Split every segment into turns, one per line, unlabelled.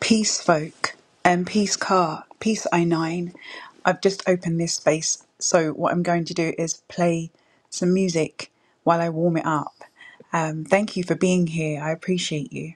Peace Folk and um, Peace Car, Peace i9. I've just opened this space, so what I'm going to do is play some music while I warm it up. Um, thank you for being here. I appreciate you.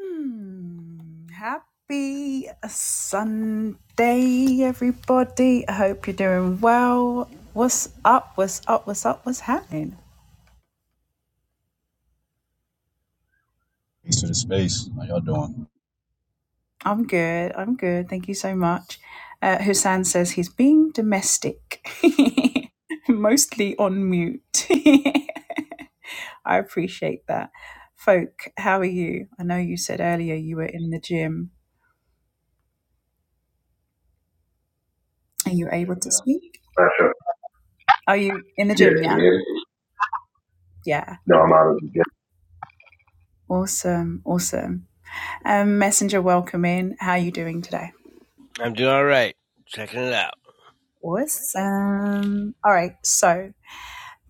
Hmm, happy Sunday, everybody. I hope you're doing well. What's up? What's up? What's up? What's happening?
Peace to the space. How y'all doing?
I'm good. I'm good. Thank you so much. Uh, Hussein says he's being domestic, mostly on mute. I appreciate that. Folk, how are you? I know you said earlier you were in the gym. Are you able to speak?
sure.
Are you in the
Yeah,
gym?
can
Yeah.
you hear me?
Yeah.
No, I'm out of the
Awesome. Awesome. Um, Messenger, welcome in. How are you doing today?
I'm doing all right. Checking it out.
Awesome. All right. So,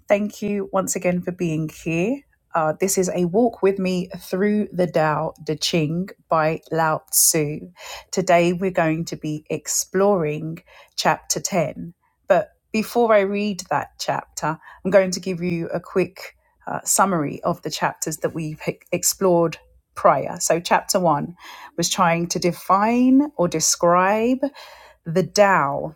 Thank you once again for being here. Uh, this is a walk with me through the Tao Te Ching by Lao Tzu. Today we're going to be exploring chapter 10. But before I read that chapter, I'm going to give you a quick uh, summary of the chapters that we've e- explored prior. So, chapter one was trying to define or describe the Tao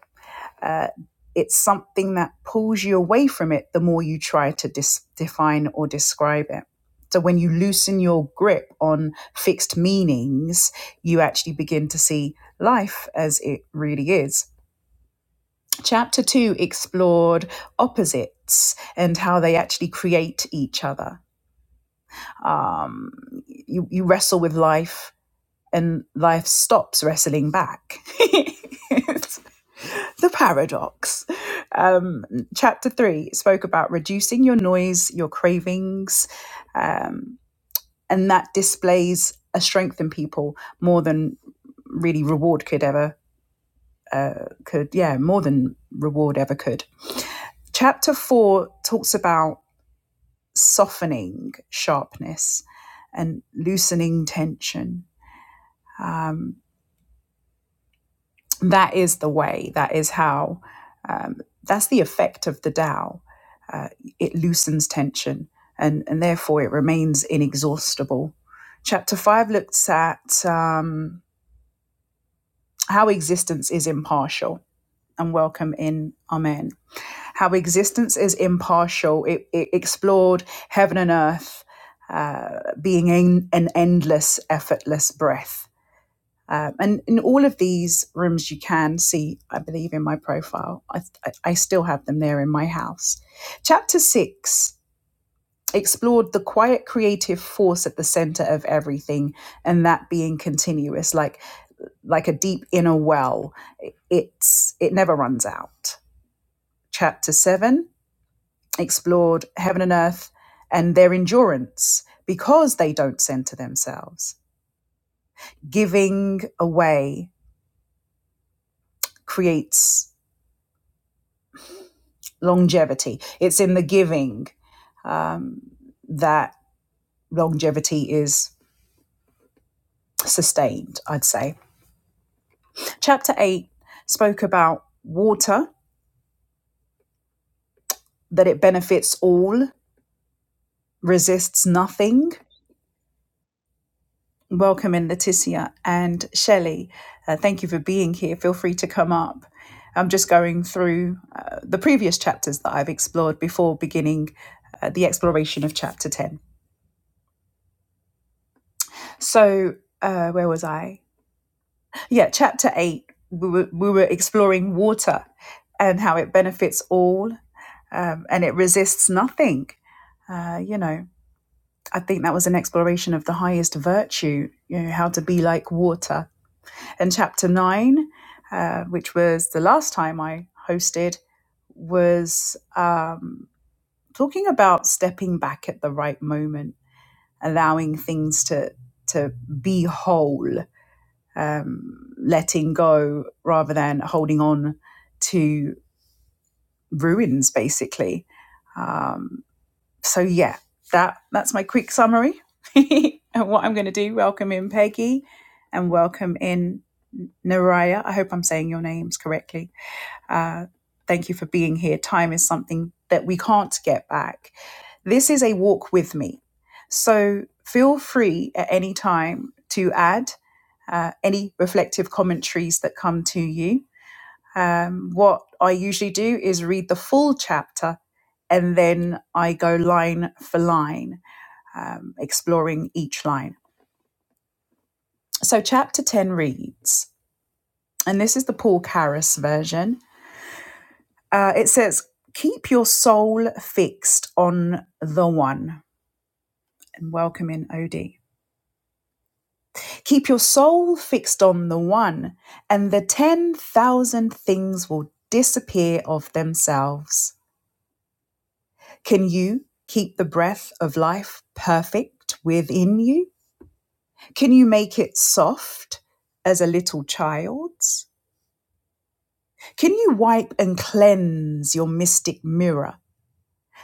uh, it's something that pulls you away from it the more you try to dis- define or describe it. So when you loosen your grip on fixed meanings, you actually begin to see life as it really is. Chapter two explored opposites and how they actually create each other. Um, you, you wrestle with life and life stops wrestling back. It's the paradox. Um, chapter three spoke about reducing your noise, your cravings, um, and that displays a strength in people more than really reward could ever uh, could. Yeah, more than reward ever could. Chapter four talks about softening sharpness and loosening tension. Um, that is the way that is how um, that's the effect of the Tao. Uh, it loosens tension and, and therefore it remains inexhaustible chapter 5 looks at um, how existence is impartial and welcome in amen how existence is impartial it, it explored heaven and earth uh, being an, an endless effortless breath um, and in all of these rooms, you can see, I believe, in my profile. I, I still have them there in my house. Chapter six explored the quiet creative force at the center of everything, and that being continuous, like like a deep inner well. It's it never runs out. Chapter seven explored heaven and earth and their endurance because they don't center themselves. Giving away creates. longevity. It's in the giving um, that longevity is sustained, I'd say. Chapter 8 spoke about water, that it benefits all, resists nothing. Welcome in, Letitia and Shelley. Uh, thank you for being here. Feel free to come up. I'm just going through uh, the previous chapters that I've explored before beginning uh, the exploration of chapter 10. So, uh, where was I? yeah, chapter eight, we were, we were exploring water and how it benefits all um, and it resists nothing. Uh, you know, I think that was an exploration of the highest virtue, you know, how to be like water. And chapter nine, uh, which was the last time I hosted, was um, talking about stepping back at the right moment, allowing things to to be whole um, letting go rather than holding on to ruins, basically. Um, so yeah, that that's my quick summary. and what I'm going to do, welcome in Peggy, and welcome in Naraya. I hope I'm saying your names correctly uh, thank you for being here. Time is something that we can't get back. This is a walk with me. So feel free at any time to add uh, any reflective commentaries that come to you. Um, what I usually do is read the full chapter and then I go line for line, um, exploring each line. So, chapter 10 reads, and this is the Paul Karras version Uh, it says, Keep your soul fixed on the one. And welcome in, OD. Keep your soul fixed on the one, and the 10,000 things will disappear of themselves. Can you keep the breath of life perfect within you? Can you make it soft as a little child's? Can you wipe and cleanse your mystic mirror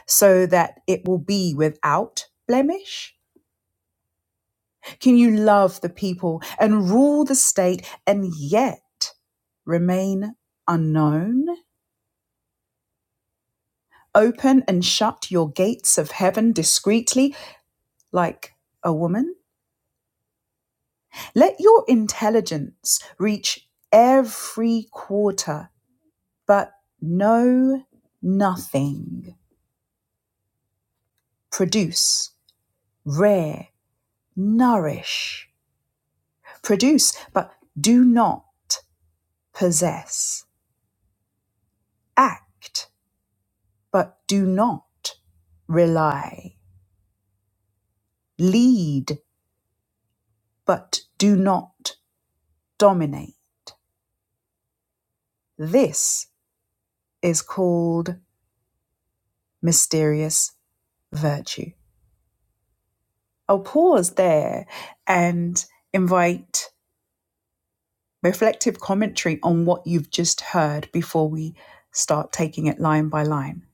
so that it will be without blemish? Can you love the people and rule the state and yet remain unknown? Open and shut your gates of heaven discreetly, like a woman? Let your intelligence reach every quarter, but know nothing. Produce, rear, nourish. Produce, but do not possess. Act but do not rely. Lead, but do not dominate. This is called mysterious virtue. I'll pause there and invite reflective commentary on what you've just heard before we start taking it line by line.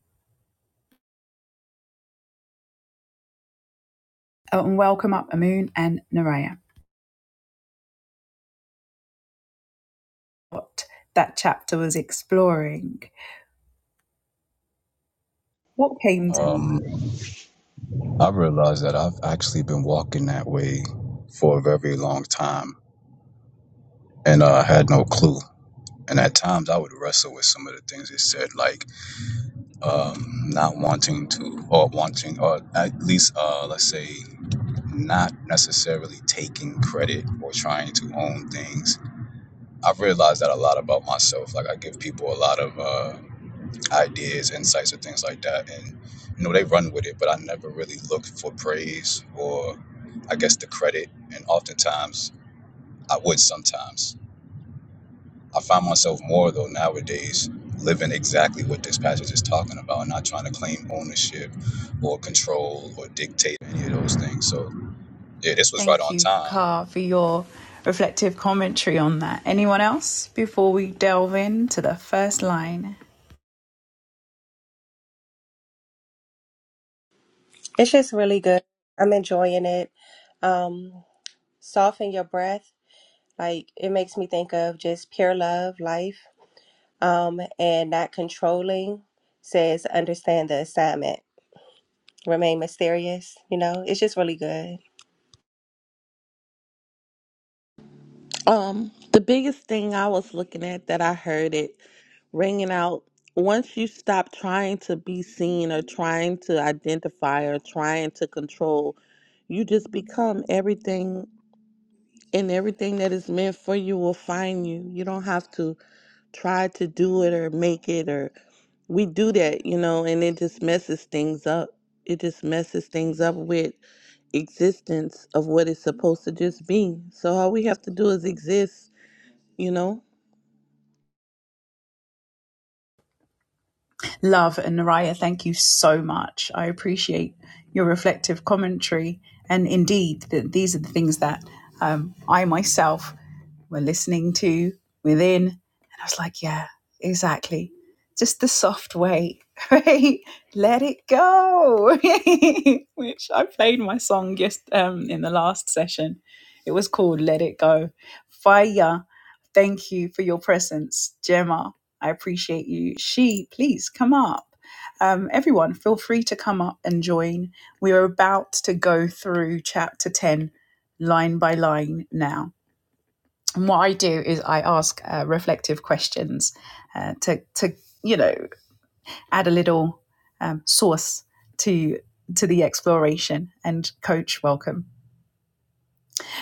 Oh, and welcome up Amun and Naraya. What that chapter was exploring. What came to
Um,
mind?
i realized that I've actually been walking that way for a very long time, and uh, I had no clue. And at times, I would wrestle with some of the things it said, like um, not wanting to, or wanting, or at least, uh, let's say, not necessarily taking credit or trying to own things. I've realized that a lot about myself. Like I give people a lot of uh, ideas, insights, and things like that. And you know, they run with it, but I never really look for praise or, I guess, the credit. And oftentimes, I would sometimes. I find myself more though nowadays living exactly what this passage is talking about, and not trying to claim ownership or control or dictate any of those things. So yeah, this was right
Thank
on
you,
time.
Carr, for your reflective commentary on that. Anyone else before we delve into the first line?
It's just really good. I'm enjoying it. Um, soften your breath. Like it makes me think of just pure love, life, um, and not controlling. Says understand the assignment. Remain mysterious. You know, it's just really good.
Um, the biggest thing I was looking at that I heard it ringing out once you stop trying to be seen or trying to identify or trying to control, you just become everything and everything that is meant for you will find you. You don't have to try to do it or make it or we do that, you know, and it just messes things up. It just messes things up with existence of what it's supposed to just be. So all we have to do is exist, you know?
Love and Naraya, thank you so much. I appreciate your reflective commentary. And indeed, that these are the things that um, I myself were listening to within. And I was like, yeah, exactly. Just the soft way, right? Let it go. Which I played my song just um, in the last session. It was called Let It Go. Fire. Thank you for your presence, Gemma. I appreciate you. She, please come up. Um, everyone, feel free to come up and join. We are about to go through chapter 10 line by line now. And what I do is I ask uh, reflective questions uh, to, to, you know, add a little um, source to to the exploration. And coach, welcome.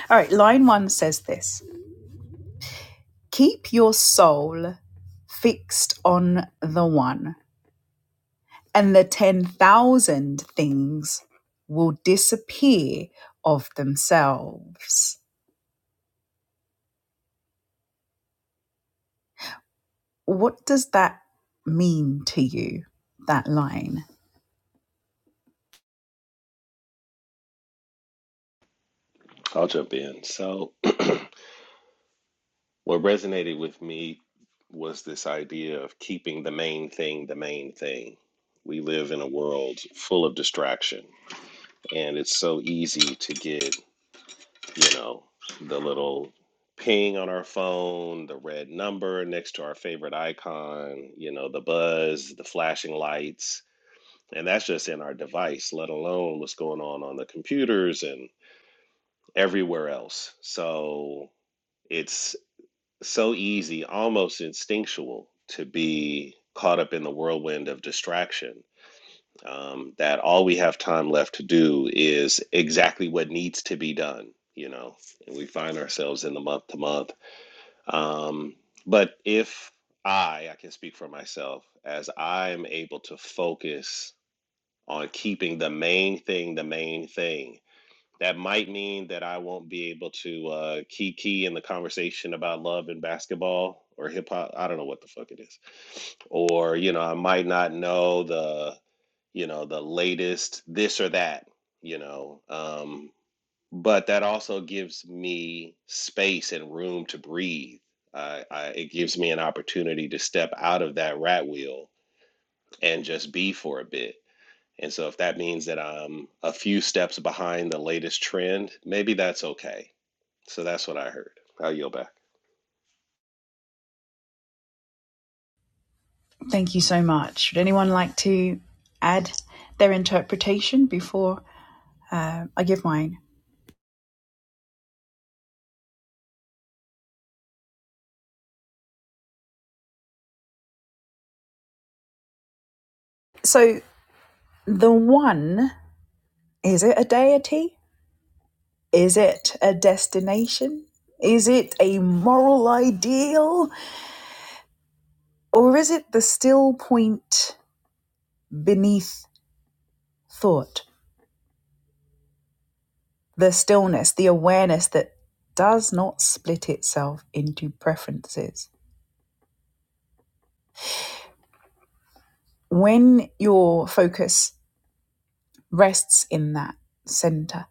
All right, line one says this Keep your soul fixed on the one, and the 10,000 things will disappear of themselves. What does that mean to you, that line?
I'll jump in. So, what resonated with me was this idea of keeping the main thing the main thing. We live in a world full of distraction, and it's so easy to get, you know, the little ping on our phone, the red number next to our favorite icon, you know, the buzz, the flashing lights. And that's just in our device, let alone what's going on on the computers and everywhere else. So, it's so easy, almost instinctual, to be caught up in the whirlwind of distraction um, that all we have time left to do is exactly what needs to be done, you know, and we find ourselves in the month to month. Um, but if I, I can speak for myself, as I'm able to focus on keeping the main thing the main thing that might mean that I won't be able to uh, key key in the conversation about love and basketball or hip hop. I don't know what the fuck it is. Or you know, I might not know the you know the latest this or that. You know, um, but that also gives me space and room to breathe. I, I, it gives me an opportunity to step out of that rat wheel and just be for a bit and so if that means that I'm a few steps behind the latest trend, maybe that's okay. So that's what I heard. I'll yield back.
Thank you so much. Would anyone like to add their interpretation before uh, I give mine? So, the one, is it a deity? Is it a destination? Is it a moral ideal? Or is it the still point beneath thought? The stillness, the awareness that does not split itself into preferences. When your focus rests in that center,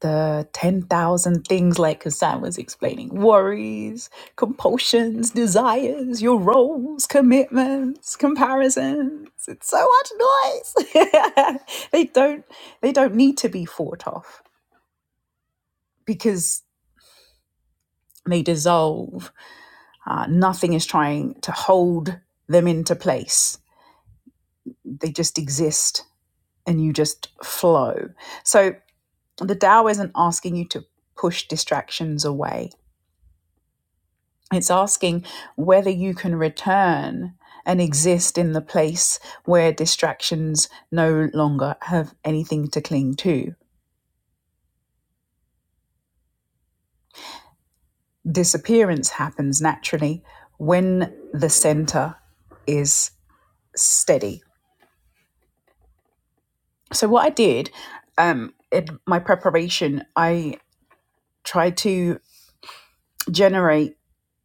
the 10,000 things like Hassan was explaining worries, compulsions, desires, your roles, commitments, comparisons. It's so much noise. they don't they don't need to be fought off because they dissolve. Uh, nothing is trying to hold them into place. They just exist and you just flow. So the Tao isn't asking you to push distractions away It's asking whether you can return and exist in the place where distractions no longer have anything to cling to. Disappearance happens naturally when the center is steady. So, what I did um, in my preparation, I tried to generate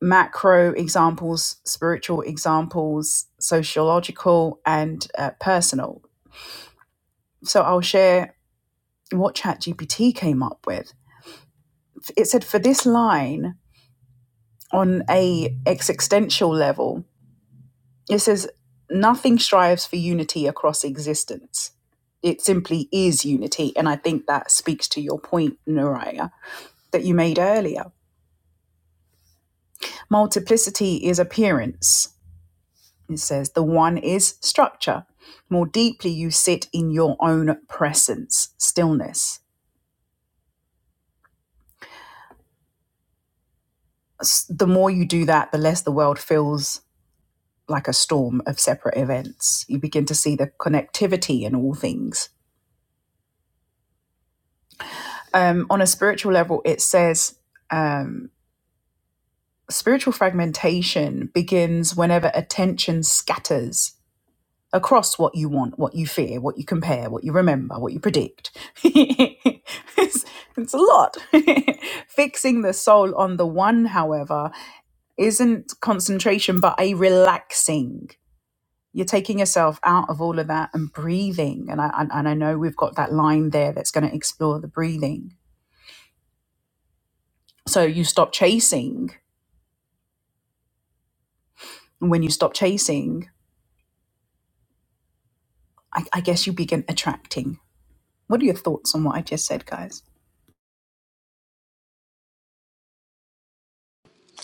macro examples, spiritual examples, sociological, and uh, personal. So, I'll share what ChatGPT came up with. It said for this line on a existential level, it says nothing strives for unity across existence. It simply is unity, and I think that speaks to your point, Naraya, that you made earlier. Multiplicity is appearance. It says the one is structure. More deeply you sit in your own presence, stillness. The more you do that, the less the world feels like a storm of separate events. You begin to see the connectivity in all things. Um, on a spiritual level, it says um, spiritual fragmentation begins whenever attention scatters across what you want, what you fear, what you compare, what you remember, what you predict. it's, it's a lot. Fixing the soul on the one, however, isn't concentration but a relaxing you're taking yourself out of all of that and breathing and i and i know we've got that line there that's going to explore the breathing so you stop chasing and when you stop chasing i, I guess you begin attracting what are your thoughts on what I just said, guys?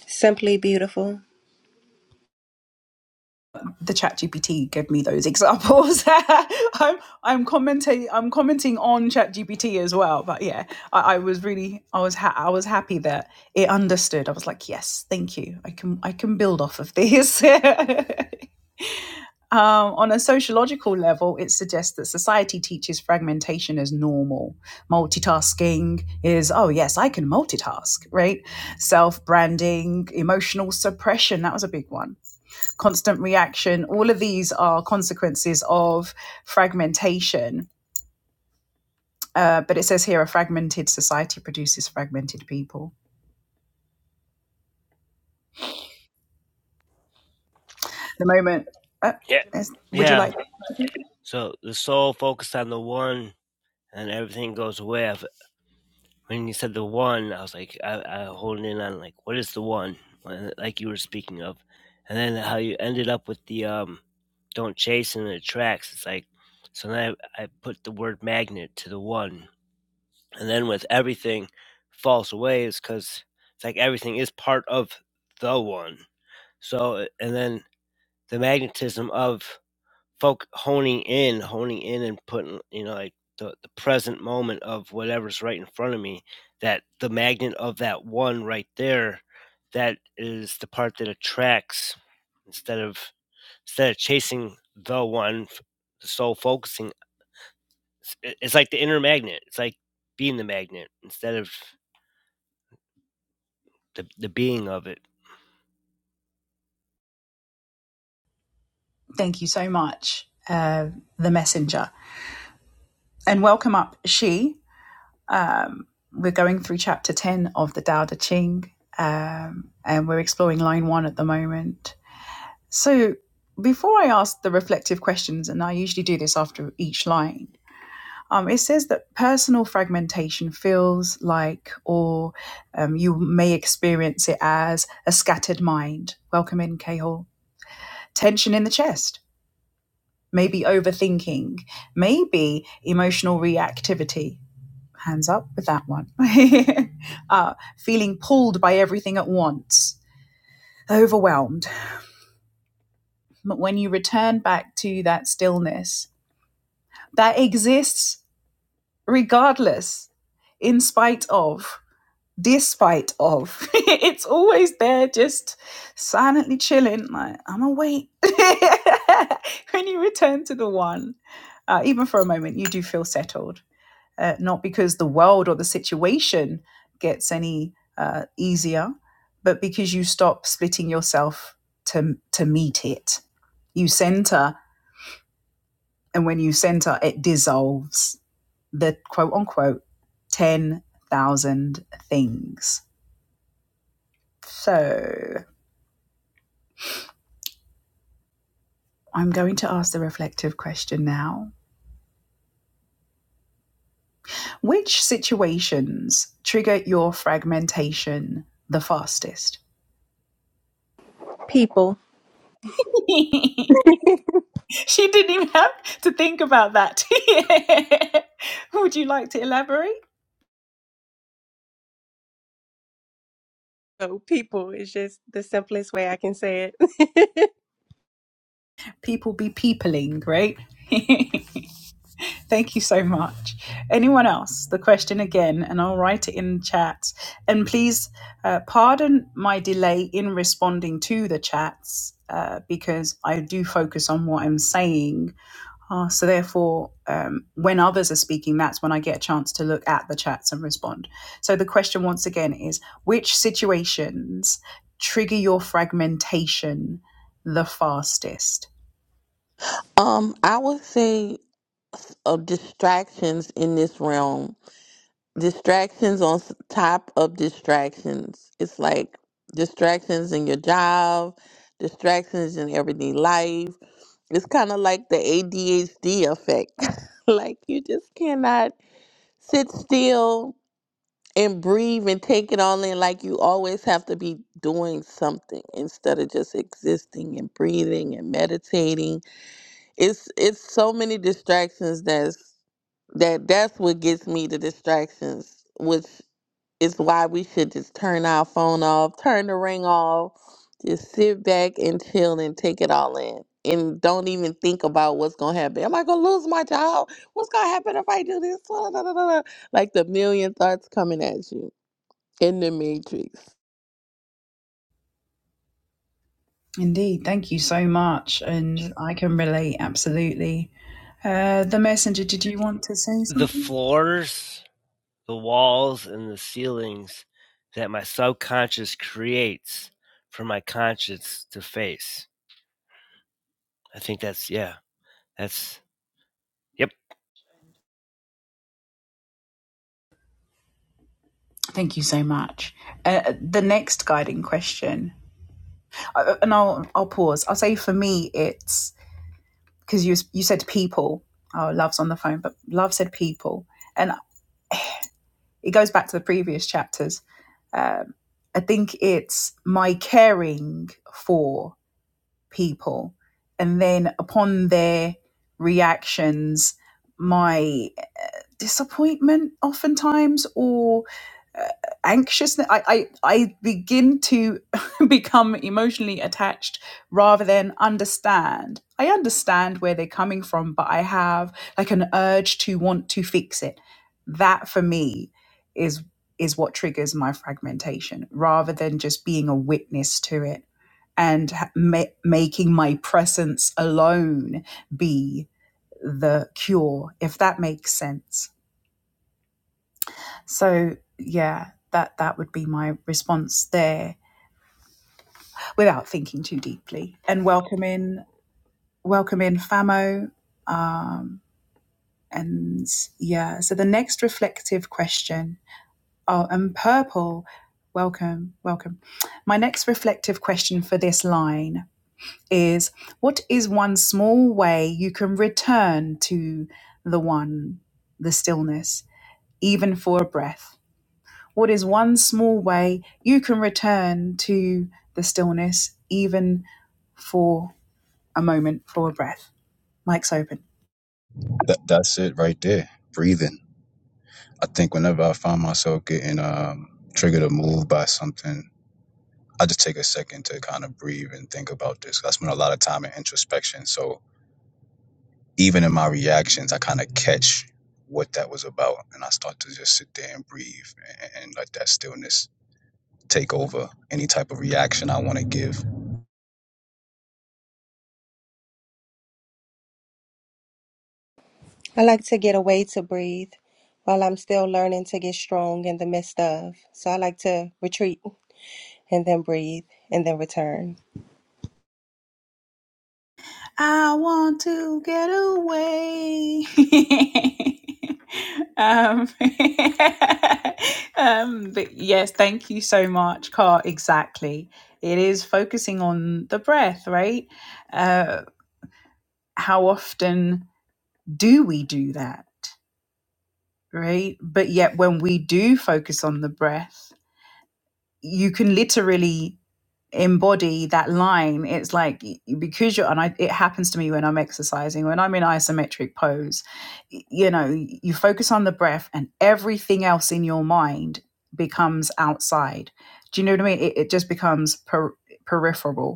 Simply beautiful.
The chat GPT gave me those examples. I'm I'm commenting I'm commenting on chat GPT as well. But yeah, I, I was really I was ha- I was happy that it understood. I was like, yes, thank you. I can I can build off of this. Um, on a sociological level, it suggests that society teaches fragmentation as normal. Multitasking is, oh, yes, I can multitask, right? Self branding, emotional suppression, that was a big one. Constant reaction, all of these are consequences of fragmentation. Uh, but it says here a fragmented society produces fragmented people. The moment, uh,
Yeah.
yes, would you
Yeah.
like,
So the soul focused on the one and everything goes away. I've- When you said the one, I was like, I, I holding in on like, what is the one? Like you were speaking of. And then how you ended up with the um, don't chase and it attracts. It's like, so then I, I put the word magnet to the one. And then with everything falls away is because it's like everything is part of the one. So, and then the magnetism of folk honing in, honing in and putting, you know, like the, the present moment of whatever's right in front of me, that the magnet of that one right there, that is the part that attracts instead of instead of chasing the one, f- the soul focusing. It's it's like the inner magnet. It's like being the magnet instead of the, the being of it.
thank you so much, uh, the messenger. And welcome up, She. Um, we're going through chapter 10 of the Tao Te Ching, um, and we're exploring line one at the moment. So, before I ask the reflective questions, and I usually do this after each line, um, it says that personal fragmentation feels like, or um, you may experience it as, a scattered mind. Welcome in, Cahill. Tension in the chest, maybe overthinking, maybe emotional reactivity. hands up with that one. uh, feeling pulled by everything at once, overwhelmed. But when you return back to that stillness that exists regardless, in spite of, despite of, it's always there, just silently chilling, like, I'm awake. when you return to the one, uh, even for a moment, you do feel settled uh, not because the world or the situation gets any uh, easier, but because you stop splitting yourself to, to meet it. You center, and when you center, it dissolves the quote unquote 10,000 things. So I'm going to ask the reflective question now. Which situations trigger your fragmentation the fastest?
People.
She didn't even have to think about that. Would you like to elaborate?
So people is just the simplest way I can say it.
People be peopling, right? Thank you so much. Anyone else? The question again, and I'll write it in the chat. And please uh, pardon my delay in responding to the chats uh, because I do focus on what I'm saying Ah, so therefore, um, when others are speaking, that's when I get a chance to look at the chats and respond. So the question once again is which situations trigger your fragmentation the fastest?
Um, I would say of distractions in this realm, distractions on s- top of distractions. It's like distractions in your job, distractions in everyday life. It's kind of like the ADHD effect. like you just cannot sit still and breathe and take it all in. Like you always have to be doing something instead of just existing and breathing and meditating it's it's so many distractions that's that that's what gets me the distractions which is why we should just turn our phone off turn the ring off just sit back and chill and take it all in and don't even think about what's gonna happen am i gonna lose my job what's gonna happen if i do this like the million thoughts coming at you in the matrix
Indeed. Thank you so much. And I can relate absolutely. Uh, the messenger, did you want to say
The
something?
floors the walls and the ceilings that my subconscious creates for my conscience to face. I think that's yeah, that's yep,
Thank you so much. Uh, the next guiding question, uh, and I'll, I'll pause. I'll say for me, it's because you you said people. Oh, love's on the phone, but love said people, and it goes back to the previous chapters. Um, I think it's my caring for people, and then upon their reactions, my disappointment oftentimes or uh, anxiousness I, I i begin to become emotionally attached rather than understand i understand where they're coming from but i have like an urge to want to fix it that for me is is what triggers my fragmentation rather than just being a witness to it and ha- ma- making my presence alone be the cure if that makes sense so yeah, that that would be my response there, without thinking too deeply. And welcome in, welcome in Famo. Um, and yeah, so the next reflective question. Oh, and purple, welcome, welcome. My next reflective question for this line is: What is one small way you can return to the one, the stillness, even for a breath? What is one small way you can return to the stillness, even for a moment, for a breath? Mike's open.
That, that's it right there. Breathing. I think whenever I find myself getting um, triggered or moved by something I just take a second to kind of breathe and think about this. I spend a lot of time in introspection. So even in my reactions, I kind of catch what that was about. And I start to just sit there and breathe and, and let that stillness take over any type of reaction I want to give.
I like to get away to breathe while I'm still learning to get strong in the midst of. So I like to retreat and then breathe and then return.
I want to get away. um, um, but yes, thank you so much, Car. Exactly. It is focusing on the breath, right? Uh, how often do we do that, right? But yet, when we do focus on the breath, you can literally embody that line it's like because you're and I, it happens to me when i'm exercising when i'm in isometric pose you know you focus on the breath and everything else in your mind becomes outside do you know what i mean it, it just becomes per, peripheral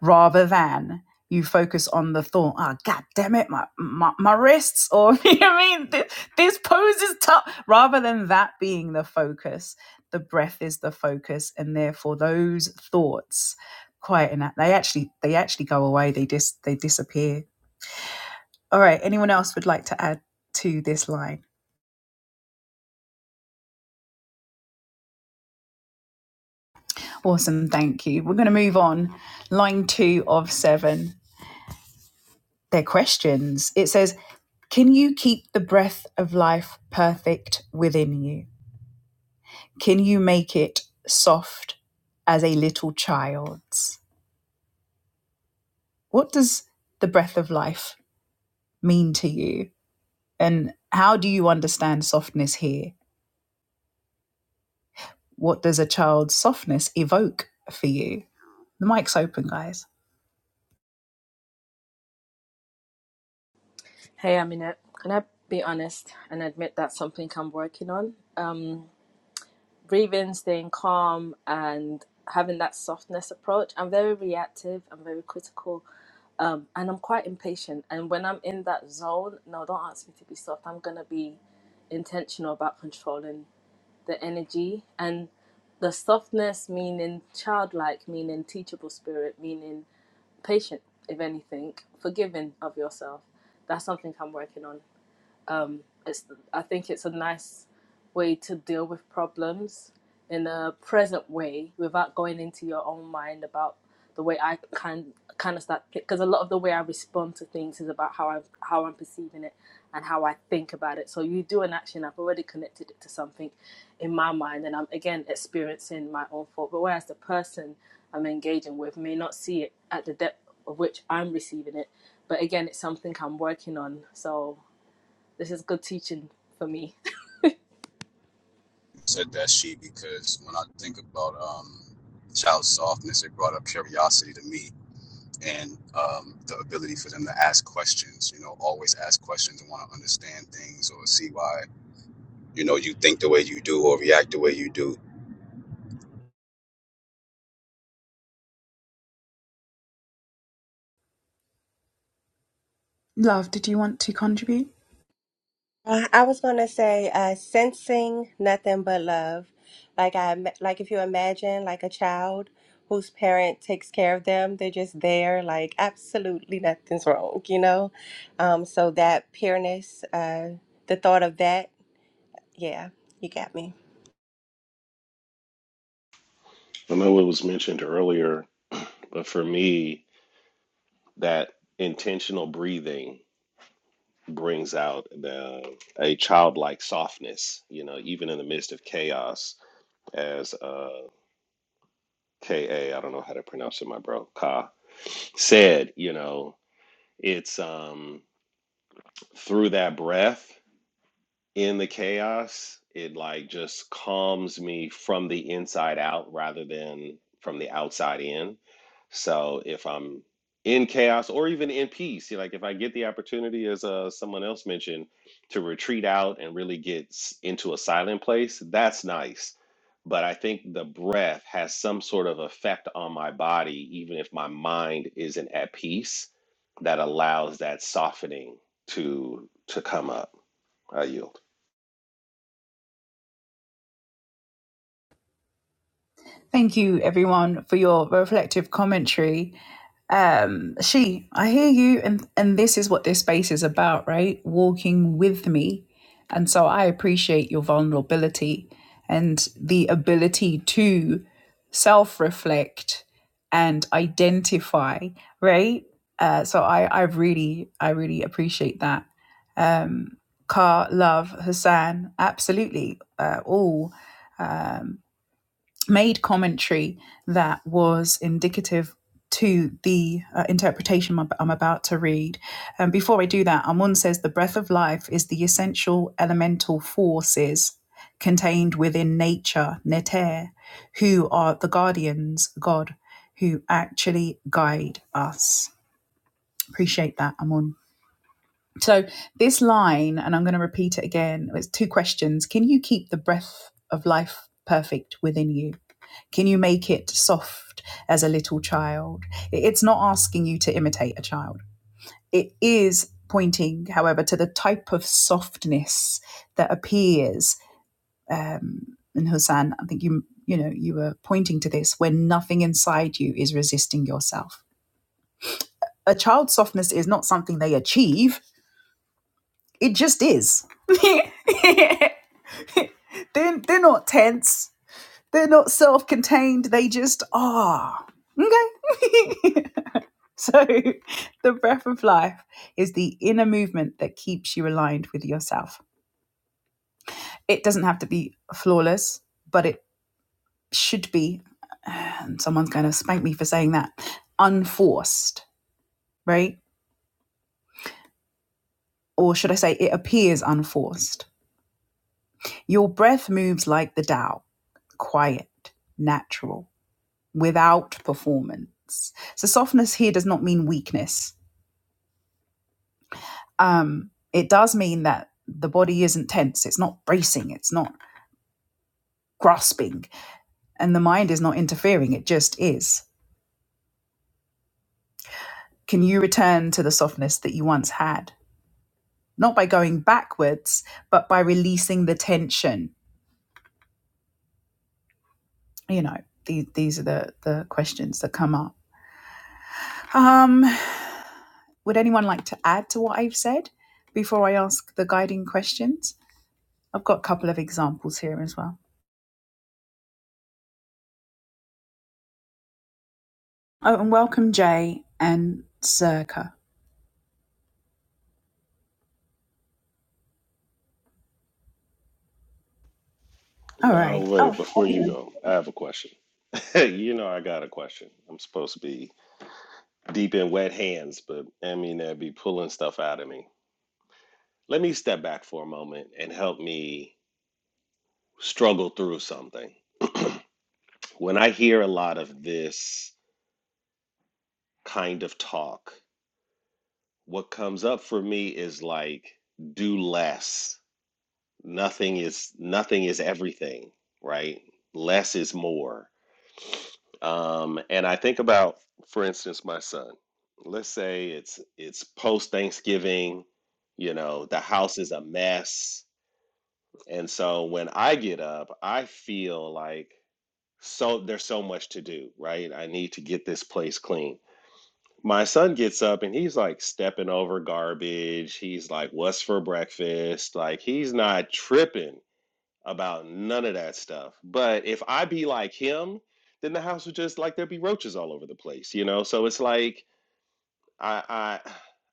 rather than you focus on the thought, oh, god damn it, my, my, my wrists, or you know what I mean, this, this pose is tough, rather than that being the focus. The breath is the focus, and therefore those thoughts quieten out. They actually, they actually go away. They dis, they disappear. All right. Anyone else would like to add to this line? Awesome. Thank you. We're going to move on. Line two of seven. their questions. It says, Can you keep the breath of life perfect within you? Can you make it soft as a little child's? What does the breath of life mean to you? And how do you understand softness here? What does a child's softness evoke for you? The mic's open, guys.
Hey, Aminette, can I be honest and admit that's something I'm working on? Um, breathing, staying calm, and having that softness approach. I'm very reactive, I'm very critical, um, and I'm quite impatient. And when I'm in that zone, no, don't ask me to be soft. I'm going to be intentional about controlling the energy and the softness, meaning childlike, meaning teachable spirit, meaning patient, if anything, forgiving of yourself. That's something I'm working on um, it's I think it's a nice way to deal with problems in a present way without going into your own mind about the way I kind kind of start because a lot of the way I respond to things is about how I how I'm perceiving it and how I think about it. So you do an action, I've already connected it to something in my mind, and I'm again experiencing my own thought. But whereas the person I'm engaging with may not see it at the depth of which I'm receiving it, but again, it's something I'm working on. So this is good teaching for me.
Said that she because when I think about um, child softness, it brought up curiosity to me. and um, the ability for them to ask questions. You know, always ask questions and want to understand things or see why you know you think the way you do or react the way you do.
Love, did you want to contribute?
Uh, I was gonna say uh, sensing nothing but love, like I ima- like if you imagine like a child whose parent takes care of them, they're just there, like absolutely nothing's wrong, you know. Um, so that pureness, uh, the thought of that, yeah, you got me.
I know it was mentioned earlier, but for me, that intentional breathing brings out the, a childlike softness, you know, even in the midst of chaos, as uh, K.A., don't know how to pronounce it, my bro, Ka, said, you know, it's um, through that breath in the chaos, it like just calms me from the inside out rather than from the outside in. So if I'm in chaos or even in peace, you know, like if I get the opportunity, as uh, someone else mentioned, to retreat out and really get s- into a silent place, that's nice. But I think the breath has some sort of effect on my body, even if my mind isn't at peace, that allows that softening to to come up. I yield.
Thank you, everyone, for your reflective commentary. Um, she, I hear you, and and this is what this space is about, right? Walking with me, and so I appreciate your vulnerability and the ability to self-reflect and identify, right? Uh, so I, I really, I really appreciate that. Um, Car, love, Hassan, absolutely, uh, all. Um, made commentary that was indicative to the uh, interpretation I'm about to read. Um, before I do that, Amun says the breath of life is the essential elemental forces contained within nature, neter, who are the guardians, God, who actually guide us. Appreciate that, Amun. So this line, and I'm going to repeat it again, it's two questions. Can you keep the breath of life perfect within you? Can you make it soft as a little child? It's not asking you to imitate a child. It is pointing, however, to the type of softness that appears. Um, and Hussein, I think you you know you were pointing to this when nothing inside you is resisting yourself. A child's softness is not something they achieve. It just is. they're, they're not tense. They're not self-contained. They just are. Okay. So, the breath of life is the inner movement that keeps you aligned with yourself. It doesn't have to be flawless, but it should be, and someone's going to spank me for saying that, unforced, right? Or should I say, it appears unforced. Your breath moves like the Tao, quiet, natural, without performance. So, softness here does not mean weakness. Um, it does mean that the body isn't tense, it's not bracing, it's not grasping and the mind is not interfering, it just is. Can you return to the softness that you once had? Not by going backwards, but by releasing the tension. You know, these, these are the, the questions that come up. Um, would anyone like to add to what I've said before I ask the guiding questions? I've got a couple of examples here as well. Oh, and welcome, Jay and Circa. All
No,
right. Oh,
wait,
happy.
before you go, I have a question. you know, I got a question. I'm supposed to be deep in wet hands, but I mean, that'd be pulling stuff out of me. Let me step back for a moment and help me struggle through something. When I hear a lot of this kind of talk, what comes up for me is like, do less. Nothing is nothing is everything, right? Less is more Um, and I think about, for instance, my son. Let's say it's it's post Thanksgiving, you know, the house is a mess, and so when I get up, I feel like so there's so much to do, right? I need to get this place clean. My son gets up and he's like stepping over garbage. He's like, "What's for breakfast?" Like he's not tripping about none of that stuff. But if I be like him, then the house would just like there'd be roaches all over the place, you know? So it's like I I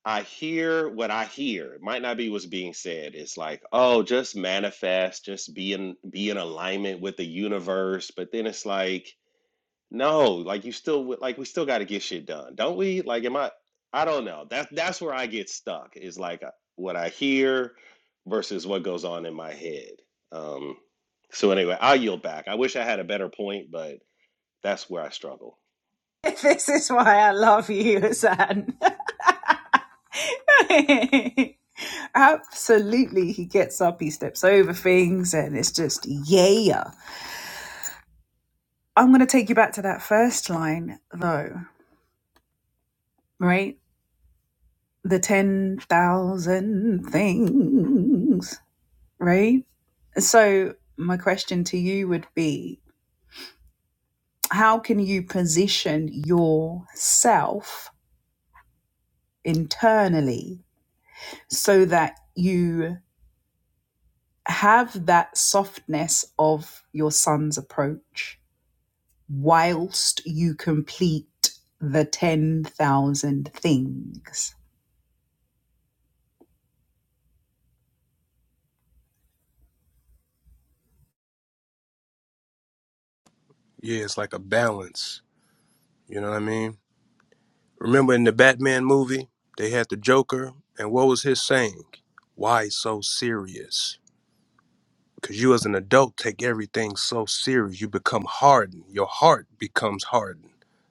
I hear what I hear. It might not be what's being said. It's like, oh, just manifest, just be in be in alignment with the universe. But then it's like no, like you still w- like we still got to get shit done, don't we? Like, am I? I don't know. That that's where I get stuck is like uh, what I hear versus what goes on in my head. Um, so anyway, I'll yield back. I wish I had a better point, but that's where I struggle.
This is why I love you, Zan. Absolutely. He gets up, he steps over things, and it's just, yeah. I'm going to take you back to that first line, though, right? The 10,000 things, right? So, my question to you would be how can you position yourself internally so that you have that softness of your son's approach? whilst you complete the 10,000 things.
Yeah, it's like a balance. You know what I mean? Remember in the Batman movie, they had the Joker, and what was his saying? Why so serious? Because you as an adult take everything so serious. You become hardened. Your heart becomes hardened.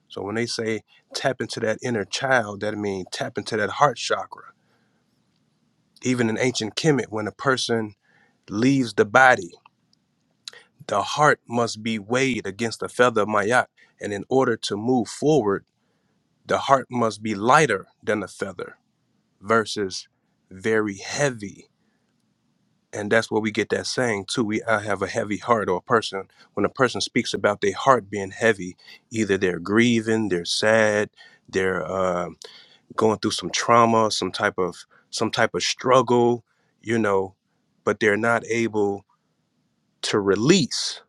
So when they say tap into that inner child, that means tap into that heart chakra. Even in ancient Kemet, when a person leaves the body, the heart must be weighed against the feather of Mayat. And in order to move forward, The heart must be lighter than a feather versus very heavy. And that's where we get that saying too. We I have a heavy heart or a person when a person speaks about their heart being heavy, either they're grieving, they're sad, they're uh, going through some trauma, some type of some type of struggle, you know, but they're not able to release.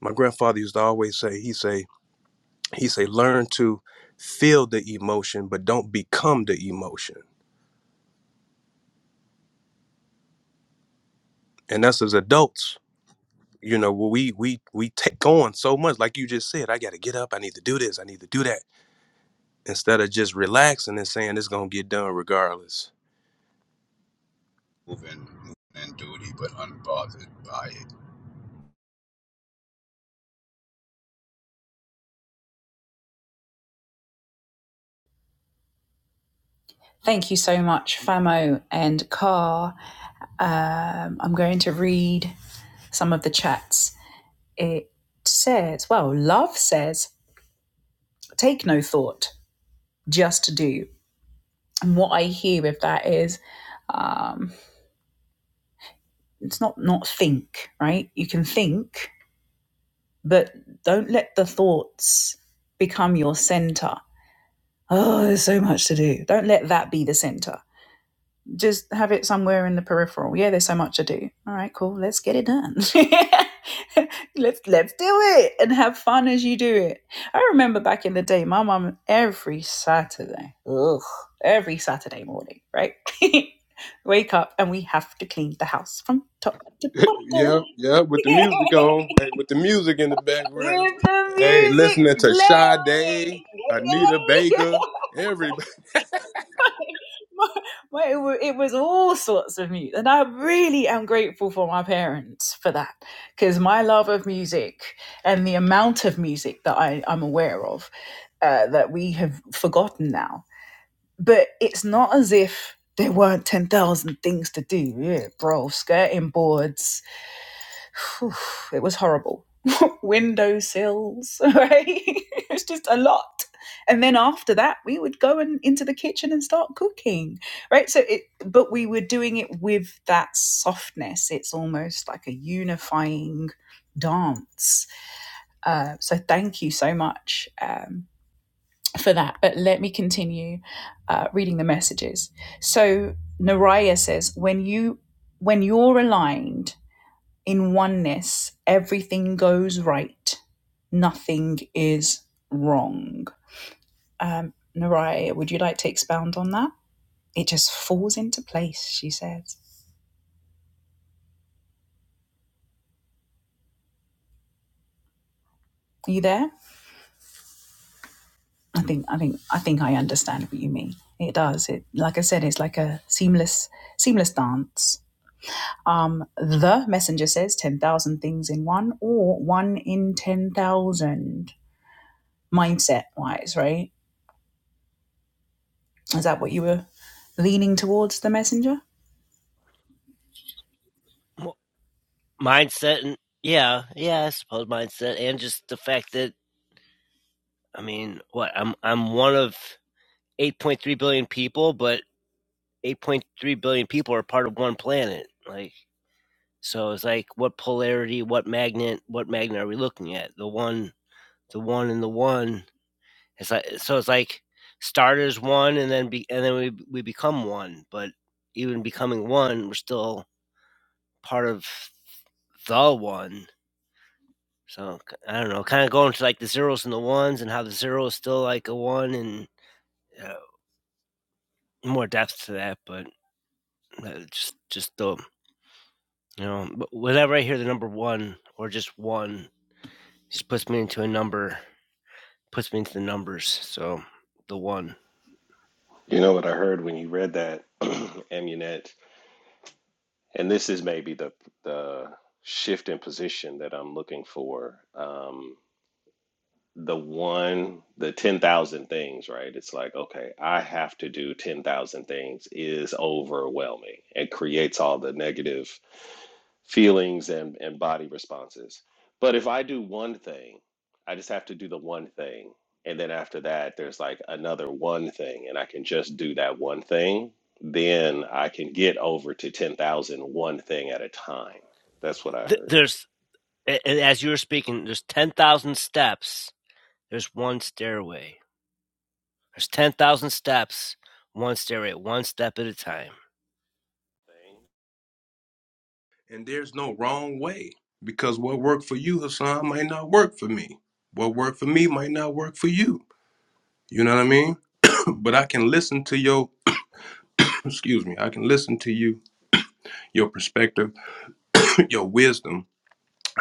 My grandfather used to always say, he say, he say, learn to feel the emotion, but don't become the emotion and us as adults you know we we we take on so much like you just said i gotta get up i need to do this i need to do that instead of just relaxing and saying it's gonna get done regardless
Moving, moving in duty, but unbothered by it.
Thank you so much, Famo and Car. Um, I'm going to read some of the chats. It says, well, love says, take no thought, just do. And what I hear with that is, um, it's not not think, right? You can think, but don't let the thoughts become your center. Oh, there's so much to do. Don't let that be the center just have it somewhere in the peripheral. Yeah, there's so much to do. All right, cool. Let's get it done. let's let's do it and have fun as you do it. I remember back in the day, my mum every Saturday, ugh, every Saturday morning, right? Wake up and we have to clean the house from top to bottom
Yeah, yeah, with the music on, hey, with the music in the background.
with the
Hey,
music
listening to
blaring.
Sade, Anita
Okay?
Baker, everybody.
it, was all sorts of music, and I really am grateful for my parents for that, because my love of music and the amount of music that I, I'm aware of uh, that we have forgotten now. But it's not as if there weren't ten thousand things to do, yeah, bro. Skirting boards, Phew, it was horrible windowsills, right? it was just a lot. And then after that, we would go and into the kitchen and start cooking, right? So it, but we were doing it with that softness. It's almost like a unifying dance. Uh, so thank you so much um, for that. But let me continue uh, reading the messages. So Naraya says, when you when you're aligned in oneness, everything goes right, nothing is wrong. Um, Naraya, would you like to expound on that? It just falls into place, she says. Are you there? I think I think I think I understand what you mean. It does. It like I said, it's like a seamless seamless dance. Um, the messenger says ten thousand things in one, or one in ten thousand mindset wise, right? Is that what you were leaning towards the messenger?
mindset and yeah, yeah, I suppose mindset and just the fact that I mean, what I'm I'm one of 8.3 billion people, but 8.3 billion people are part of one planet. Like so, it's like what polarity, what magnet, what magnet are we looking at? The one, the one, and the one It's like so it's like start as one and then be and then we we become one, but even becoming one, we're still part of the one. So k- I don't know, kind of going to like the zeros and the ones, and how the zero is still like a one, and uh, more depth to that. But uh, just just the you know, wh- whenever I hear the number one or just one, just puts me into a number, puts me into the numbers. So the one.
You know what I heard when you read that, Amunet, and this is maybe the the shift in position that I'm looking for. Um, the one the 10,000 things, right? It's like, okay, I have to do 10,000 things is overwhelming and creates all the negative feelings and and body responses. But if I do one thing, I just have to do the one thing. And then after that, there's like another one thing and I can just do that one thing, then I can get over to ten thousand one thing at a time. That's what I
Th-
heard.
there's a- and as you were speaking, there's ten thousand steps There's one stairway. There's 10,000 steps. One stairway, one step at a time.
and there's no wrong way because what worked for you hassan might not work for me what worked for me might not work for you you know what i mean but i can listen to your. excuse me, I can listen to you, your perspective, your wisdom.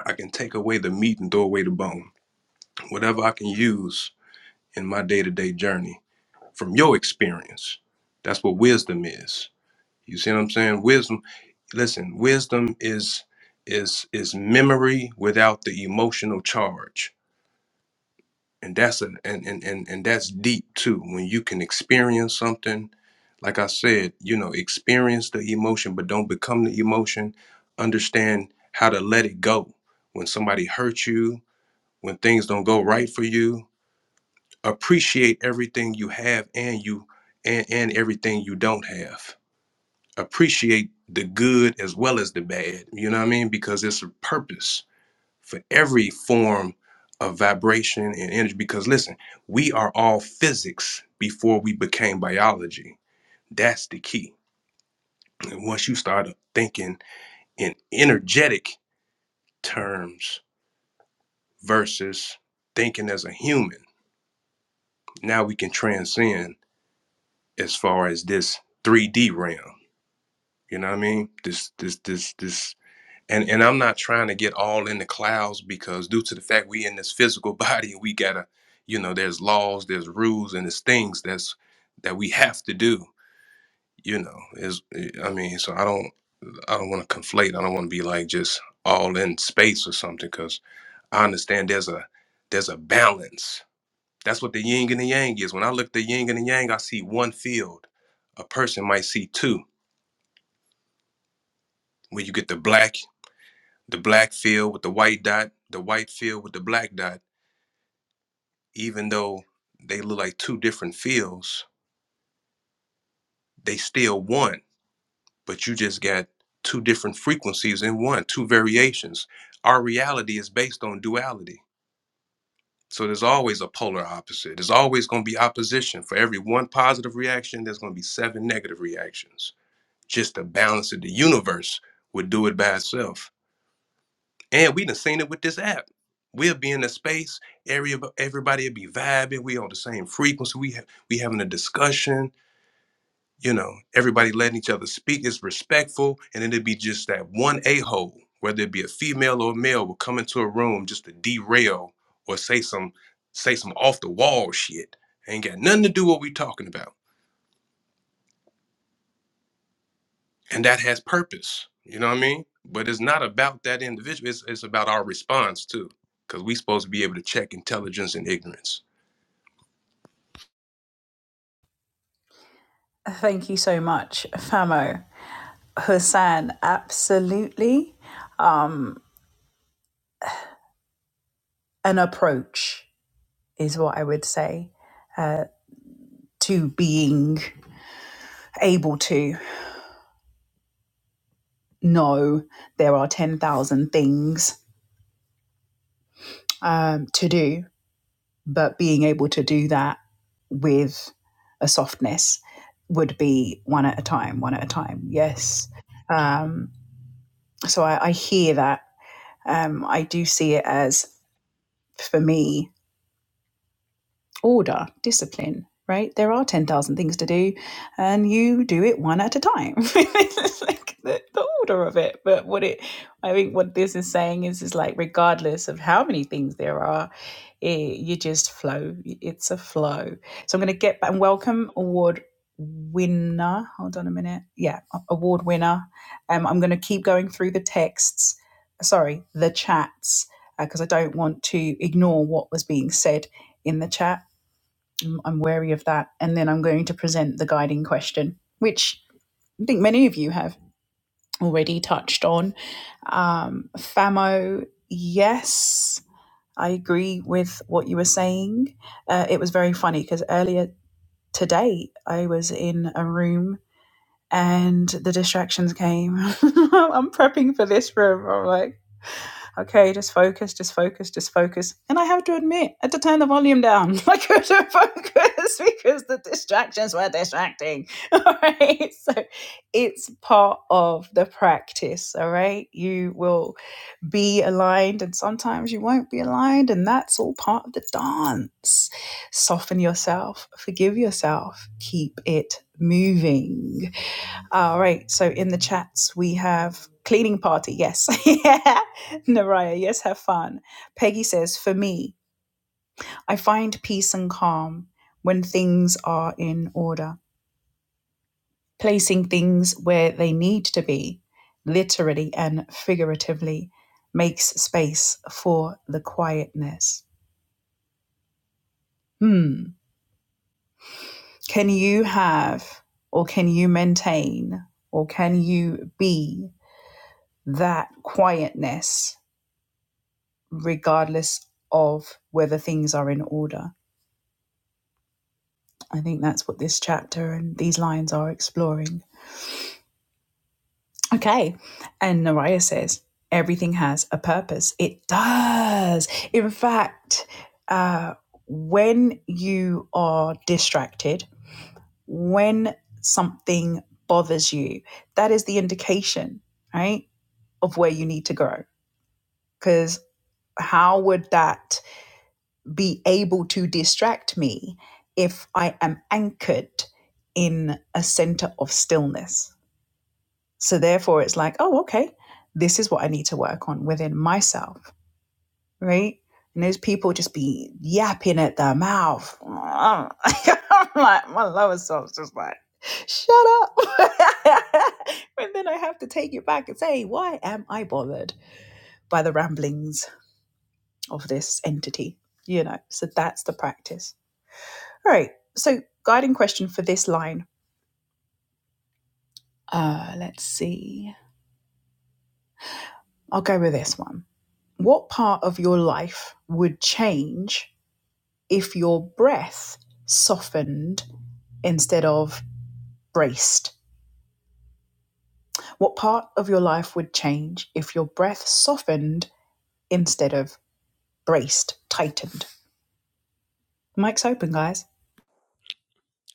I can take away the meat and throw away the bone. Whatever I can use in my day to day journey from your experience. That's what wisdom is. You see what I'm saying? Wisdom, listen, wisdom is is is memory without the emotional charge. and that's an and, and and and that's deep too when you can experience something like i said you know experience the emotion but don't become the emotion understand how to let it go when somebody hurts you when things don't go right for you appreciate everything you have and you and and everything you don't have appreciate the good as well as the bad you know what i mean because it's a purpose for every form of vibration and energy because listen we are all physics before we became biology that's the key and once you start thinking in energetic terms versus thinking as a human now we can transcend as far as this 3d realm you know what i mean this this this this And and I'm not trying to get all in the clouds because due to the fact we in this physical body we gotta, you know, there's laws, there's rules, and there's things that's that we have to do. You know, is I mean, so I don't I don't want to conflate. I don't want to be like just all in space or something because I understand there's a there's a balance. That's what the yin and the yang is. When I look at the yin and the yang, I see one field. A person might see two. When you get the black, the black field with the white dot, the white field with the black dot even though they look like two different fields, they still one, but you just got two different frequencies in one, two variations. Our reality is based on duality. So there's always a polar opposite. There's always going to be opposition. For every one positive reaction, there's going to be seven negative reactions. Just the balance of the universe would do it by itself. And we done seen it with this app. We'll be in a space, area, everybody will be vibing. We on the same frequency. We have we having a discussion you know, everybody letting each other speak is respectful, and then it'd be just that one a hole, whether it be a female or a male, will come into a room just to derail or say some say some off the wall shit. Ain't got nothing to do with what we talking about, and that has purpose. You know what I mean? But it's not about that individual. It's it's about our response too, because we supposed to be able to check intelligence and ignorance.
Thank you so much, Famo. Hassan, absolutely an approach is what I would say to being able to know there are 10,000 things um, to do, but being able to do that with a softness would be one at a time, one at a time. Yes. Um, so I, I hear that. Um, I do see it as, for me, order, discipline, right? There are 10,000 things to do, and you do it one at a time. it's like the, the order of it. But what it, I think, what this is saying is, is like, regardless of how many things there are, it, you just flow. It's a flow. So I'm going to get back and welcome award winner. Hold on a minute. Yeah, award winner. Um, I'm going to keep going through the texts, sorry, the chats, because uh, I don't want to ignore what was being said in the chat I'm wary of that. And then I'm going to present the guiding question, which I think many of you have already touched on. Um, FAMO, yes, I agree with what you were saying. Uh, it was very funny because earlier today I was in a room and the distractions came. I'm prepping for this room. I'm like okay, just focus, just focus, just focus. And I have to admit, I had to turn the volume down. I couldn't focus because the distractions were distracting. All right. So it's part of the practice. All right. You will be aligned and sometimes you won't be aligned. And that's all part of the dance. Soften yourself, forgive yourself, keep it moving. All right. So in the chats, we have cleaning party. Yes. yeah. Naraya. Yes. Have fun. Peggy says, for me, I find peace and calm when things are in order, placing things where they need to be, literally and figuratively, makes space for the quietness. Hmm. Can you have, or can you maintain, or can you be that quietness regardless of whether things are in order. I think that's what this chapter and these lines are exploring. Okay. And Naraya says, everything has a purpose. It does. In fact, uh, when you are distracted, when something bothers you, that is the indication, right, of where you need to grow. Because how would that be able to distract me if I am anchored in a center of stillness. So, therefore, it's like, oh, okay, this is what I need to work on within myself, right? And those people just be yapping at their mouth. I'm like, my lower self's just like, shut up. and then I have to take it back and say, why am I bothered by the ramblings of this entity? You know, so that's the practice. All right. So, guiding question for this line. Uh, let's see. I'll go with this one. What part of your life would change if your breath softened instead of braced? What part of your life would change if your breath softened instead of braced, tightened? Mic's open, guys.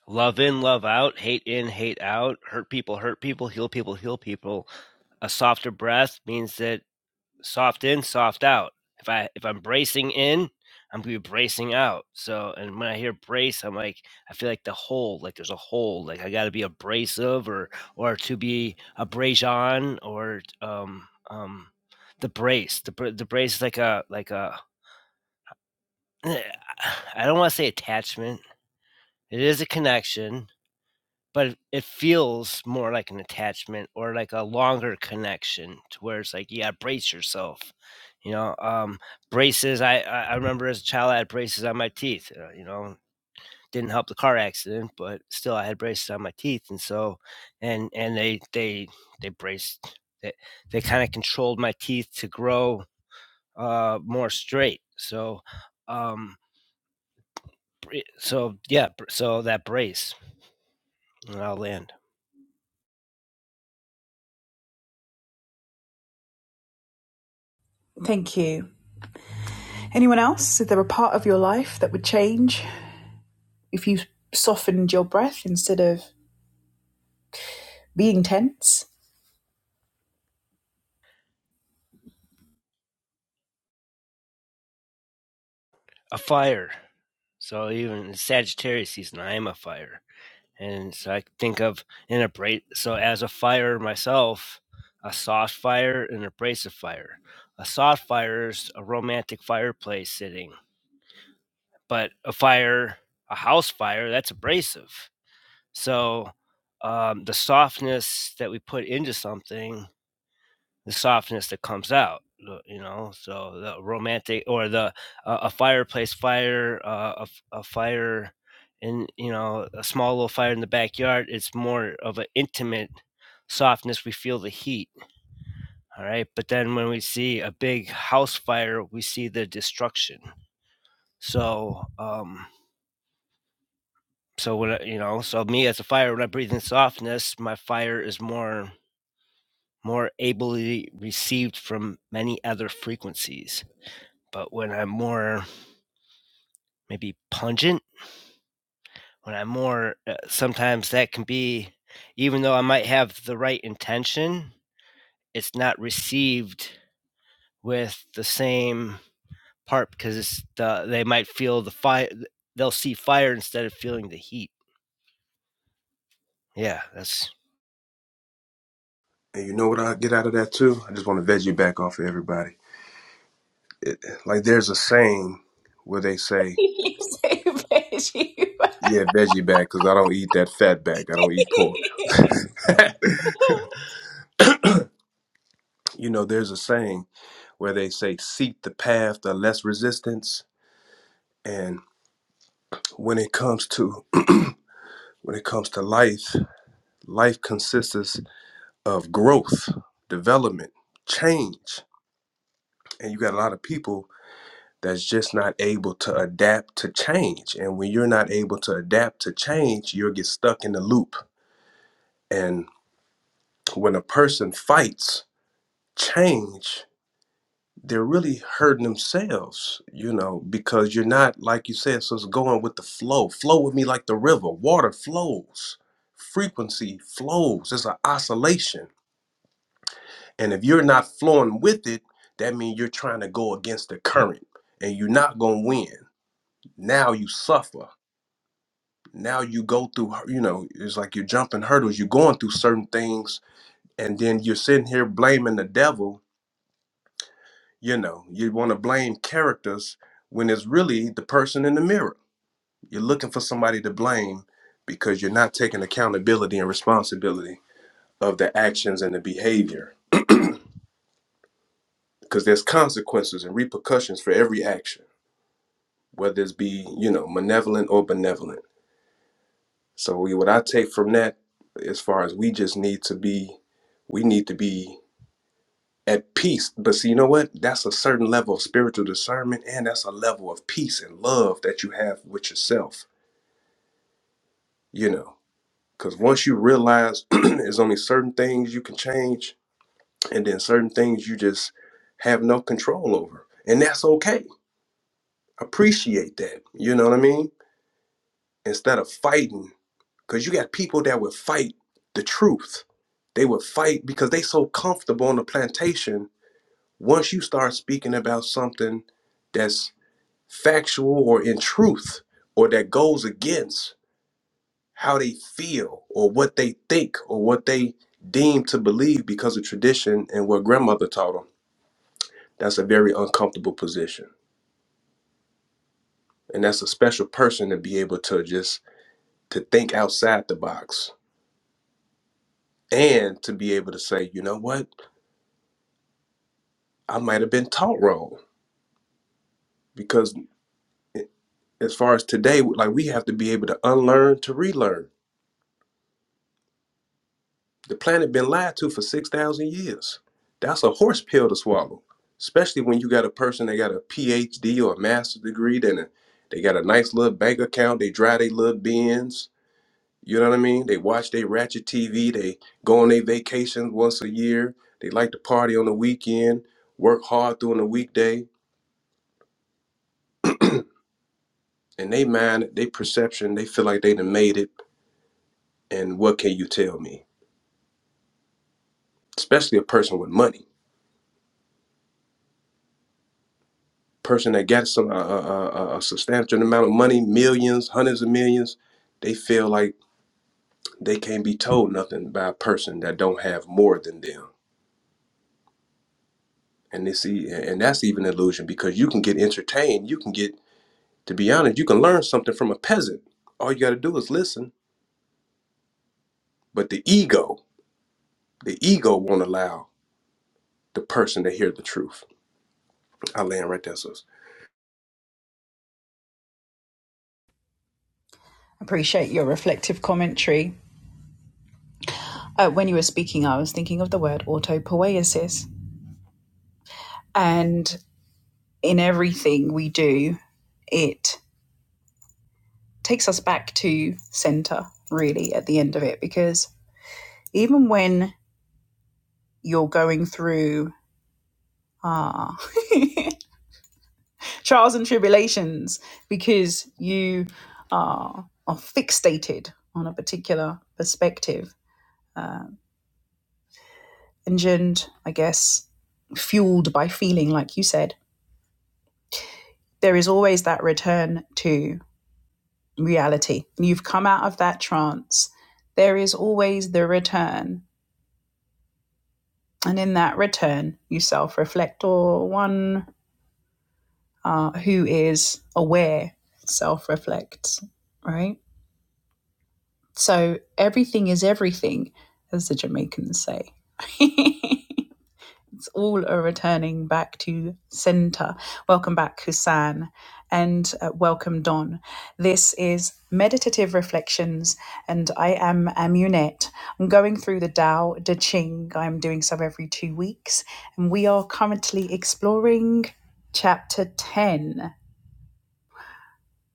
Love in, love out, hate in, hate out, hurt people, hurt people, heal people, heal people. A softer breath means that soft in, soft out. If I if I'm bracing in, I'm gonna be bracing out. So and when I hear brace, I'm like I feel like the hole, like there's a hole, like I gotta be abrasive or or to be abrasion or um um the brace. The the brace is like a like a Eh, I don't want to say attachment. It is a connection, but it it feels more like an attachment or like a longer connection to where it's like, yeah, brace yourself. You know, um, braces. I, I I remember as a child, I had braces on my teeth. Uh, you know, didn't help the car accident, but still, I had braces on my teeth, and so, and and they they they braced. They they kind of controlled my teeth to grow uh, more straight. So, um, Br- So yeah, br- so that brace, and I'll land.
Thank you. Anyone else? Is there a part of your life that would change if you softened your breath instead of being tense?
A fire. So even in Sagittarius season, I am a fire, and so I think of an abrasive. So as a fire myself, a soft fire and an abrasive fire. A soft fire is a romantic fireplace sitting. but a fire, a house fire, that's abrasive. So um, the softness that we put into something, the softness that comes out, you know, so the romantic or the uh, a fireplace fire, uh, a, f- a fire in, you know, a small little fire in the backyard, it's more of an intimate softness. We feel the heat. All right. But then when we see a big house fire, we see the destruction. So, um, So when I, you know, so me as a fire, when I breathe in softness, my fire is more more ably received from many other frequencies. But when I'm more maybe pungent, when I'm more, uh, sometimes that can be, even though I might have the right intention, it's not received with the same part because it's the, they might feel the fire, they'll see fire instead of feeling the heat. Yeah, that's
And you know what I get out of that too? I just want to veg you back off of everybody. Like there's a saying where they say
You so you.
Yeah, veggie bag, because I don't eat that fat bag. I don't eat pork. you know, there's a saying where they say, seek the path of less resistance. And when it comes to when it comes to life, life consists of growth, development, change. And you got a lot of people that's just not able to adapt to change. And when you're not able to adapt to change, you'll get stuck in the loop. And when a person fights change, they're really hurting themselves, you know, because you're not, like you said, so it's going with the flow. Flow with me like the river. Water flows, frequency flows. It's an oscillation. And if you're not flowing with it, that means you're trying to go against the current and you're not going to win. Now you suffer. Now you go through, you know, it's like you're jumping hurdles. You're going through certain things, and then you're sitting here blaming the devil You know, you want to blame characters when it's really the person in the mirror. You're looking for somebody to blame because you're not taking accountability and responsibility of the actions and the behavior because there's consequences and repercussions for every action, whether it's be, you know, malevolent or benevolent. So we- what I take from that as far as we just need to be we need to be at peace. But see, you know what? That's a certain level of spiritual discernment and that's a level of peace and love that you have with yourself you know because once you realize there's only certain things you can change and then certain things you just have no control over and that's okay appreciate that you know what i mean instead of fighting because you got people that would fight the truth they would fight because they so comfortable on the plantation once you start speaking about something that's factual or in truth or that goes against how they feel or what they think or what they deem to believe because of tradition and what grandmother taught them. That's a very uncomfortable position. And that's a special person to be able to just to think outside the box and to be able to say, you know what, I might have been taught wrong because eh, as far as today, like we have to be able to unlearn to relearn The planet been lied to for 6,000 years. That's a horse pill to swallow, especially when you got a person that got a PhD or a master's degree, then a- they got a nice little bank account, they drive their little Benz. you know what I mean? They watch their ratchet TV, they go on their vacations once a year, they like to party on the weekend, work hard during the weekday, and they mind, they perception, they feel like they done made it, and what can you tell me? Especially a person with money. person that gets some a, a, a substantial amount of money, millions, hundreds of millions, they feel like they can't be told nothing by a person that don't have more than them. And this e- and that's even an illusion because you can get entertained, you can get to be honest, you can learn something from a peasant. All you got to do is listen. But the ego, the ego won't allow the person to hear the truth. I land right there, sis.
Appreciate your reflective commentary. Uh, when you were speaking, I was thinking of the word autopoiesis. And in everything we do, it takes us back to center, really, at the end of it, because even when you're going through ah trials and tribulations, because you are, are fixated on a particular perspective, uh, engined, I guess, fueled by feeling, like you said, there is always that return to reality. You've come out of that trance. There is always the return. And in that return, you self reflect, or one uh, who is aware self reflects, right? So everything is everything, as the Jamaicans say. all are returning back to center. Welcome back, Hussein, and uh, welcome, Don. This is Meditative Reflections, and I am Amunet. I'm going through the Tao Te Ching. I'm doing so every two weeks, and we are currently exploring chapter 10.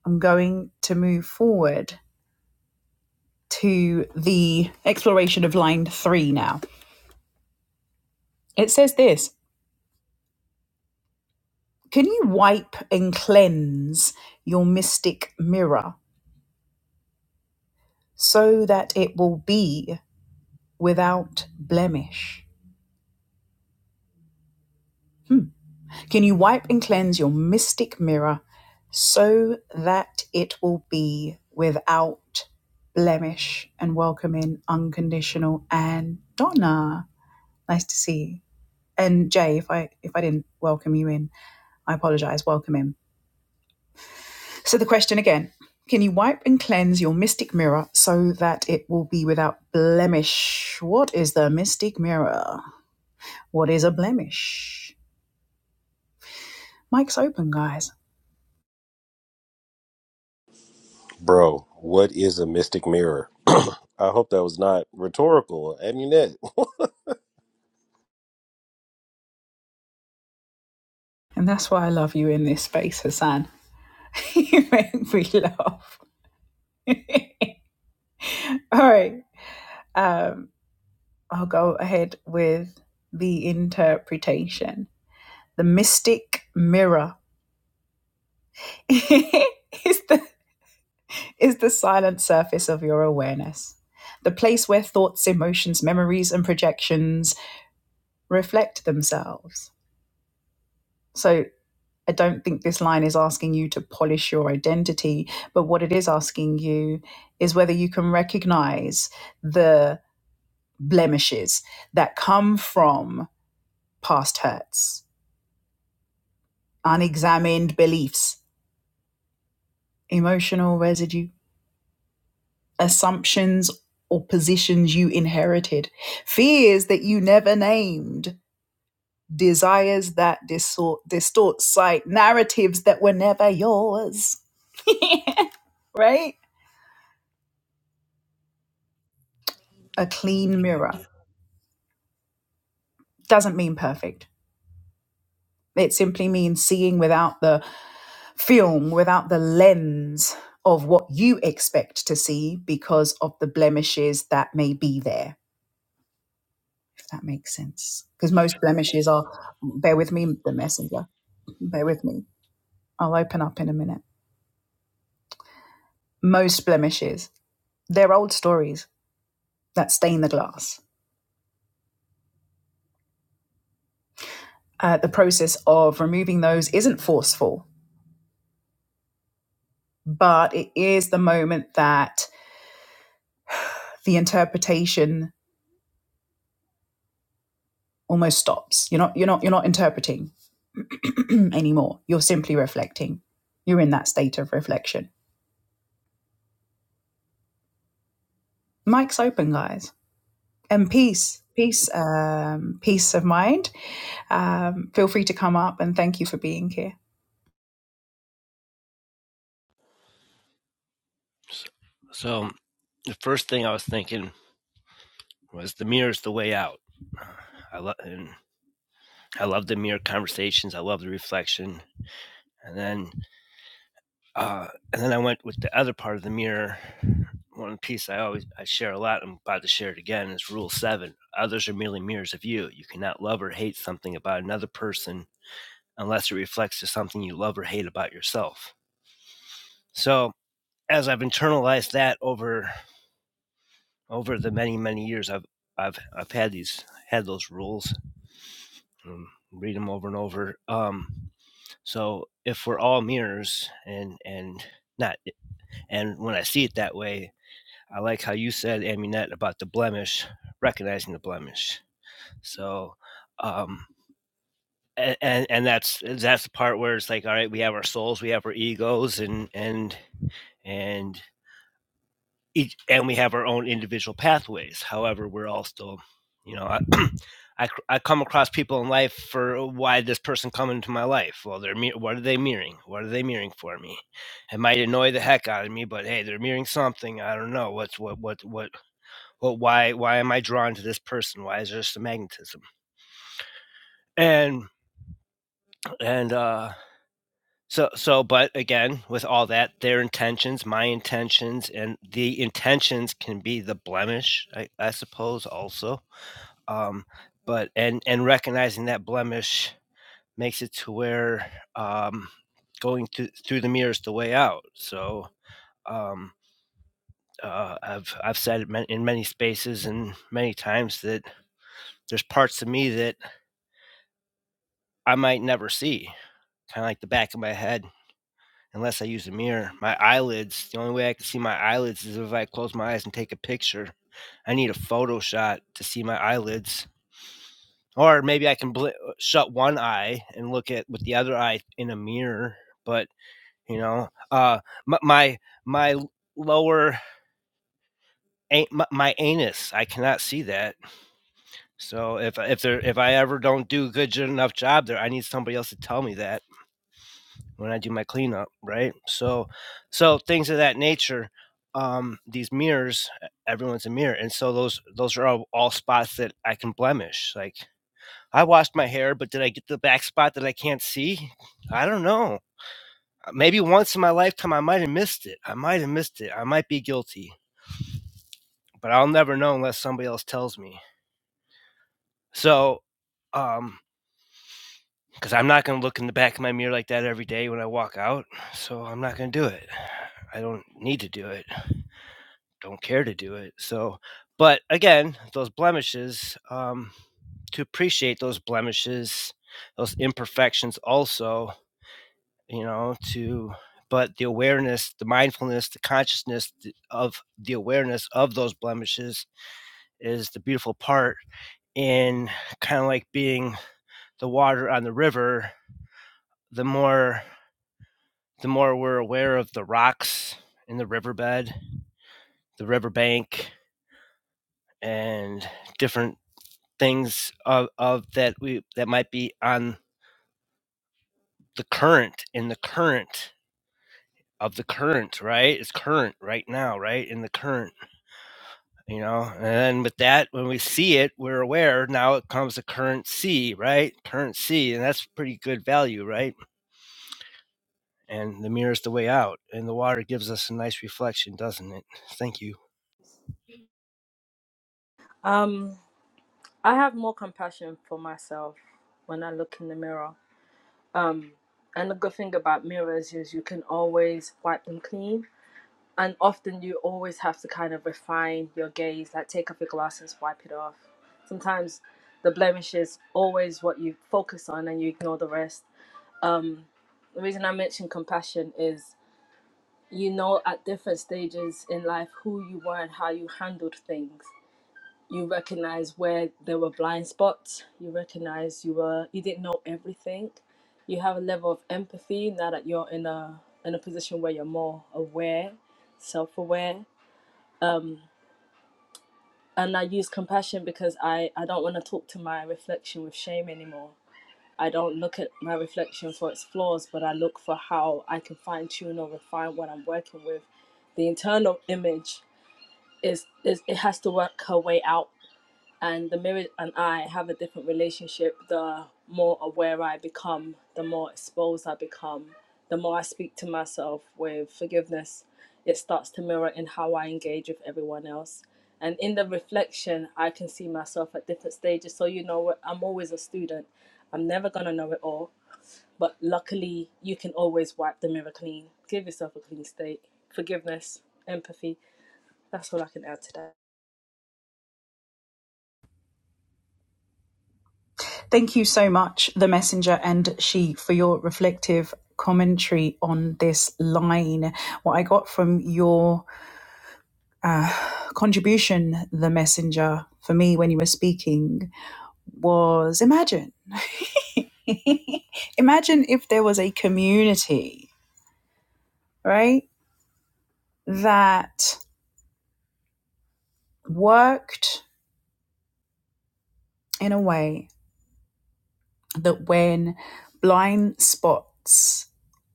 I'm going to move forward to the exploration of line three now. It says this. Can you wipe and cleanse your mystic mirror so that it will be without blemish? Hmm. Can you wipe and cleanse your mystic mirror so that it will be without blemish? And welcome in unconditional and Donna. Nice to see you. And Jay, if I if I didn't welcome you in, I apologize. Welcome in. So, the question again can you wipe and cleanse your mystic mirror so that it will be without blemish? What is the mystic mirror? What is a blemish? Mike's open, guys.
Uh,
And that's why I love you in this space, Hassan. you make me laugh. All right. Um, I'll go ahead with the interpretation. The mystic mirror is the is the silent surface of your awareness, the place where thoughts, emotions, memories, and projections reflect themselves. So, I don't think this line is asking you to polish your identity, but what it is asking you is whether you can recognize the blemishes that come from past hurts, unexamined beliefs, emotional residue, assumptions or positions you inherited, fears that you never named desires that distort, distort sight, narratives that were never yours, right? A clean mirror doesn't mean perfect. It simply means seeing without the film, without the lens of what you expect to see because of the blemishes that may be there, if that makes sense. Because most blemishes are, bear with me, the messenger, bear with me. I'll open up in a minute. Most blemishes, they're old stories that stain the glass uh, the process of removing those isn't forceful, but it is the moment that the interpretation almost stops. You're not you're not you're not interpreting anymore. You're simply reflecting. You're in that state of reflection. Mic's open, guys, and peace, peace, um, peace of mind. Um, feel free to come up and thank you for being here.
so. so, The first thing I was thinking was the mirror is the way out. I love I love the mirror conversations. I love the reflection. And then uh, and then I went with the other part of the mirror. One piece I always I share a lot. I'm about to share it again. Is Rule Seven: Others are merely mirrors of you. You cannot love or hate something about another person unless it reflects to something you love or hate about yourself. So as I've internalized that over over the many many years I've I've I've had these had those rules. Um, read them over and over. Um, so if we're all mirrors and and not and when I see it that way, I like how you said Aminette about the blemish, recognizing the blemish. So um, a- and and that's that's the part where it's like all right we have our souls we have our egos and and and each and we have our own individual pathways however we're all still you know I, I i come across people in life for why this person come into my life well they're mir- what are they mirroring what are they mirroring for me it might annoy the heck out of me but hey they're mirroring something i don't know what's what what what what why why am i drawn to this person why is there just a magnetism and and uh So, so, but again, with all that, their intentions, my intentions, and the intentions can be the blemish, I, I suppose, also. Um, but and and recognizing that blemish makes it to where um, going through through the mirror is the way out. So, um, uh, I've I've said it in many spaces and many times that there's parts of me that I might never see, kind of like the back of my head unless I use a mirror. My eyelids, the only way I can see my eyelids is if I close my eyes and take a picture. I need a photo shot to see my eyelids. Or maybe I can bl- shut one eye and look at with the other eye in a mirror. But you know, uh, my my, my lower an- my, my anus, I cannot see that. So if if there if I ever don't do a good enough job there, I need somebody else to tell me that. when I do my cleanup, right? So, so things of that nature. Um, these mirrors, e- everyone's a mirror, and so those those are all, all spots that I can blemish. Like I washed my hair, but did I get the back spot that I can't see? I don't know. Uh, Maybe once in my lifetime I might have missed it. I might have missed it. I might be guilty, but I'll never know unless somebody else tells me. So, um, because I'm not going to look in the back of my mirror like that every day when I walk out. So I'm not going to do it. I don't need to do it. don't care to do it. So, but again, those blemishes, um, to appreciate those blemishes, those imperfections, also, you know, to, but the awareness, the mindfulness, the consciousness of the awareness of those blemishes is the beautiful part. In kind of like being the water on the river, the more the more we're aware of the rocks in the riverbed, the riverbank, and different things of, of that we that might be on the current in the current of the current right it's current right now right in the current you know and then with that when we see it we're aware now it comes the current c right current c and that's pretty good value right and the mirror's the way out and the water gives us a nice reflection doesn't it thank you
Um, I have more compassion for myself when I look in the mirror. And the good thing about mirrors is you can always wipe them clean. And often you always have to kind of refine your gaze, like take off your glasses, wipe it off. Sometimes the blemish is always what you focus on and you ignore the rest. Um, the reason I mention compassion is you know at different stages in life who you were and how you handled things. you recognize where there were blind spots you recognize you were you didn't know everything you have a level of empathy now that you're in a in a position where you're more aware self-aware um and i use compassion because i i don't want to talk to my reflection with shame anymore i don't look at my reflection for its flaws but i look for how i can fine-tune or refine what i'm working with the internal image is, is it has to work her way out and the mirror and I have a different relationship. The more aware I become, the more exposed I become, the more I speak to myself with forgiveness, it starts to mirror in how I engage with everyone else. And in the reflection, I can see myself at different stages. So, you know, I'm always a student. I'm never going to know it all. But luckily, you can always wipe the mirror clean. Give yourself a clean slate. Forgiveness, empathy. That's all I can add to that.
Thank you so much, the messenger and she, for your reflective commentary on this line. What I got from your uh, contribution, the messenger for me when you were speaking was imagine. imagine if there was a community, right, that worked in a way that when blind spots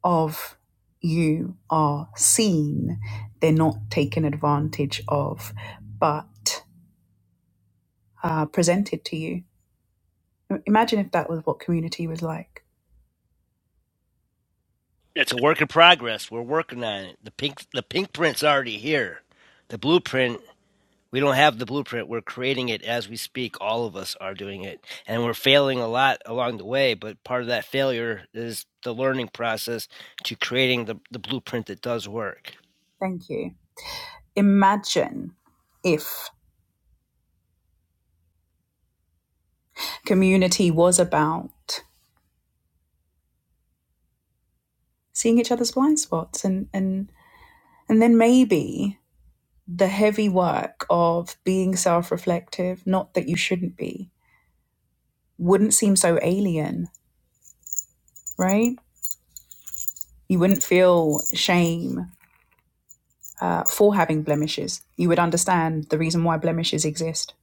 of you are seen, they're not taken advantage of, but uh, presented to you. Imagine if that was what community was like.
it's a work in progress we're working on it the pink the pink print's already here the blueprint We don't have the blueprint. We're creating it as we speak. All of us are doing it. And we're failing a lot along the way. But part of that failure is the learning process to creating the, the blueprint that does work.
Thank you. imagine if community was about seeing each other's blind spots and and and then maybe the heavy work of being self-reflective not that you shouldn't be wouldn't seem so alien right you wouldn't feel shame uh, for having blemishes you would understand the reason why blemishes exist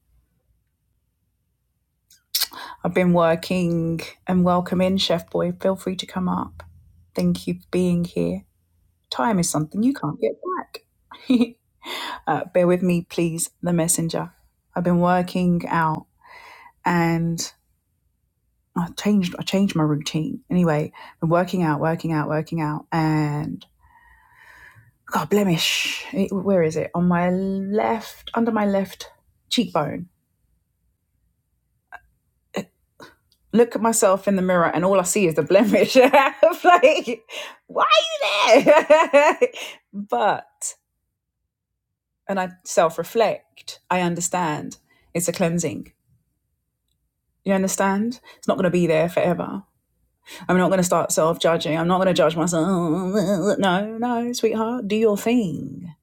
i've been working and welcome in chef boy feel free to come up thank you for being here time is something you can't get back Uh, bear with me, please. The messenger. I've been working out and I changed. I changed my routine. Anyway, i been working out, working out, working out, and God blemish. It, where is it? On my left, under my left cheekbone. Look at myself in the mirror, and all I see is the blemish. like, why are you there? but and I self-reflect. I understand. It's a cleansing. You understand? It's not going to be there forever I'm not going to start self judging. I'm not going to judge myself. No, no, sweetheart, do your thing.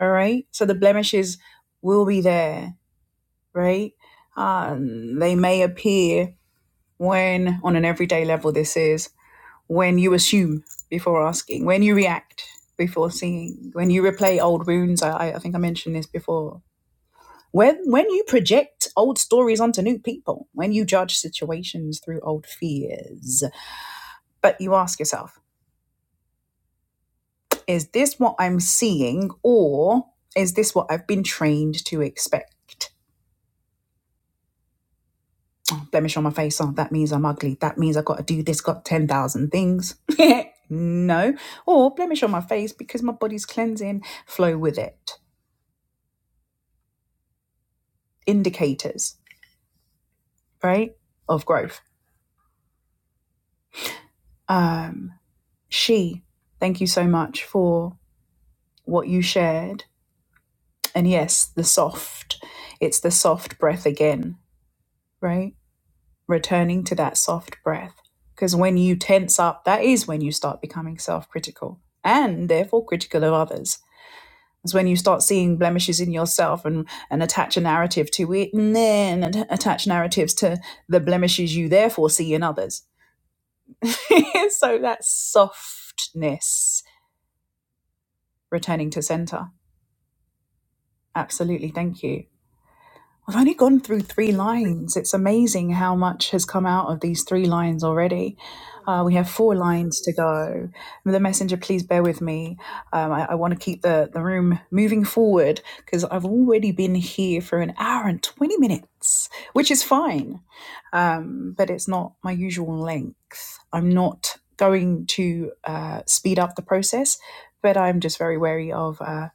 All right. So the blemishes will be there, right? Um, they may appear when, on an everyday level, this is when you assume before asking, when you react before seeing, when you replay old wounds. I, I I think I mentioned this before. When, when you project old stories onto new people, when you judge situations through old fears, but you ask yourself, Is this what I'm seeing, or is this what I've been trained to expect? Oh, blemish on my face. Oh, that means I'm ugly. That means I've got to do this, got 10,000 things. no. Or blemish on my face because my body's cleansing, flow with it. Indicators, right, of growth. Um, she, thank you so much for what you shared. And yes, the soft, it's the soft breath again, right? returning to that soft breath. Because when you tense up, that is when you start becoming self critical and therefore critical of others. It's when you start seeing blemishes in yourself and, and attach a narrative to it, and then attach narratives to the blemishes you therefore see in others. so that softness returning to center. Absolutely. Thank you. We've only gone through three lines. It's amazing how much has come out of these three lines already. Uh, we have four lines to go. The messenger, please bear with me. Um, I, I want to keep the, the room moving forward because I've already been here for an hour and 20 minutes, which is fine, um, but it's not my usual length. I'm not going to uh, speed up the process, but I'm just very wary of. uh,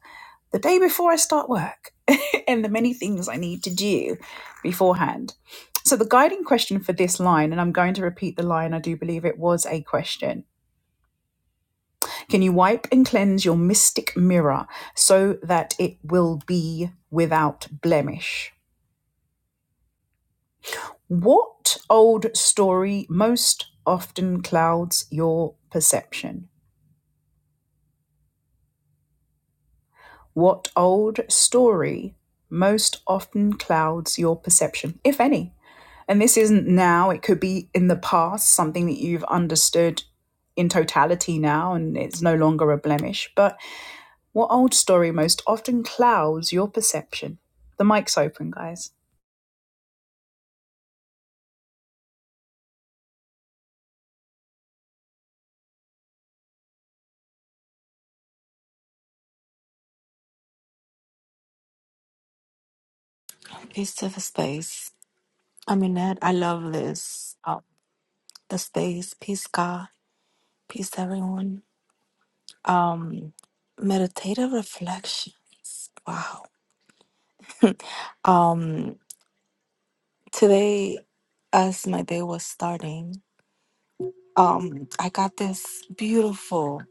the day before I start work and the many things I need to do beforehand. So, the guiding question for this line, and I'm going to repeat the line, I do believe it was a question. Can you wipe and cleanse your mystic mirror so that it will be without blemish? What old story most often clouds your perception? What old story most often clouds your perception, if any? And this isn't now, it could be in the past, something that you've understood in totality now and it's no longer a blemish. But what old story most often clouds your perception? The mic's open, guys.
Peace to the space. I mean that I love this. Um, the space. Peace God. Peace to everyone. Um meditative reflections. Wow. Um today as my day was starting, um I got this beautiful,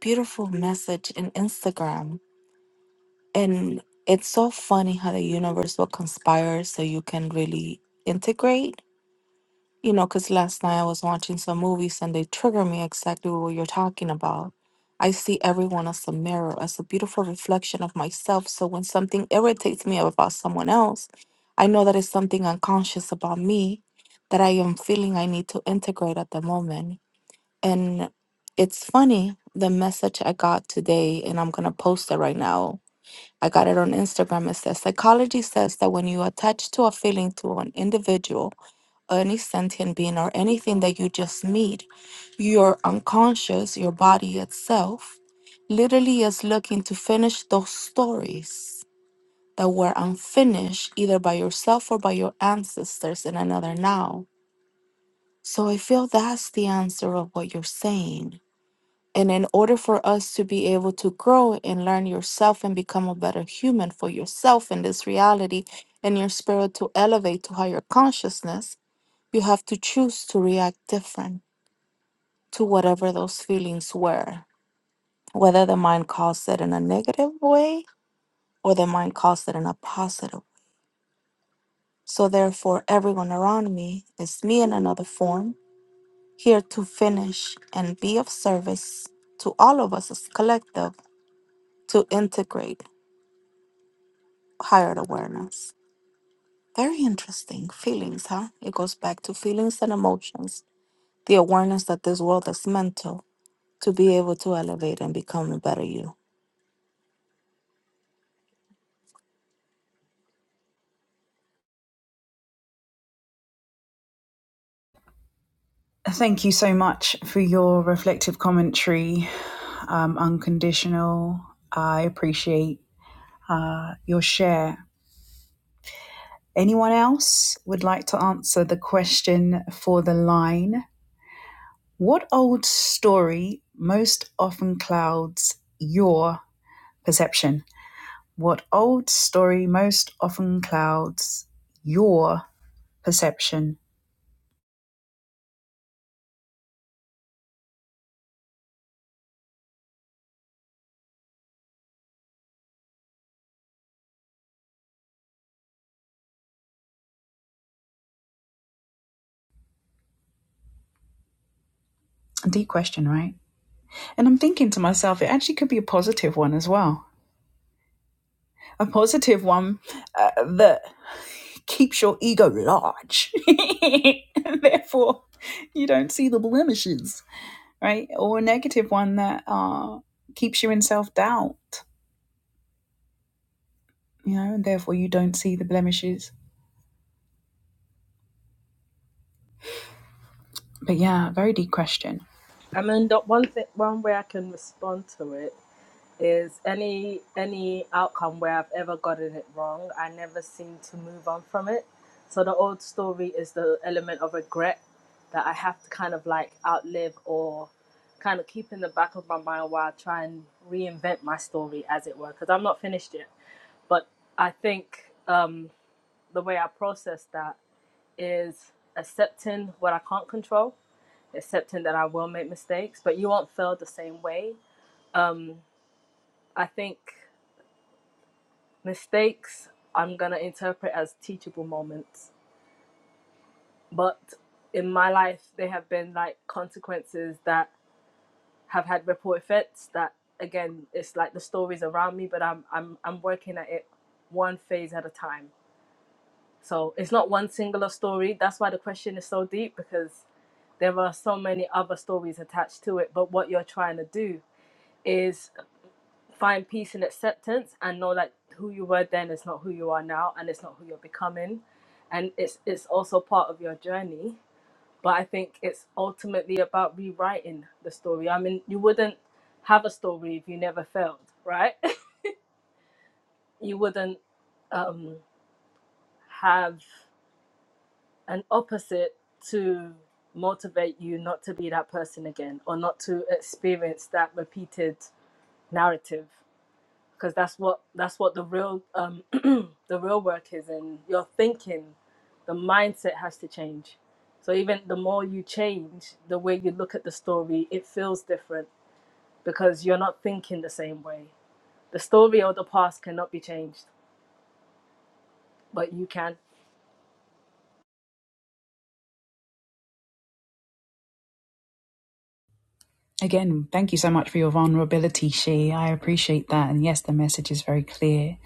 beautiful message in Instagram. And it's so funny how the universe will conspire so you can really integrate You know, because last night I was watching some movies and they trigger me exactly what you're talking about. I see everyone as a mirror, as a beautiful reflection of myself. So when something irritates me about someone else, I know that it's something unconscious about me that I am feeling I need to integrate at the moment. And it's funny, the message I got today, and I'm going to post it right now I got it on Instagram. It says psychology says that when you attach to a feeling to an individual, any sentient being, or anything that you just meet, your unconscious, your body itself, literally is looking to finish those stories that were unfinished either by yourself or by your ancestors in another now. So I feel that's the answer of what you're saying and in order for us to be able to grow and learn yourself and become a better human for yourself in this reality and your spirit to elevate to higher consciousness, you have to choose to react different to whatever those feelings were, whether the mind caused it in a negative way or the mind caused it in a positive. way. So, therefore, everyone around me is me in another form, here to finish and be of service to all of us as collective to integrate higher awareness. Very interesting. Feelings, huh? It goes back to feelings and emotions. The awareness that this world is mental to be able to elevate and become a better you.
Thank you so much for your reflective commentary, um, unconditional. I appreciate uh, your share. Anyone else would like to answer the question for the line? What old story most often clouds your perception? What old story most often clouds your perception? A deep question, right? And I'm thinking to myself, it actually could be a positive one as well. A positive one uh, that keeps your ego large. Therefore, you don't see the blemishes, right? Or a negative one that uh, keeps you in self doubt you know, and therefore you don't see the blemishes. But yeah, very deep question.
I mean, the one thing, one way I can respond to it is any any outcome where I've ever gotten it wrong, I never seem to move on from it. So the old story is the element of regret that I have to kind of like outlive or kind of keep in the back of my mind while I try and reinvent my story, as it were, because I'm not finished yet. But I think um, the way I process that is accepting what I can't control accepting that I will make mistakes, but you won't feel the same way. Um, I think mistakes I'm gonna interpret as teachable moments, but in my life they have been like consequences that have had ripple effects. That again, it's like the stories around me, but I'm I'm I'm working at it one phase at a time. So it's not one singular story. That's why the question is so deep because there are so many other stories attached to it. But what you're trying to do is find peace and acceptance and know like who you were then is not who you are now and it's not who you're becoming and it's it's also part of your journey but i think it's ultimately about rewriting the story i mean you wouldn't have a story if you never failed right you wouldn't um have an opposite to motivate you not to be that person again or not to experience that repeated narrative because that's what that's what the real um, the real work is and your thinking the mindset has to change so even the more you change the way you look at the story it feels different because you're not thinking the same way the story of the past cannot be changed but you can
Again, thank you so much for your vulnerability, She. I appreciate that. And yes, the message is very clear.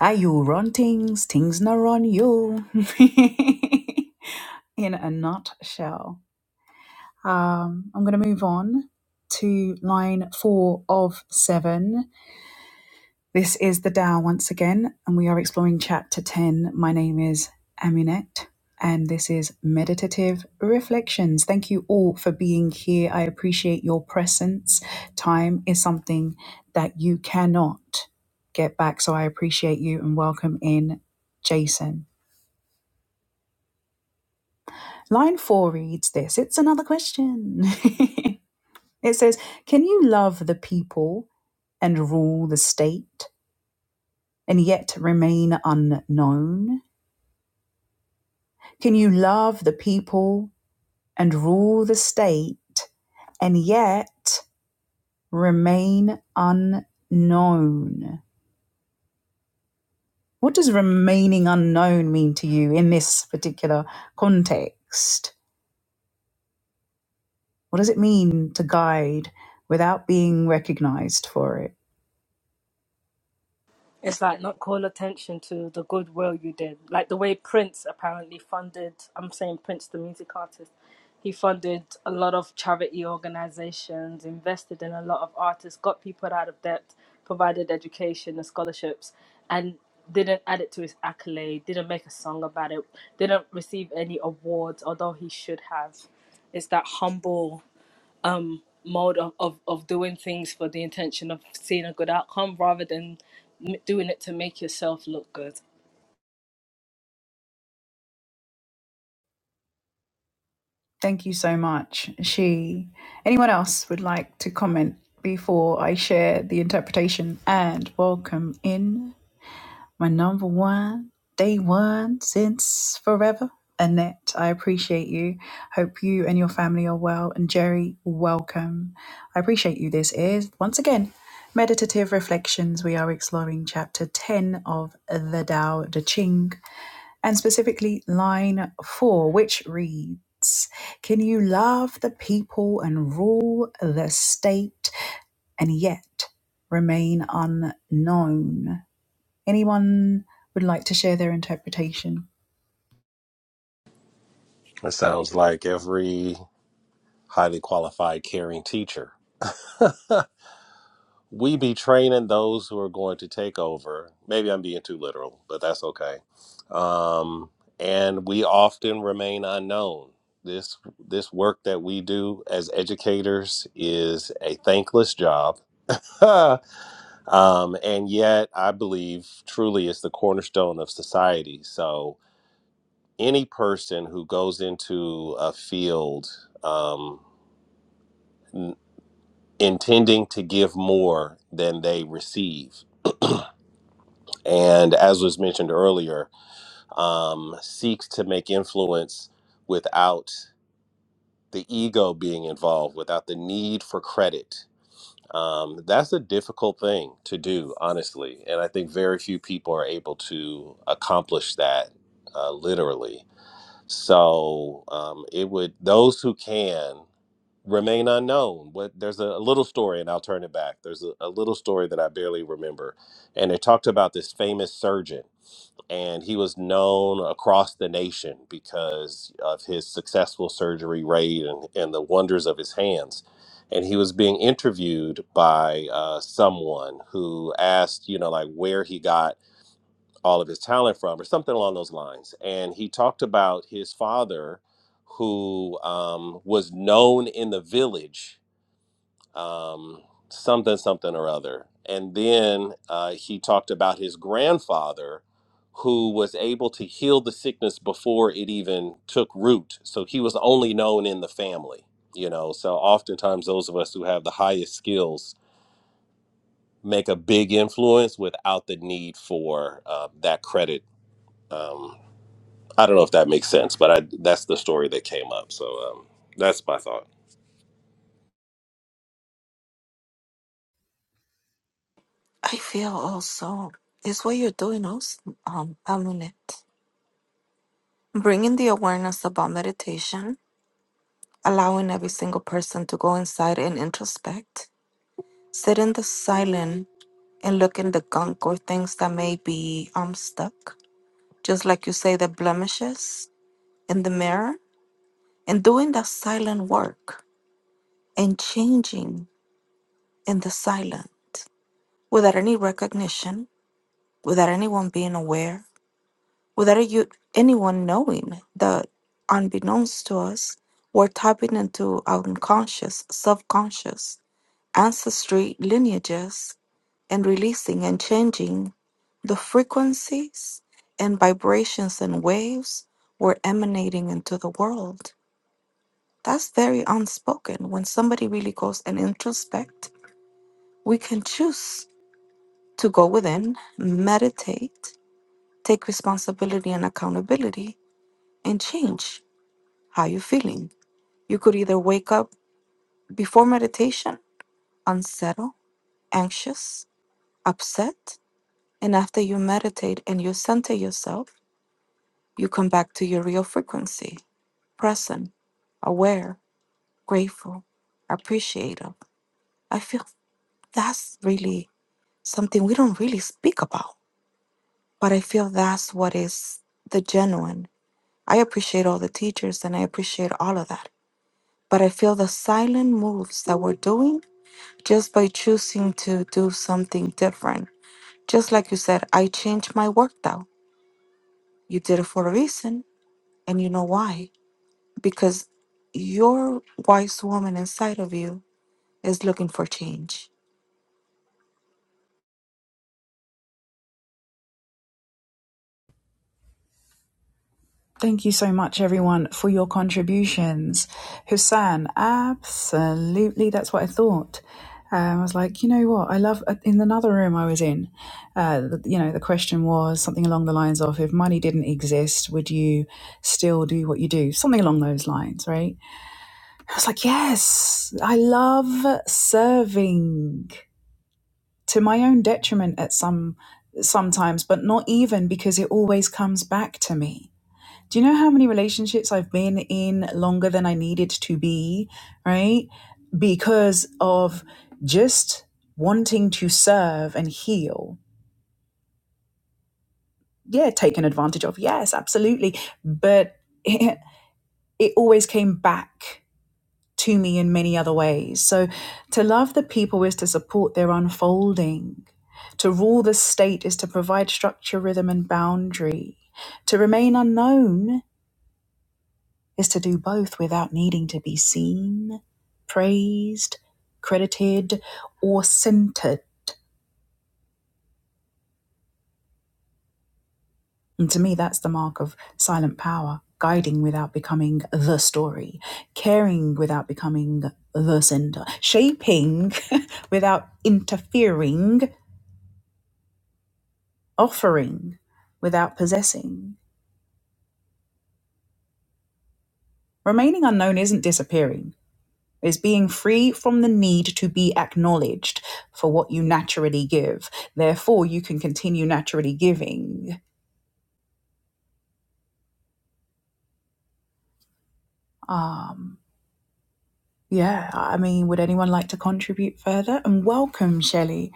Are you run things? Things not run you. In a nutshell. Um, I'm going to move on to line four of seven. This is the Tao once again, and we are exploring chapter 10. My name is Aminette, and this is Meditative Reflections. Thank you all for being here. I appreciate your presence. Time is something that you cannot get back, so I appreciate you and welcome in Jason. Line four reads this it's another question. it says, Can you love the people and rule the state and yet remain unknown? Can you love the people and rule the state and yet remain unknown? What does remaining unknown mean to you in this particular context? What does it mean to guide without being recognized for it?
It's like not call attention to the goodwill you did. Like the way Prince apparently funded, I'm saying Prince, the music artist, he funded a lot of charity organizations, invested in a lot of artists, got people out of debt, provided education and scholarships, and didn't add it to his accolade, didn't make a song about it, didn't receive any awards, although he should have. It's that humble um, mode of, of, of doing things for the intention of seeing a good outcome rather than m- doing it to make yourself look good.
Thank you so much. She. Anyone else would like to comment before I share the interpretation and welcome in? my number one, day one since forever. Annette, I appreciate you. Hope you and your family are well. And Jerry, welcome. I appreciate you. This is, once again, Meditative Reflections. We are exploring chapter 10 of the Tao Te Ching, and specifically line 4, which reads Can you love the people and rule the state and yet remain unknown? Anyone would like to share their interpretation?
it sounds like every highly qualified, caring teacher. we be training those who are going to take over. Maybe I'm being too literal, but that's okay. Um, and we often remain unknown. This this work that we do as educators is a thankless job, um, and yet I believe truly it's the cornerstone of society. So any person who goes into a field. Um, intending to give more than they receive. And as was mentioned earlier, um, seeks to make influence without the ego being involved, without the need for credit. Um, that's a difficult thing to do, honestly. And I think very few people are able to accomplish that uh, literally. So um, it would, those who can, remain unknown what there's a, a little story and i'll turn it back there's a, a little story that i barely remember and it talked about this famous surgeon and he was known across the nation because of his successful surgery rate and, and the wonders of his hands and he was being interviewed by uh, someone who asked you know like where he got all of his talent from or something along those lines and he talked about his father who um, was known in the village um, something, something or other. And then uh, he talked about his grandfather who was able to heal the sickness before it even took root. So he was only known in the family, you know. So oftentimes, those of us who have the highest skills make a big influence without the need for uh, that credit. Um, I don't know if that makes sense, but I, that's the story that came up. So um, that's my thought.
I feel also is what you're doing also, um, Amulet. Bringing the awareness about meditation, allowing every single person to go inside and introspect, sit in the silent and look in the gunk or things that may be um stuck. Just like you say, the blemishes in the mirror and doing that silent work and changing in the silent without any recognition, without anyone being aware, without you, anyone knowing that unbeknownst to us, we're tapping into our unconscious, subconscious ancestry lineages and releasing and changing the frequencies and vibrations and waves we're emanating into the world That's very unspoken. When somebody really goes and introspect, we can choose to go within, meditate, take responsibility and accountability, and change how you're feeling. You could either wake up before meditation, unsettled, anxious, upset, and after you meditate and you center yourself, you come back to your real frequency, present, aware, grateful, appreciative. I feel that's really something we don't really speak about. But I feel that's what is the genuine. I appreciate all the teachers and I appreciate all of that. But I feel the silent moves that we're doing just by choosing to do something different. Just like you said, I changed my work though. You did it for a reason, and you know why. Because your wise woman inside of you is looking for change.
Thank you so much, everyone, for your contributions. Hussein, absolutely, that's what I thought. Um, I was like, you know what? I love. uh, In another room I was in, uh, you know, the question was something along the lines of, if money didn't exist, would you still do what you do? Something along those lines, right? I was like, yes, I love serving. to my own detriment at some sometimes, but not even because it always comes back to me. Do you know how many relationships I've been in longer than I needed to be, right? Because of just wanting to serve and heal. Yeah, taken advantage of. Yes, absolutely. But it, it always came back to me in many other ways. So to love the people is to support their unfolding. To rule the state is to provide structure, rhythm, and boundary. To remain unknown is to do both without needing to be seen, praised, credited, or centered. And to me, that's the mark of silent power guiding without becoming the story, caring without becoming the center, shaping without interfering, offering without possessing. Remaining unknown isn't disappearing, it's being free from the need to be acknowledged for what you naturally give. Therefore, you can continue naturally giving. Um, yeah, I mean, would anyone like to contribute further? And welcome, Shelley.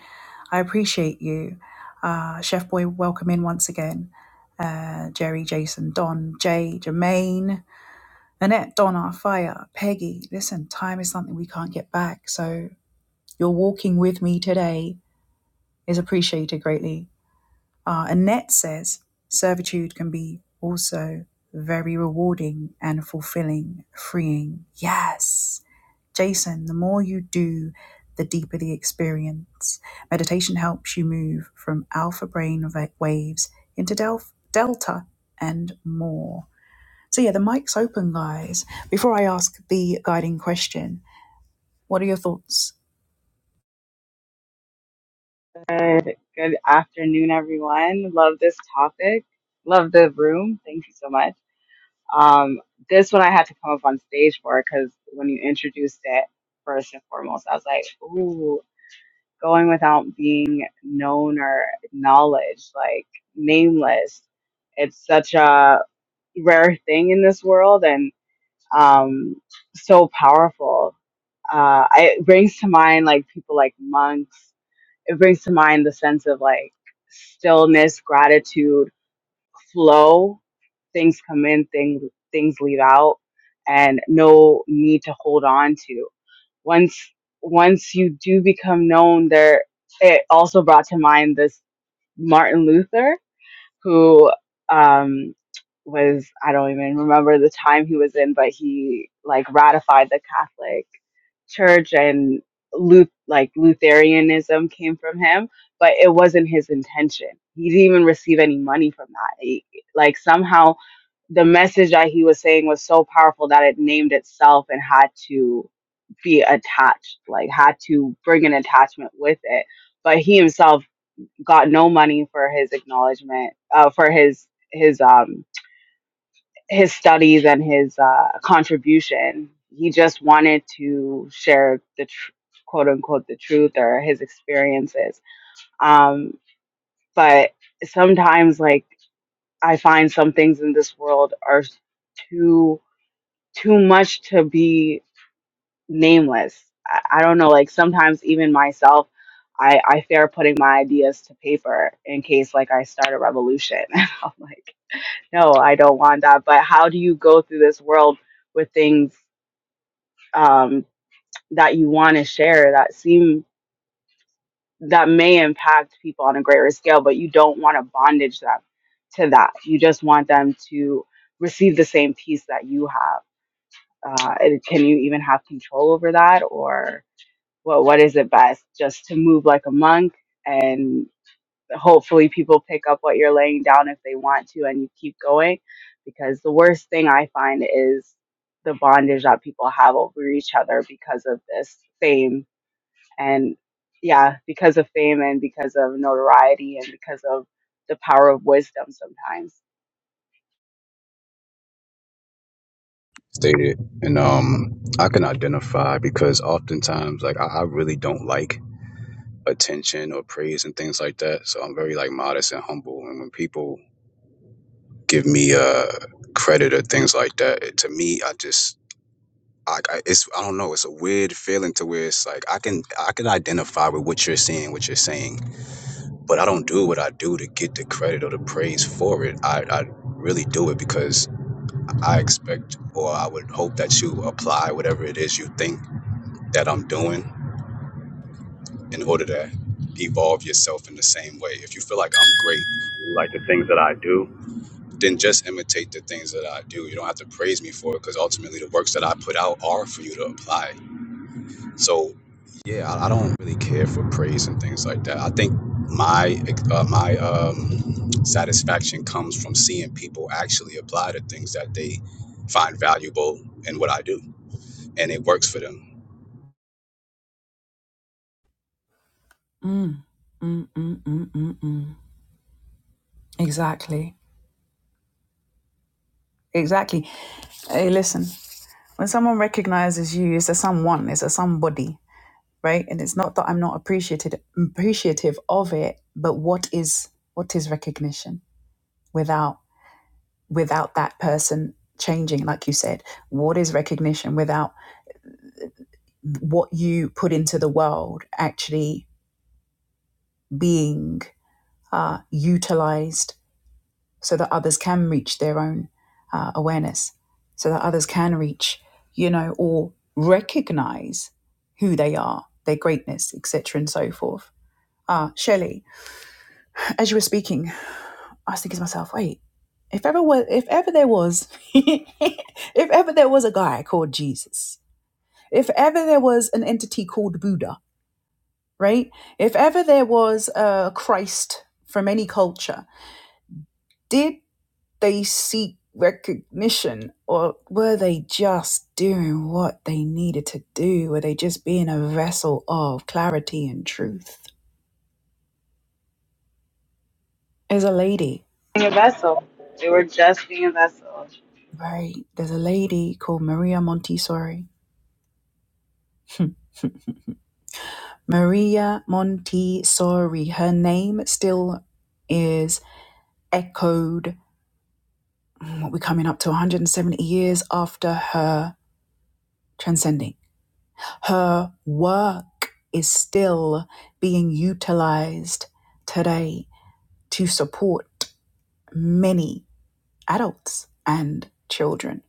I appreciate you. Uh, Chef Boy, welcome in once again. Uh, Jerry, Jason, Don, Jay, Jermaine, Annette, Donna, Fire, Peggy. Listen, time is something we can't get back. So Your walking with me today is appreciated greatly. Uh, Annette says servitude can be also very rewarding and fulfilling, freeing. Yes. Jason, the more you do, the deeper the experience. Meditation helps you move from alpha brain va- waves into del- delta and more. So, yeah, the mic's open, guys. Before I ask the guiding question, what are your thoughts?
Good, good afternoon, everyone. Love this topic. Love the room. Thank you so much. Um, this one I had to come up on stage for because when you introduced it, first and foremost, I was like, ooh, going without being known or acknowledged, like nameless. It's such a rare thing in this world and um, so powerful. Uh, it brings to mind like people like monks it brings to mind the sense of like stillness, gratitude, flow. Things come in, things things leave out, and no need to hold on to. Once once you do become known, there it also brought to mind this Martin Luther who um, was I don't even remember the time he was in, but he like ratified the Catholic church and Luth- like Lutheranism came from him, but it wasn't his intention. He didn't even receive any money from that. He- like somehow the message that he was saying was so powerful that it named itself and had to be attached, like had to bring an attachment with it. But he himself got no money for his acknowledgement, uh, for his his um his studies and his uh, contribution. He just wanted to share the tr- quote unquote the truth or his experiences. Um, but sometimes, like I find some things in this world are too too much to be nameless. I, I don't know. Like sometimes, even myself. I, I fear putting my ideas to paper in case like I start a revolution. And I'm like, no, I don't want that. But how do you go through this world with things um, that you want to share that seem that may impact people on a greater scale, but you don't want to bondage them to that. You just want them to receive the same peace that you have. Uh, and can you even have control over that, or what? What is it best? Just to move like a monk, and hopefully people pick up what you're laying down if they want to, and you keep going. Because the worst thing I find is the bondage that people have over each other because of this same and yeah, because of fame and because of notoriety and because of the power of wisdom sometimes.
Stated, and um, I can identify because oftentimes, like, I, I really don't like attention or praise and things like that. So I'm very like modest and humble. And when people give me uh credit or things like that, it- to me, I just like I, it's I don't know. It's a weird feeling to where it's like I can I can identify with what you're seeing, what you're saying, but I don't do what I do to get the credit or the praise for it. I, I really do it because I expect or I would hope that you apply whatever it is you think that I'm doing in order to evolve yourself in the same way. If you feel like I'm great, like the things that I do, then just imitate the things that I do. You don't have to praise me for it because ultimately the works that I put out are for you to apply So yeah, I, I don't really care for praise and things like that. I think my uh, my um, satisfaction comes from seeing people actually apply the things that they find valuable in what I do, and it works for them.
Mm-mm-mm-mm-mm. Exactly. Exactly. Hey, listen, when someone recognizes you, it's a someone, it's a somebody, right? And it's not that I'm not appreciated appreciative of it, but what is what is recognition without without that person changing, like you said? What is recognition without what you put into the world actually being uh, utilized so that others can reach their own uh, awareness, so that others can reach, you know, or recognize who they are, their greatness, etc., and so forth. Ah, Shelley, as you were speaking, I was thinking to myself, wait, if ever was, if ever there was, if ever there was a guy called Jesus, if ever there was an entity called Buddha, right? If ever there was a Christ from any culture, did they seek recognition or were they just doing what they needed to do were they just being a vessel of clarity and truth there's a lady
Being a vessel. They were just being a vessel.
right there's a lady called maria montessori maria montessori her name still is echoed mm, we're coming up to 170 years after her transcending her work is still being utilized today to support many adults and children.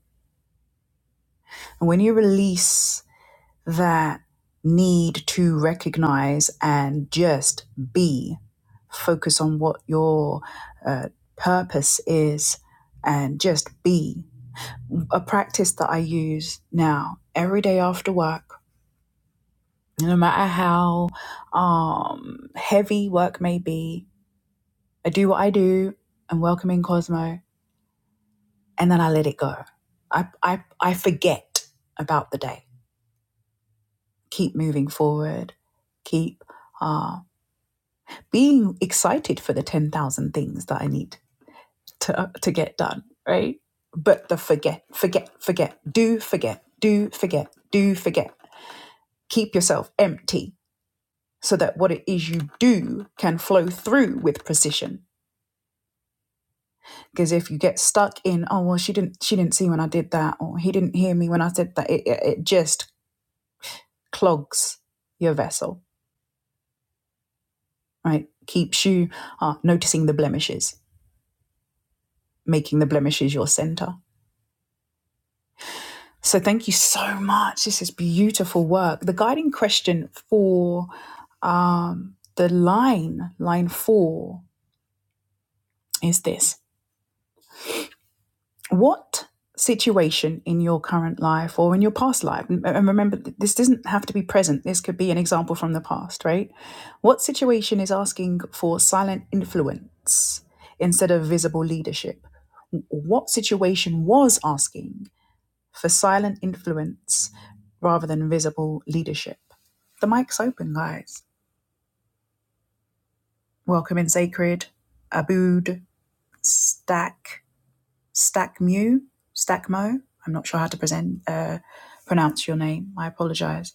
And when you release that need to recognize and just be, focus on what your uh, purpose is and just be. A practice that I use now every day after work, no matter how um, heavy work may be, I do what I do. I'm welcoming Cosmo and then I let it go. I, I, I forget about the day. Keep moving forward. Keep uh, being excited for the 10,000 things that I need to, uh, to get done, right? But the forget, forget, forget, do forget, do forget, do forget. Keep yourself empty so that what it is you do can flow through with precision. Because if you get stuck in, oh well, she didn't, she didn't see when I did that, or he didn't hear me when I said that, it, it, it just clogs your vessel, right? Keeps you uh, noticing the blemishes, making the blemishes your center. So thank you so much. This is beautiful work. The guiding question for um, the line, line four, is this What situation in your current life or in your past life, and remember, this doesn't have to be present, this could be an example from the past, right? What situation is asking for silent influence instead of visible leadership? What situation was asking for silent influence rather than visible leadership? The mic's open, guys. Welcome in Sacred, Abood, Stack, Stack Mu, Stack Mo. I'm not sure how to present, uh, pronounce your name. I apologize.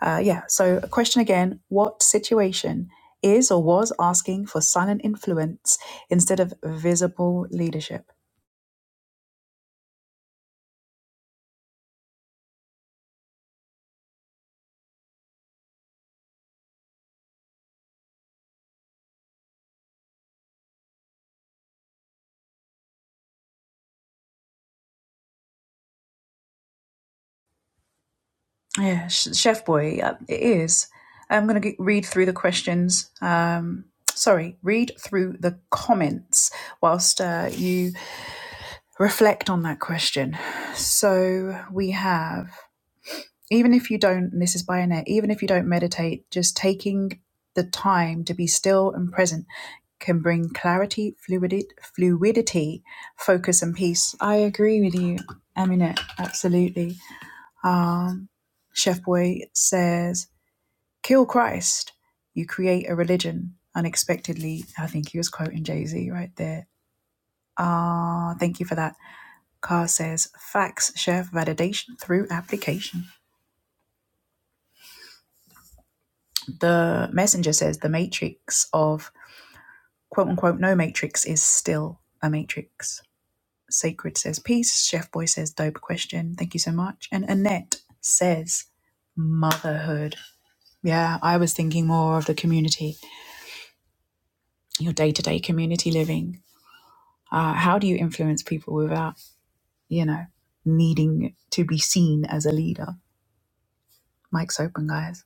Uh, yeah, so a question again What situation is or was asking for silent influence instead of visible leadership? Yeah, Chef Boy, uh, it is. I'm going to read through the questions. Um, sorry, read through the comments whilst uh, you reflect on that question. So we have, even if you don't, and this is by Annette, even if you don't meditate, just taking the time to be still and present can bring clarity, fluidity, fluidity focus, and peace. I agree with you, Aminette, absolutely. Um, Chef Boy says, kill Christ, you create a religion unexpectedly. I think he was quoting Jay Z right there. Ah, uh, thank you for that. Carr says, facts share validation through application. The messenger says, the matrix of quote unquote no matrix is still a matrix. Sacred says, peace. Chef Boy says, dope question. Thank you so much. And Annette says, motherhood. Yeah, I was thinking more of the community, your day to day community living Uh, how do you influence people without, you know, needing to be seen as a leader? Mike's open, guys.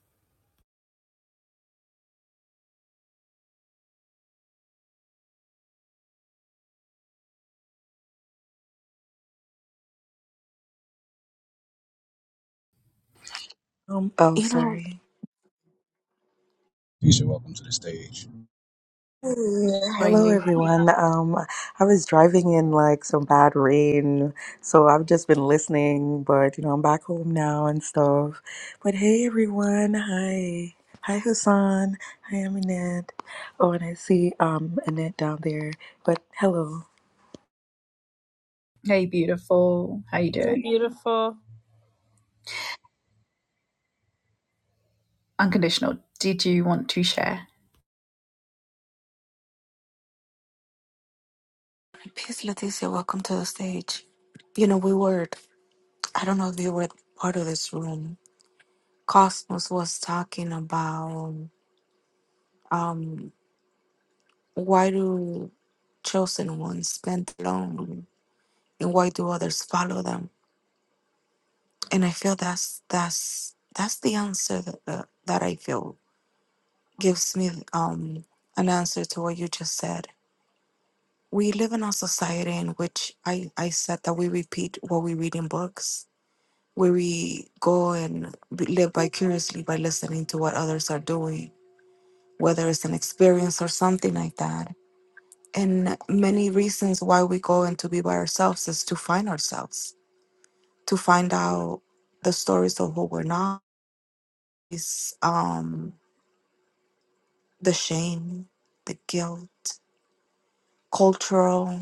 Um, oh,
You know,
sorry.
You Keisha, welcome to the stage.
Hey,
How are
Hello,
you?
everyone. Um, I was driving in like some bad rain, so I've just been listening, but you know, I'm back home now and stuff. But hey, everyone. Hi. Hi, Hassan. Hi, Aminette. Oh, and I see um Annette down there. But hello.
Hey, beautiful. How you
So
doing?
beautiful.
Unconditional. Did you want to share?
peace, Leticia, welcome to the stage. You know, we were I don't know if you were part of this room. Cosmos was talking about um, why do chosen ones spend alone, and why do others follow them? And I feel that's that's that's the answer that that, that I feel gives me um, an answer to what you just said. We live in a society in which I, I said that we repeat what we read in books, where we go and be- live vicariously by listening to what others are doing whether it's an experience or something like that. And many reasons why we go and to be by ourselves is to find ourselves, to find out the stories of who we're not, is um, the shame, the guilt, cultural,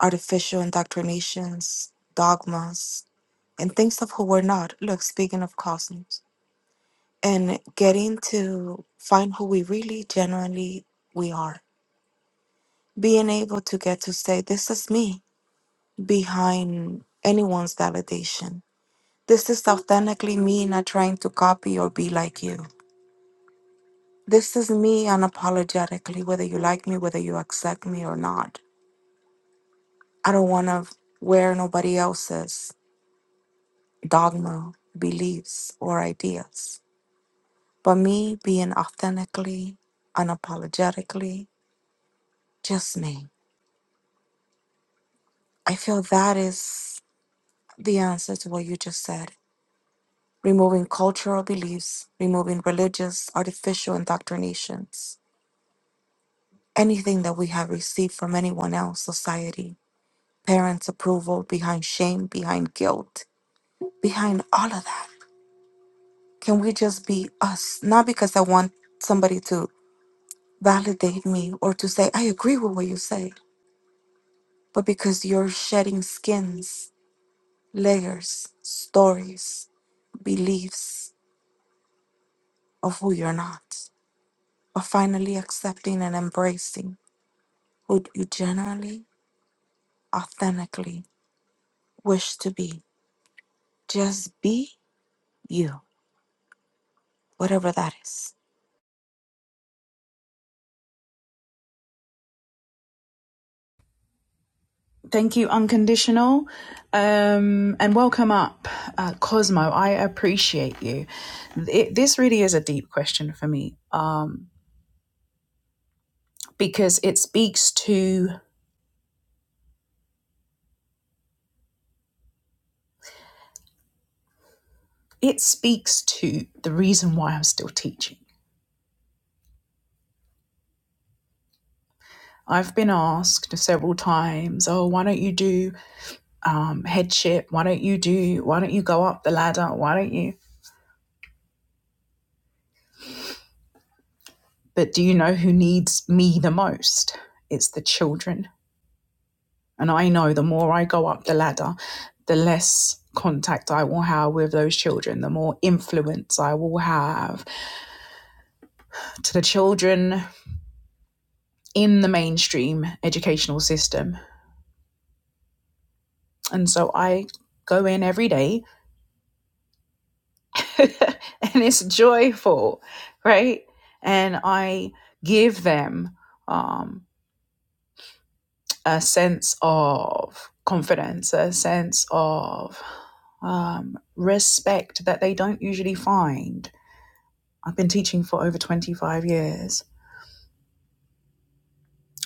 artificial indoctrinations, dogmas, and things of who we're not. Look, speaking of cosmos, and getting to find who we really genuinely we are. Being able to get to say, this is me behind anyone's validation. This is authentically me not trying to copy or be like you. This is me unapologetically, whether you like me, whether you accept me or not. I don't want to wear nobody else's dogma, beliefs, or ideas, but me being authentically, unapologetically, just me. I feel that is the answer to what you just said. removing cultural beliefs, removing religious, artificial indoctrinations, anything that we have received from anyone else, society, parents' approval, behind shame, behind guilt, behind all of that. Can we just be us? Not because I want somebody to validate me or to say, I agree with what you say, but because you're shedding skins, layers, stories, beliefs of who you're not, but finally accepting and embracing who you genuinely, authentically wish to be. Just be you, whatever that is.
Thank you, Unconditional. Um, and welcome up, uh, Cosmo. I appreciate you. It, this really is a deep question for me um, because it speaks to it speaks to the reason why I'm still teaching I've been asked several times, oh, why don't you do um, headship? Why don't you do, why don't you go up the ladder? Why don't you? But do you know who needs me the most? It's the children. And I know the more I go up the ladder, the less contact I will have with those children, the more influence I will have to the children in the mainstream educational system. And so I go in every day and it's joyful, right? And I give them um, a sense of confidence, a sense of um, respect that they don't usually find. I've been teaching for over 25 years.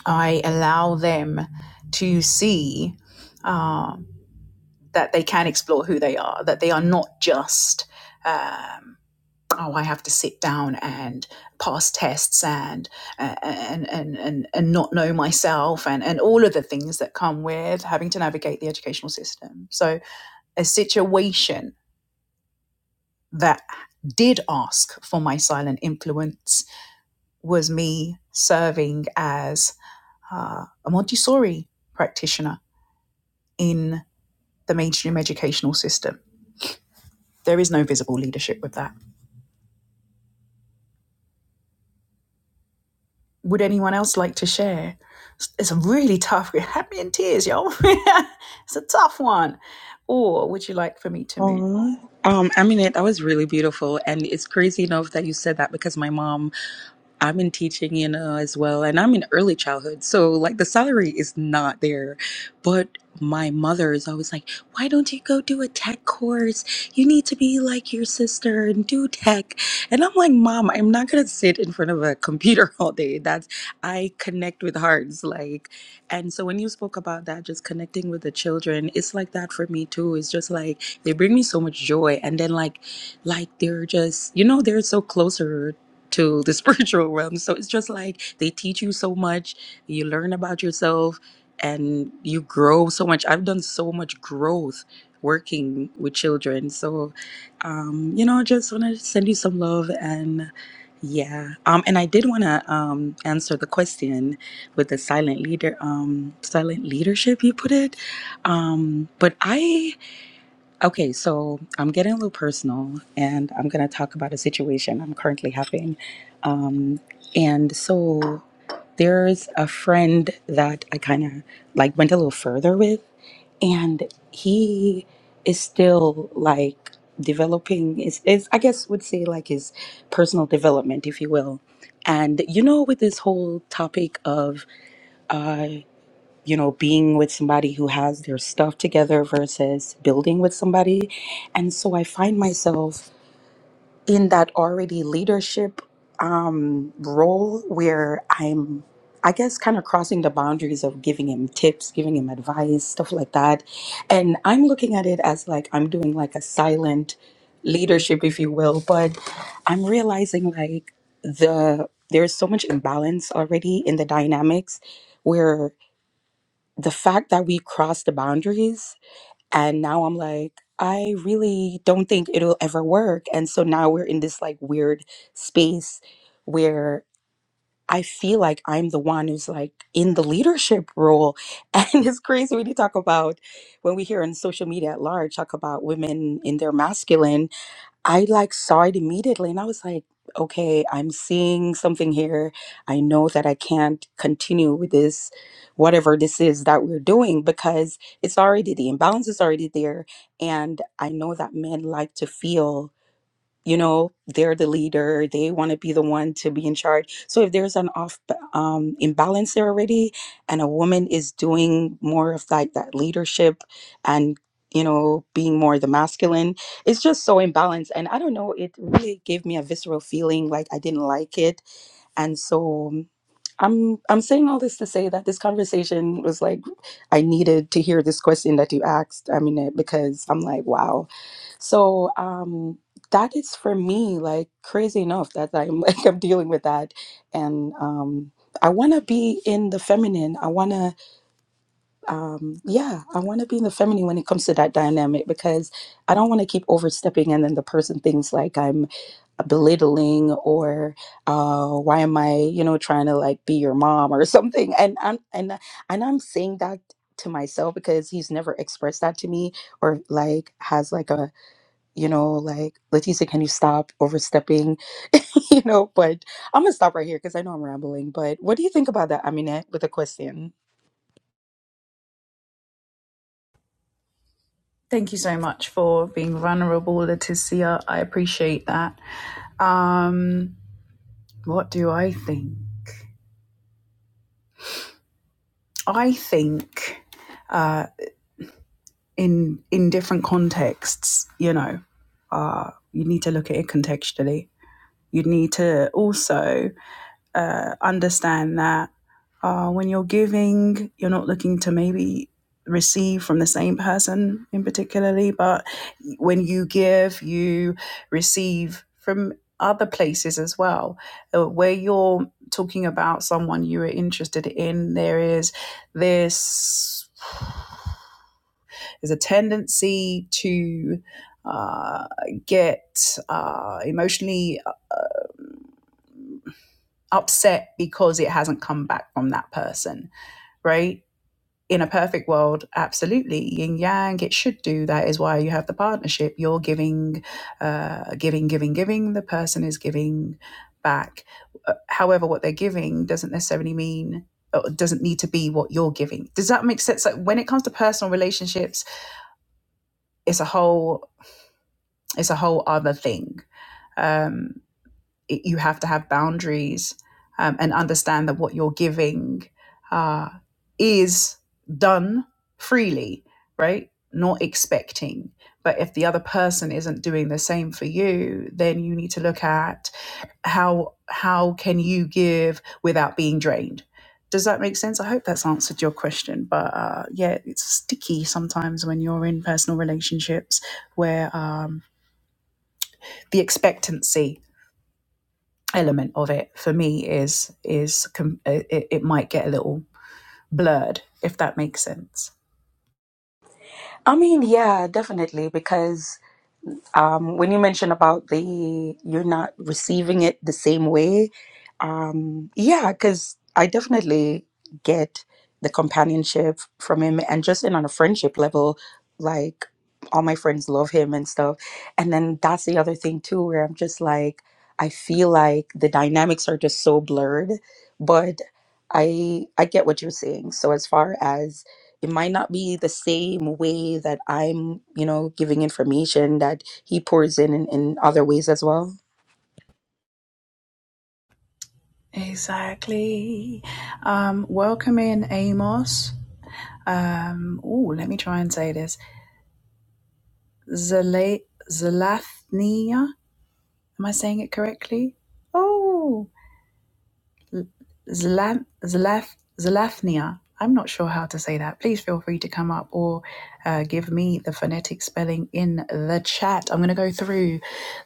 I allow them to see um, that they can explore who they are, that they are not just. um, oh, I have to sit down and pass tests and and and and, and not know myself and, and all of the things that come with having to navigate the educational system. So a situation that did ask for my silent influence was me serving as uh, a Montessori practitioner in the mainstream educational system. There is no visible leadership with that Would anyone else like to share? It's a really tough. It had me in tears, y'all. it's a tough one. Or would you like for me to move?
Oh,
on?
um, I mean it. That was really beautiful, and it's crazy enough that you said that because my mom, I'm in teaching, you know, as well, and I'm in early childhood, so like the salary is not there, but my mother is always like, "Why don't you go do a tech course? You need to be like your sister and do tech." And I'm like, "Mom, I'm not gonna sit in front of a computer all day. That's I connect with hearts, like." And so when you spoke about that, just connecting with the children, it's like that for me too. It's just like they bring me so much joy, and then like, like they're just you know they're so closer to the spiritual realm. So it's just like they teach you so much, you learn about yourself, and you grow so much. I've done so much growth working with children. So, um, you know, just want to send you some love and. Yeah. Um, and I did want to um, answer the question with the silent leader um silent leadership you put it um but i okay so i'm getting a little personal and i'm going to talk about a situation i'm currently having um and so there's a friend that i kind of like went a little further with and he is still like developing is is I guess would say like his personal development, if you will. And you know, with this whole topic of uh, you know, being with somebody who has their stuff together versus building with somebody. And so I find myself in that already leadership um, role where I'm, I guess, kind of crossing the boundaries of giving him tips, giving him advice, stuff like that. And I'm looking at it as like I'm doing like a silent leadership, if you will, but I'm realizing like the, there's so much imbalance already in the dynamics where the fact that we crossed the boundaries and now I'm like, I really don't think it'll ever work. And so now we're in this like weird space where I feel like I'm the one who's like in the leadership role. And it's crazy when you talk about when we hear on social media at large talk about women in their masculine I like saw it immediately and I was like, okay, I'm seeing something here. I know that I can't continue with this, whatever this is that we're doing, because it's already the imbalance is already there. And I know that men like to feel you know they're the leader they want to be the one to be in charge so if there's an off um, imbalance there already and a woman is doing more of like that leadership and you know being more the masculine it's just so imbalanced and i don't know it really gave me a visceral feeling like i didn't like it and so um, i'm i'm saying all this to say that this conversation was like i needed to hear this question that you asked i mean eh, because i'm like wow so um, that is for me like crazy enough that I'm like I'm dealing with that, and um, I want to be in the feminine. I want to, um, yeah, I want to be in the feminine when it comes to that dynamic because I don't want to keep overstepping, and then the person thinks like I'm belittling or uh, why am I, you know, trying to like be your mom or something. And I'm and I- and I'm saying that to myself because he's never expressed that to me or like has like a you know, like, Leticia, can you stop overstepping? you know, but I'm gonna stop right here because I know I'm rambling. But what do you think about that, Aminette, with a question?
Thank you so much for being vulnerable, Leticia. I appreciate that. Um, what do I think? I think uh, in in different contexts, you know, uh, you need to look at it contextually. You need to also uh, understand that. Uh, when you're giving, you're not looking to maybe receive from the same person in particularly, but when you give, you receive from other places as well. Uh, Where you're talking about someone you are interested in, there is this there's a tendency to uh, get uh, emotionally um, upset because it hasn't come back from that person, right? in a perfect world, absolutely yin yang. It should do that. Is why you have the partnership. You're giving, uh, giving, giving, giving. The person is giving back. Uh, However, what they're giving doesn't necessarily mean or doesn't need to be what you're giving. Does that make sense? Like when it comes to personal relationships, it's a whole it's a whole other thing. Um, it, you have to have boundaries um, and understand that what you're giving uh, is done freely, right? Not expecting. But if the other person isn't doing the same for you, then you need to look at how how can you give without being drained. Does that make sense? I hope that's answered your question. But uh, yeah, it's sticky sometimes when you're in personal relationships where um, the expectancy element of it for me is is com- uh, it, it might get a little blurred if that makes sense
I mean, yeah, definitely, because Um, when you mentioned about the you're not receiving it the same way, um, yeah, because I definitely get the companionship from him, and just in on a friendship level, like all my friends love him and stuff. And then that's the other thing too, where I'm just like, I feel like the dynamics are just so blurred, but I I get what you're saying. So as far as it might not be the same way that I'm, you know, giving information that he pours in, in in other ways as well.
exactly um welcome in amos um oh let me try and say this Zala- zalathnia am i saying it correctly oh Zlam, Zlaf, Zlafnia. I'm not sure how to say that. Please feel free to come up or uh, give me the phonetic spelling in the chat. I'm going to go through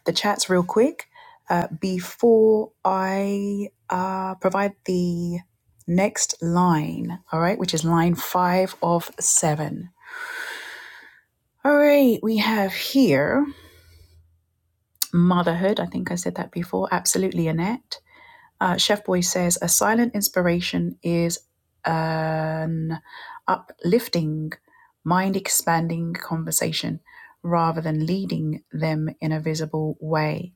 the chats real quick uh, before I uh, provide the next line, all right, which is line five of seven. All right, we have here motherhood. I think I said that before. Absolutely, Annette. Uh, Chef Boy says a silent inspiration is an uplifting, mind expanding conversation rather than leading them in a visible way.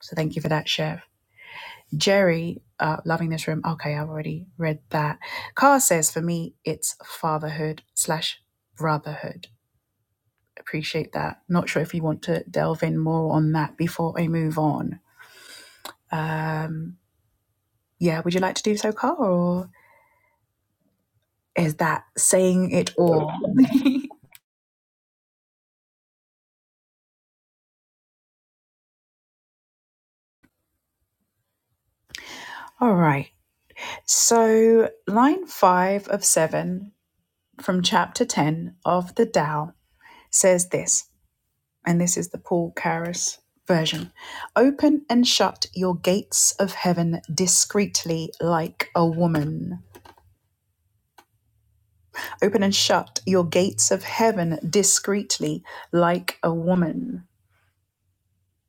So thank you for that, Chef. Jerry, uh, loving this room. Okay, I've already read that. Carr says for me, it's fatherhood slash brotherhood. Appreciate that. Not sure if you want to delve in more on that before I move on. Um, yeah, would you like to do so, Carr? Or Is that saying it all? All right. So, line five of seven from chapter 10 of the Tao says this, and this is the Paul Carus version Open and shut your gates of heaven discreetly like a woman. Open and shut your gates of heaven discreetly like a woman.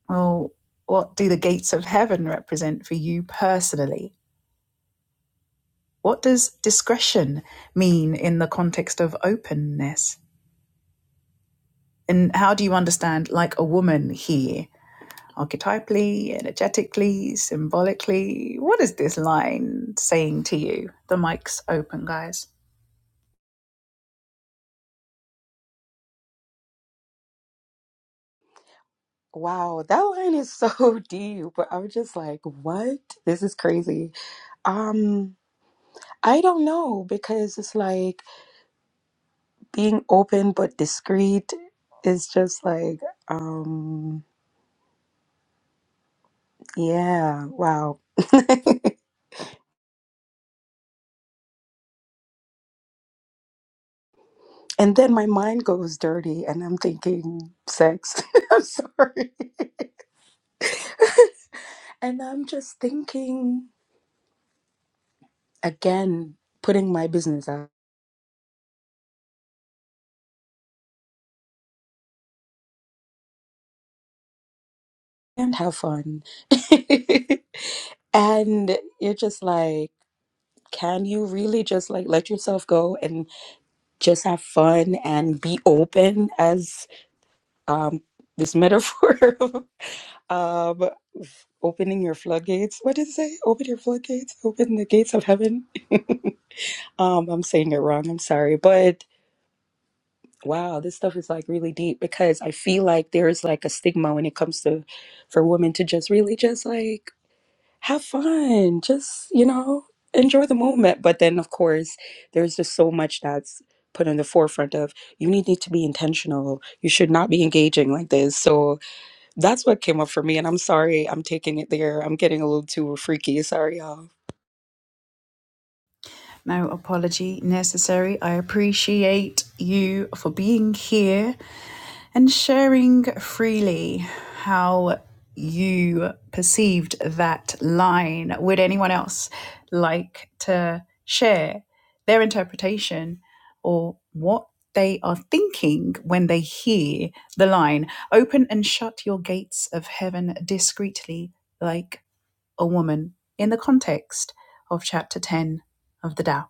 Well, what do the gates of heaven represent for you personally? what does discretion mean in the context of openness? And how do you understand, like a woman here, archetypally, energetically, symbolically? What is this line saying to you? The mic's open, guys.
Wow, that line is so deep. But I'm just like, what? This is crazy. Um, I don't know because it's like being open but discreet is just like, um, yeah, wow. And then my mind goes dirty and I'm thinking sex. I'm sorry. And I'm just thinking again, putting my business out. and have fun. and you're just like, can you really just like let yourself go and just have fun and be open as um this metaphor of um opening your floodgates. What did it say? Open your floodgates, open the gates of heaven. Um I'm saying it wrong, I'm sorry. But wow, this stuff is like really deep because I feel like there's like a stigma when it comes to for women to just really just like have fun just you know enjoy the moment but then of course there's just so much that's put in the forefront of you need, need to be intentional you should not be engaging like this so that's what came up for me and i'm sorry i'm taking it there i'm getting a little too freaky sorry y'all
No apology necessary. I appreciate you for being here. and sharing freely how you perceived that line. Would anyone else like to share their interpretation or what they are thinking when they hear the line? Open and shut your gates of heaven discreetly, like a woman, in the context of chapter 10 of the Tao.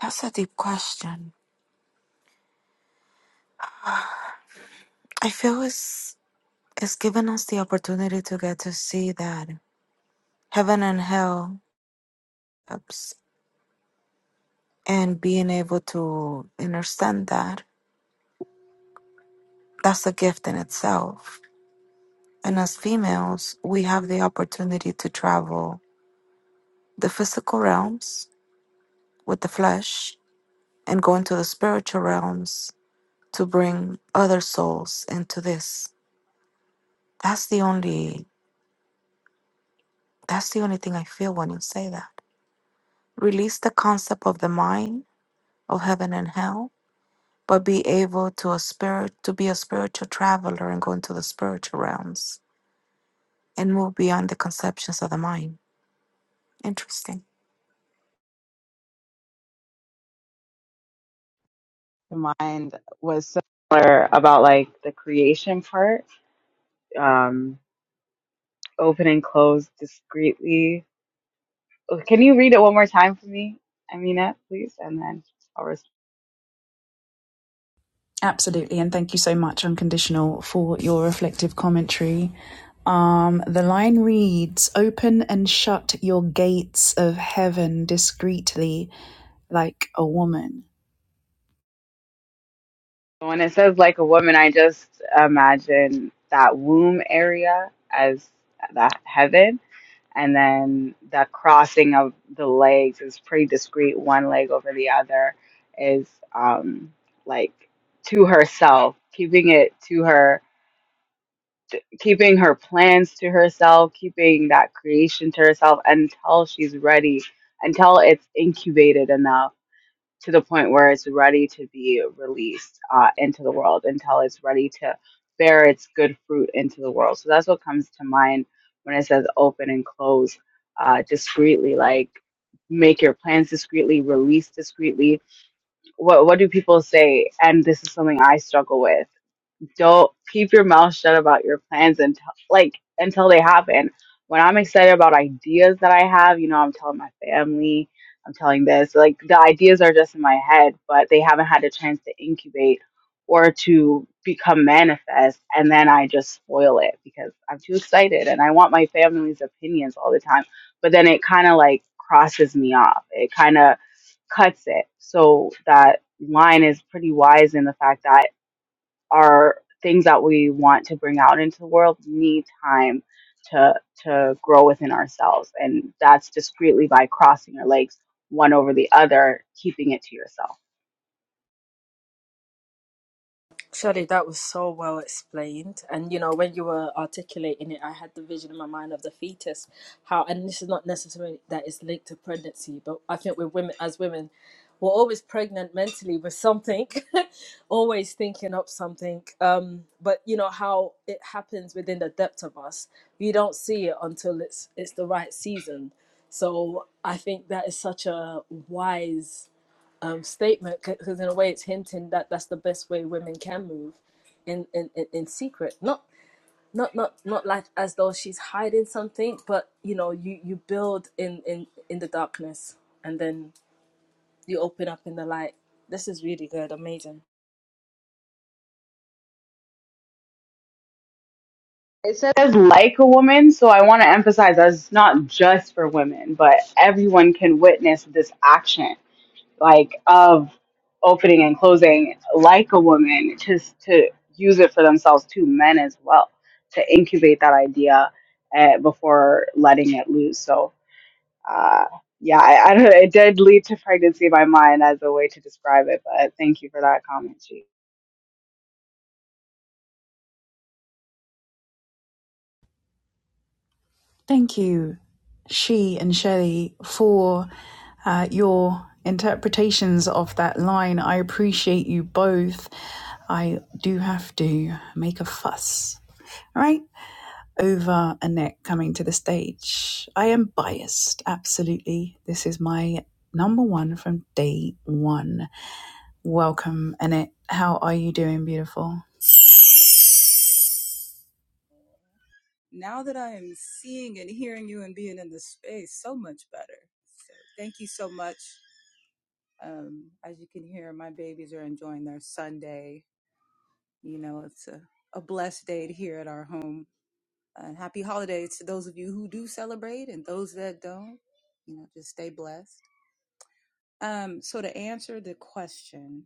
That's a deep question. I feel it's, it's given us the opportunity to get to see that heaven and hell, ups, and being able to understand that, that's a gift in itself. And as females, we have the opportunity to travel the physical realms with the flesh and go into the spiritual realms to bring other souls into this. That's the only that's the only thing I feel when you say that. Release the concept of the mind of heaven and hell, but be able to a spirit to be a spiritual traveler and go into the spiritual realms and move beyond the conceptions of the mind. Interesting.
The mind was similar about like the creation part. Um open and close discreetly. Oh, Can you read it one more time for me, Amina, please? And then I'll respond.
Absolutely, and thank you so much, Unconditional, for your reflective commentary. Um, the line reads Open and shut your gates of heaven discreetly like a woman.
When it says like a woman, I just imagine that womb area as that heaven and then the crossing of the legs is pretty discreet one leg over the other is um like to herself keeping it to her t- keeping her plans to herself keeping that creation to herself until she's ready until it's incubated enough to the point where it's ready to be released uh, into the world until it's ready to bear its good fruit into the world. So that's what comes to mind when it says open and close uh, discreetly, like make your plans discreetly, release discreetly. What what do people say? And this is something I struggle with don't keep your mouth shut about your plans until like until they happen. When I'm excited about ideas that I have, you know, I'm telling my family, I'm telling this, like the ideas are just in my head, but they haven't had a chance to incubate or to become manifest and then I just spoil it because I'm too excited and I want my family's opinions all the time. But then it kind of like crosses me off. It kind of cuts it. So that line is pretty wise in the fact that our things that we want to bring out into the world need time to to grow within ourselves and that's discreetly by crossing your legs one over the other keeping it to yourself
Sorry, that was so well explained. And you know, when you were articulating it, I had the vision in my mind of the fetus. How, and this is not necessarily that it's linked to pregnancy, but I think we're women as women, we're always pregnant mentally with something, always thinking up something. Um, but you know how it happens within the depth of us. We don't see it until it's it's the right season. So I think that is such a wise um, statement because in a way it's hinting that that's the best way women can move in, in, in, in secret not not not not like as though she's hiding something but you know you you build in in in the darkness and then you open up in the light this is really good amazing
it says like a woman so i want to emphasize that it's not just for women but everyone can witness this action like of opening and closing like a woman just to use it for themselves to men as well to incubate that idea uh, before letting it loose so uh, yeah I, I don't know it did lead to pregnancy in my mind as a way to describe it but thank you for that comment Chi.
Thank you, she and Shelley, for uh, your interpretations of that line. I appreciate you both. I do have to make a fuss. All Right. over Annette coming to the stage. I am biased, absolutely. This is my number one from day one. Welcome, Annette. How are you doing, beautiful?
now that I am seeing and hearing you and being in this space so much better. So thank you so much. Um, as you can hear, my babies are enjoying their Sunday. You know, it's a, a blessed day here at our home. Uh, happy holidays to those of you who do celebrate and those that don't. You know, just stay blessed. Um, so to answer the question,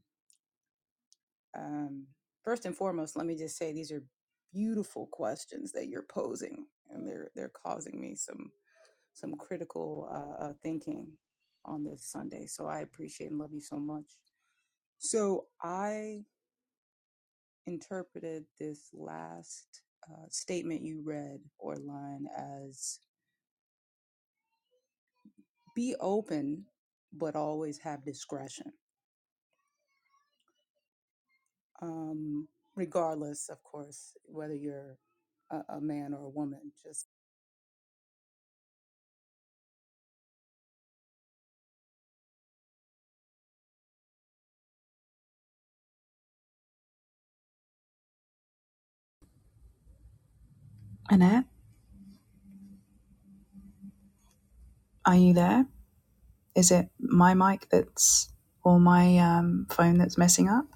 um, first and foremost, let me just say these are beautiful questions that you're posing, and they're they're causing me some some critical uh, uh, thinking on this Sunday. So I appreciate and love you so much. So I interpreted this last uh, statement you read or line as be open, but always have discretion. Um, regardless, of course, whether you're a, a man or a woman. Just
Annette, are you there? Is it my mic that's or my um, phone that's messing up?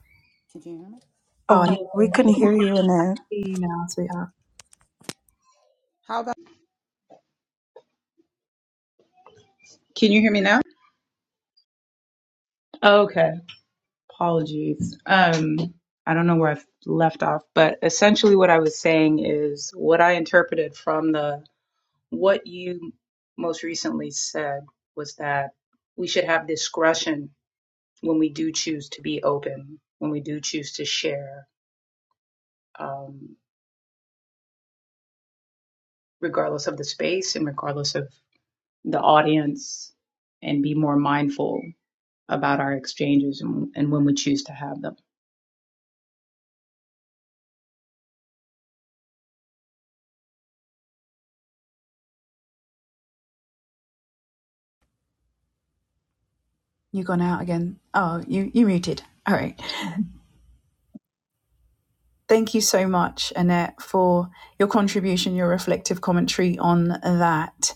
can you hear me?
Oh,
oh
I
no
can
we couldn't hear you Annette.
see you now, sweetheart.
How about? Can you hear me now? Apologies. Um, I don't know where I've left off, but essentially what I was saying is what I interpreted from the what you most recently said was that we should have discretion when we do choose to be open, when we do choose to share, um, regardless of the space and regardless of the audience, and be more mindful about our exchanges and, and when we choose to have them.
You gone out again? Oh, you you muted. All right. Thank you so much, Annette, for your contribution, your reflective commentary on that.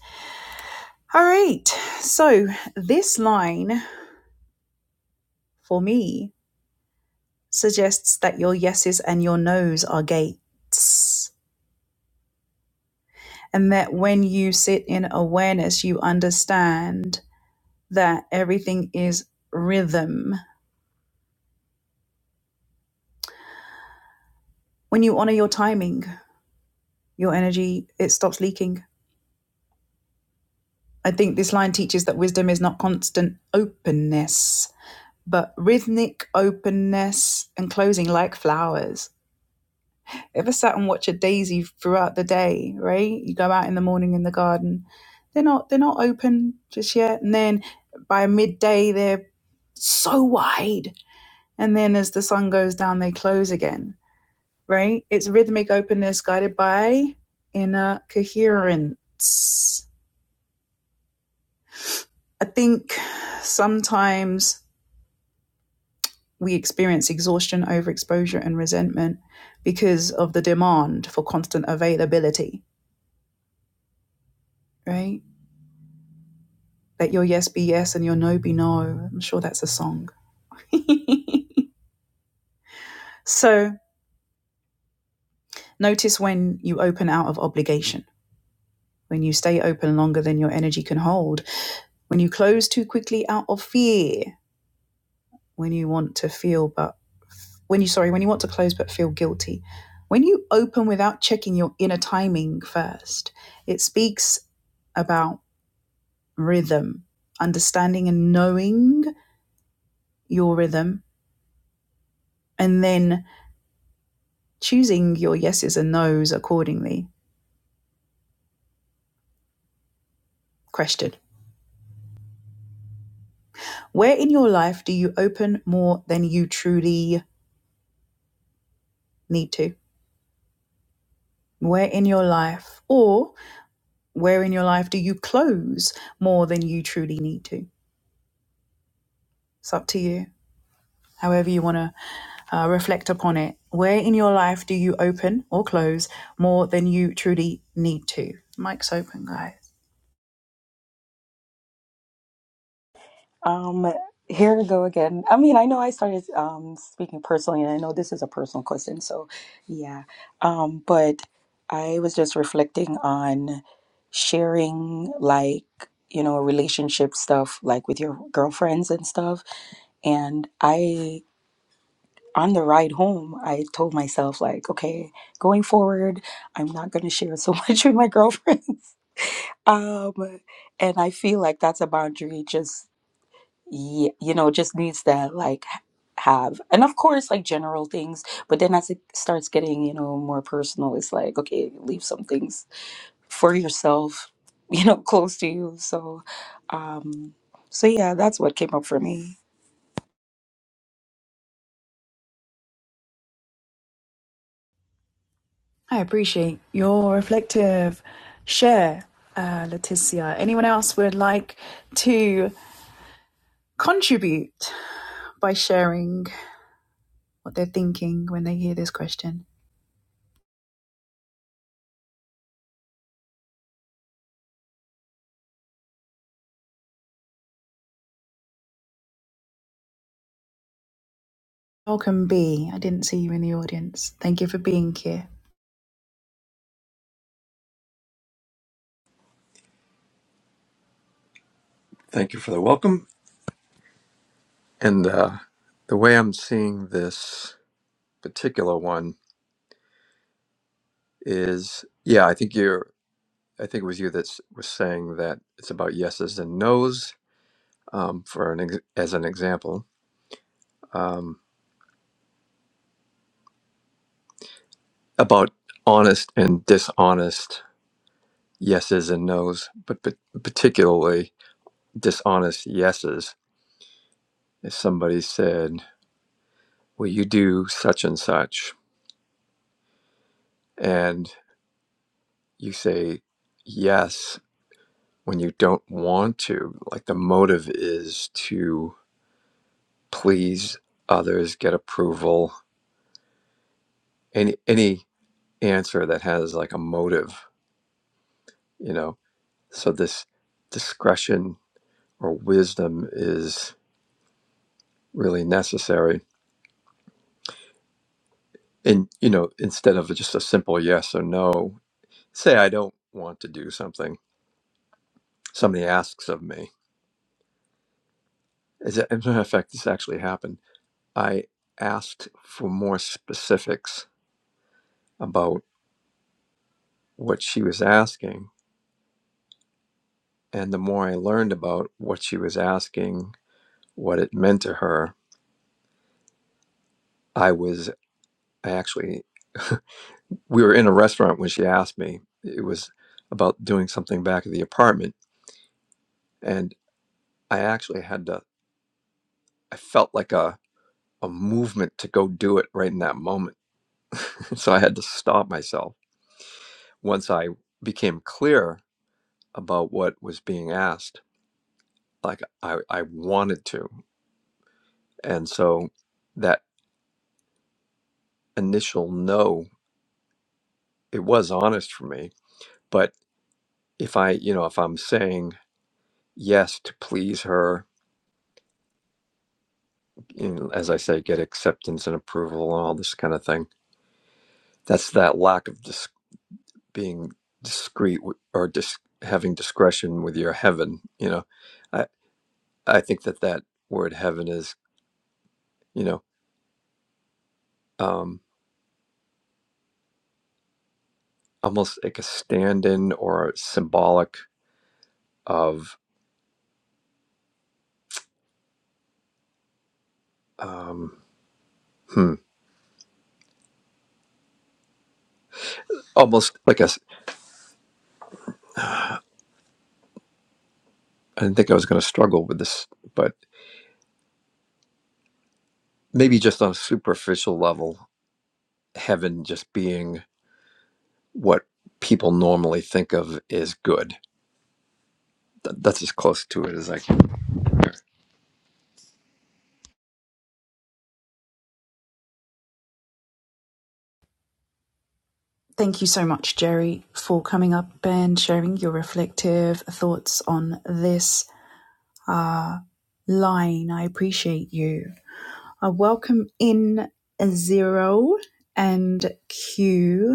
All right. So this line for me suggests that your yeses and your nos are gates, and that when you sit in awareness, you understand that everything is rhythm. When you honor your timing, your energy, it stops leaking. I think this line teaches that wisdom is not constant openness, but rhythmic openness and closing like flowers. ever sat and watch a daisy throughout the day, right? You go out in the morning in the garden, they're not they're not open just yet. And then by midday they're so wide. And then as the sun goes down, they close again, right? It's rhythmic openness guided by inner coherence. I think sometimes we experience exhaustion, overexposure, and resentment because of the demand for constant availability, right? Let your yes be yes and your no be no. I'm sure that's a song. so notice when you open out of obligation, when you stay open longer than your energy can hold, when you close too quickly out of fear, when you want to feel but when you sorry, when you want to close but feel guilty. When you open without checking your inner timing first, it speaks about rhythm, understanding and knowing your rhythm, and then choosing your yeses and nos accordingly. Question Where in your life do you open more than you truly need to? Where in your life, or where in your life do you close more than you truly need to? It's up to you, however, you want to uh, reflect upon it. Where in your life do you open or close more than you truly need to? Mic's open, guys.
Um, here we go again. I mean, I know I started um speaking personally, and I know this is a personal question, so yeah. Um, but I was just reflecting on sharing like, you know, relationship stuff like with your girlfriends and stuff. And I on the ride home, I told myself like, okay, going forward, I'm not gonna share so much with my girlfriends. Um, and I feel like that's a boundary just yeah, you know, just needs to like h- have, and of course, like general things. But then as it starts getting, you know, more personal, it's like, okay, leave some things for yourself, you know, close to you. So, um, so yeah, that's what came up for me.
I appreciate your reflective share, uh, Leticia. Anyone else would like to contribute by sharing what they're thinking when they hear this question. Welcome, B. I didn't see you in the audience. Thank you for being here.
Thank you for the welcome. And uh, the way I'm seeing this particular one is, yeah, I think you're. I think it was you that s- was saying that it's about yeses and nos. Um, for an ex- as an example, um, about honest and dishonest yeses and nos, but, but particularly dishonest yeses. If somebody said, "Will you do such and such?" and you say yes, when you don't want to. Like the motive is to please others, get approval, any any answer that has like a motive, you know. So this discretion or wisdom is really necessary. And you know, instead of just a simple yes or no, say I don't want to do something. Somebody asks of me. As a as a matter of fact, this actually happened. I asked for more specifics about what she was asking And the more I learned about what she was asking, what it meant to her, I was I actually we were in a restaurant when she asked me. It was about doing something back at the apartment, and I actually had to. I felt like a a movement to go do it right in that moment, so I had to stop myself. Once I became clear about what was being asked, like I I wanted to, and so that initial no, it was honest for me, but if I, you know, if I'm saying yes to please her, you know, as I say, get acceptance and approval and all this kind of thing, that's that lack of dis- being discreet w- or dis- having discretion with your heaven. You know, I, I think that that word heaven is, you know, um, almost like a stand in or symbolic of, um, hmm, almost like a, s- I didn't think I was going to struggle with this, but maybe just on a superficial level, heaven just being what people normally think of as good. Th- That's as close to it as I can.
Thank you so much, Jerry, for coming up and sharing your reflective thoughts on this uh, line. I appreciate you. I welcome in Zero and Q.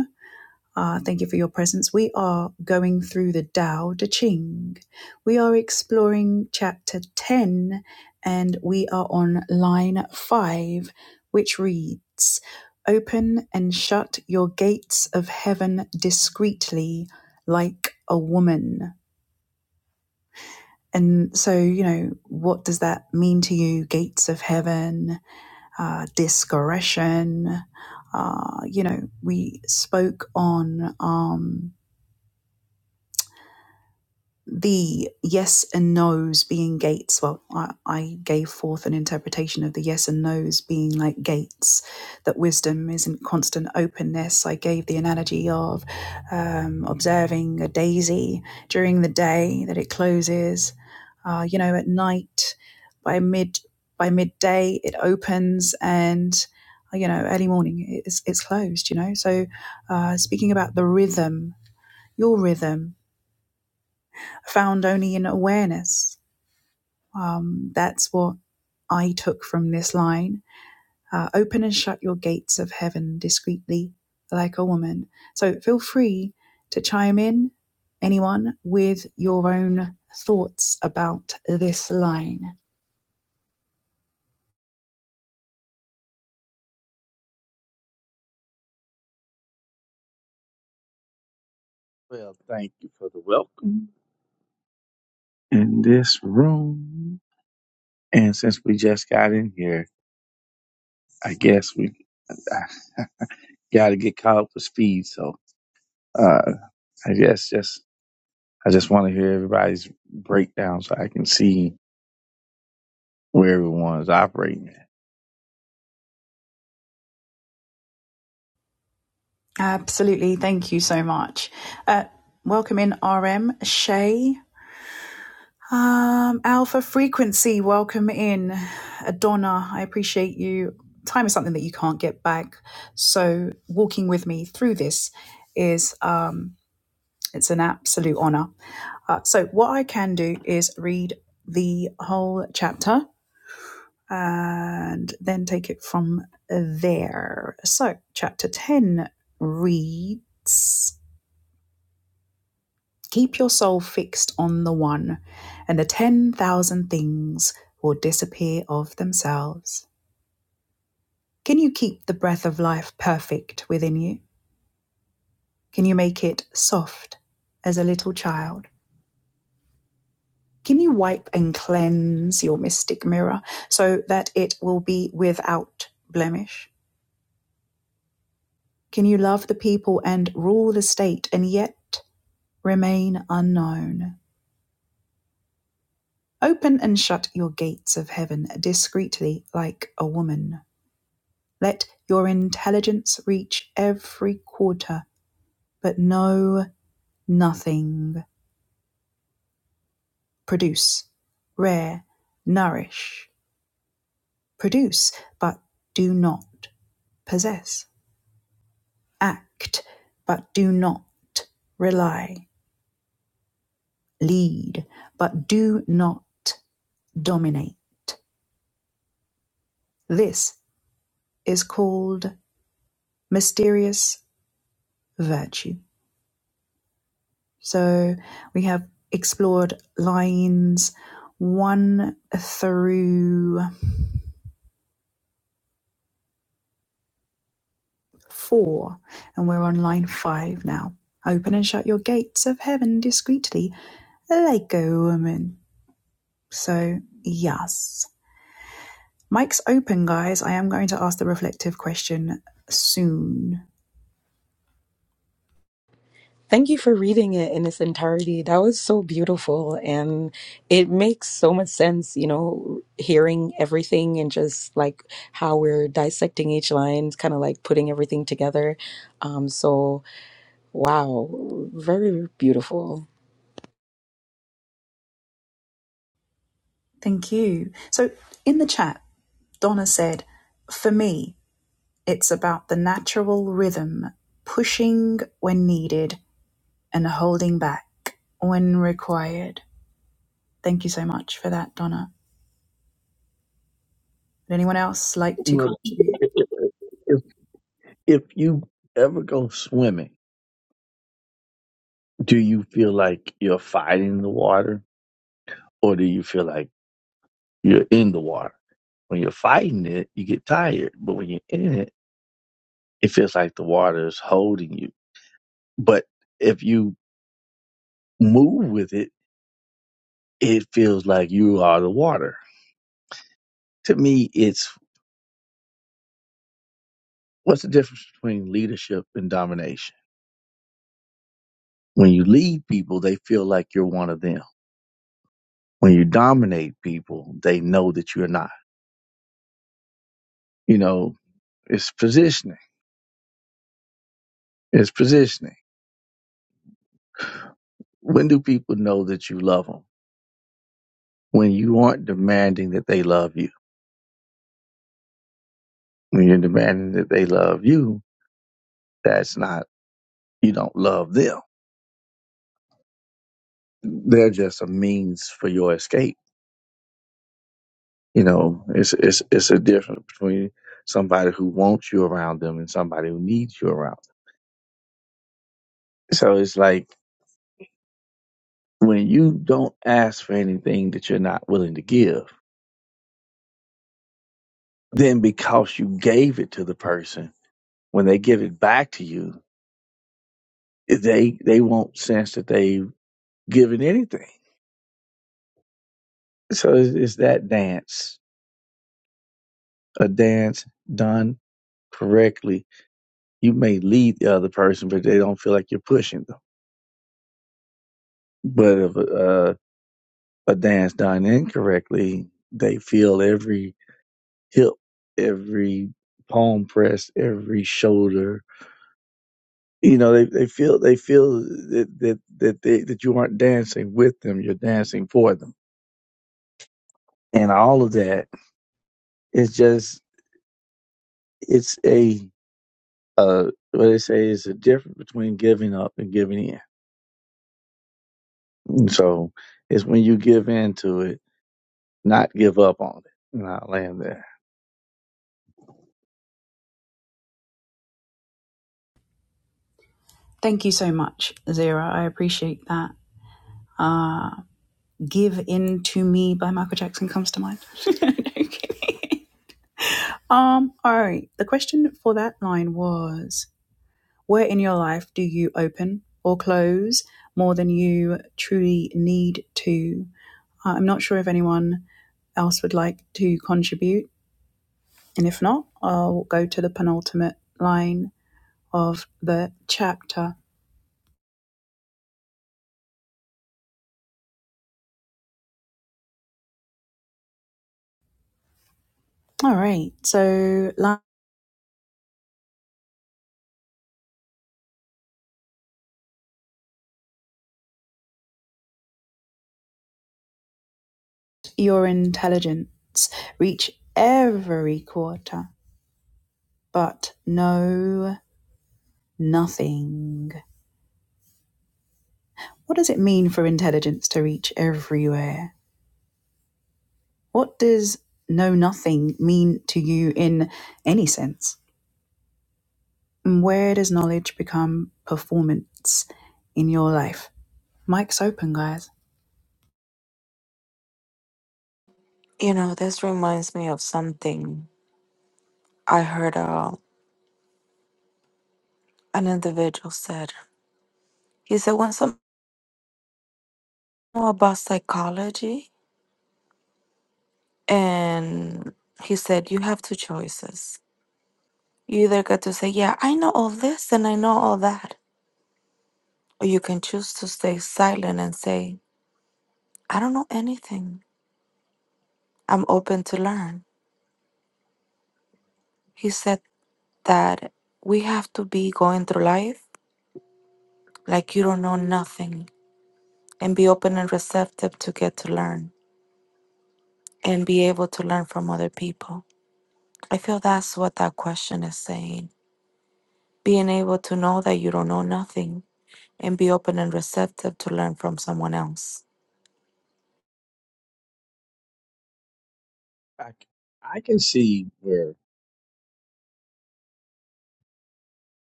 Ah, thank you for your presence. We are going through the Tao Te Ching. We are exploring chapter 10 and we are on line 5, which reads Open and shut your gates of heaven discreetly like a woman. And so, you know, what does that mean to you? Gates of heaven, uh, discretion. Uh, you know, we spoke on. Um, the yes and no's being gates. Well, I, I gave forth an interpretation of the yes and no's being like gates, that wisdom isn't constant openness. I gave the analogy of um, observing a daisy during the day that it closes. Uh, you know, at night by mid by midday it opens and uh, you know early morning it's, it's closed you know so uh, speaking about the rhythm your rhythm found only in awareness. Um, that's what I took from this line. Uh, open and shut your gates of heaven discreetly, like a woman. So feel free to chime in, anyone, with your own thoughts about this line.
Well, thank you for the welcome in this room. And since we just got in here, I guess we got to get caught up to speed. So, uh, I guess just I just want to hear everybody's breakdown so I can see where everyone is operating at.
Absolutely. Thank you so much. Uh, welcome in, RM. Shay. Um, Alpha Frequency, welcome in. Donna, I appreciate you. Time is something that you can't get back. So walking with me through this is um, it's an absolute honor. Uh, so what I can do is read the whole chapter and then take it from there. So chapter 10 reads Keep your soul fixed on the one, and the 10,000 things will disappear of themselves. Can you keep the breath of life perfect within you? Can you make it soft as a little child? Can you wipe and cleanse your mystic mirror so that it will be without blemish? Can you love the people and rule the state and yet remain unknown? Open and shut your gates of heaven discreetly like a woman. Let your intelligence reach every quarter, but know nothing. Produce, rear, nourish. Produce, but do not possess. Act, but do not rely. Lead, but do not dominate. This is called mysterious virtue. So we have explored lines one through four, and we're on line five now. Open and shut your gates of heaven discreetly, like a woman. So, yes. Mike's open, guys. I am going to ask the reflective question soon.
Thank you for reading it in its entirety. That was so beautiful. And it makes so much sense, you know, hearing everything and just like how we're dissecting each line, kind of like putting everything together. Um, so, Wow, very beautiful.
Thank you. So, in the chat, Donna said, For me, it's about the natural rhythm, pushing when needed, and holding back when required. Thank you so much for that, Donna. Would anyone else like to
Well,
contribute?
if if you ever go swimming, do you feel like you're fighting the water, or do you feel like you're in the water? When you're fighting it, you get tired, but when you're in it, it feels like the water is holding you. But if you move with it, it feels like you are the water. To me, it's what's the difference between leadership and domination? When you lead people, they feel like you're one of them. When you dominate people, they know that you're not. You know, it's positioning. It's positioning. When do people know that you love them? When you aren't demanding that they love you. When you're demanding that they love you, that's not, you don't love them They're just a means for your escape. You know, it's it's it's a difference between somebody who wants you around them and somebody who needs you around. Them. So it's like when you don't ask for anything that you're not willing to give, then because you gave it to the person, when they give it back to you, they they won't sense that they've given anything. So it's, it's that dance, a dance done correctly. You may lead the other person, but they don't feel like you're pushing them. But if uh, a dance done incorrectly, they feel every hip, every palm press, every shoulder. You know, they, they feel they feel that that that they, that you aren't dancing with them; you're dancing for them. And all of that is just it's a uh, what they say is a difference between giving up and giving in. And so it's when you give in to it, not give up on it. And I land there.
Thank you so much, Zira. I appreciate that. Uh, Give In To Me by Michael Jackson comes to mind. No kidding. um, all right. The question for that line was Where in your life do you open or close more than you truly need to? Uh, I'm not sure if anyone else would like to contribute And if not, I'll go to the penultimate line of the chapter. All right. So let your intelligence reach every quarter, but know nothing. What does it mean for intelligence to reach everywhere? What does know nothing mean to you in any sense? And where does knowledge become performance in your life? Mike's open, guys.
You know, this reminds me of something I heard uh, an individual said. He said once I know about psychology and he said you have two choices You either get to say, Yeah, I know all this and I know all that. Or you can choose to stay silent and say, I don't know anything. I'm open to learn. He said that we have to be going through life like you don't know nothing and be open and receptive to get to learn and be able to learn from other people. I feel that's what that question is saying. Being able to know that you don't know nothing and be open and receptive to learn from someone else.
I, c- I can see where,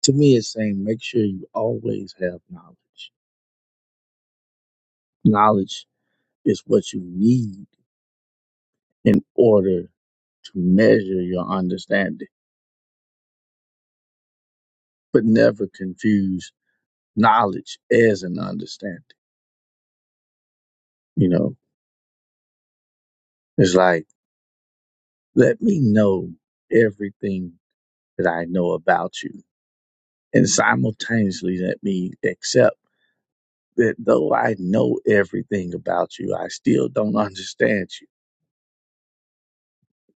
to me, it's saying make sure you always have knowledge. Knowledge is what you need in order to measure your understanding, but never confuse knowledge as an understanding. You know, it's like, let me know everything that I know about you, and simultaneously let me accept that though I know everything about you, I still don't understand you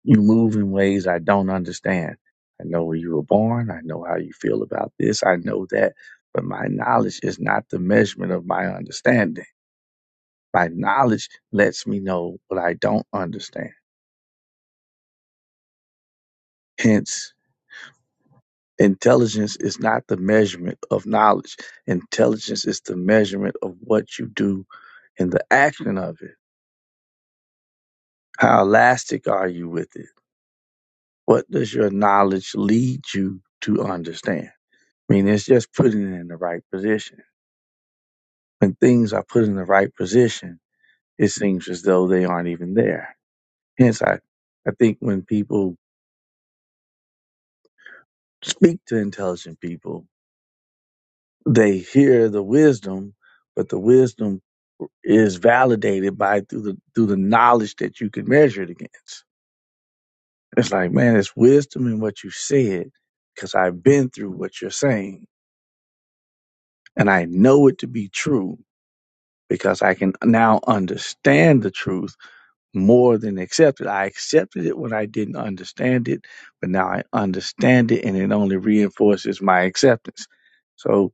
You move in ways I don't understand. I know where you were born. I know how you feel about this. I know that. But my knowledge is not the measurement of my understanding. My knowledge lets me know what I don't understand. Hence, intelligence is not the measurement of knowledge. Intelligence is the measurement of what you do and the action of it. How elastic are you with it? What does your knowledge lead you to understand? I mean, it's just putting it in the right position When things are put in the right position, it seems as though they aren't even there. Hence, I, I think when people speak to intelligent people, they hear the wisdom, but the wisdom is validated by through the through the knowledge that you can measure it against. It's like, man, it's wisdom in what you said because I've been through what you're saying and I know it to be true because I can now understand the truth more than accepted. I accepted it when I didn't understand it, but now I understand it and it only reinforces my acceptance. So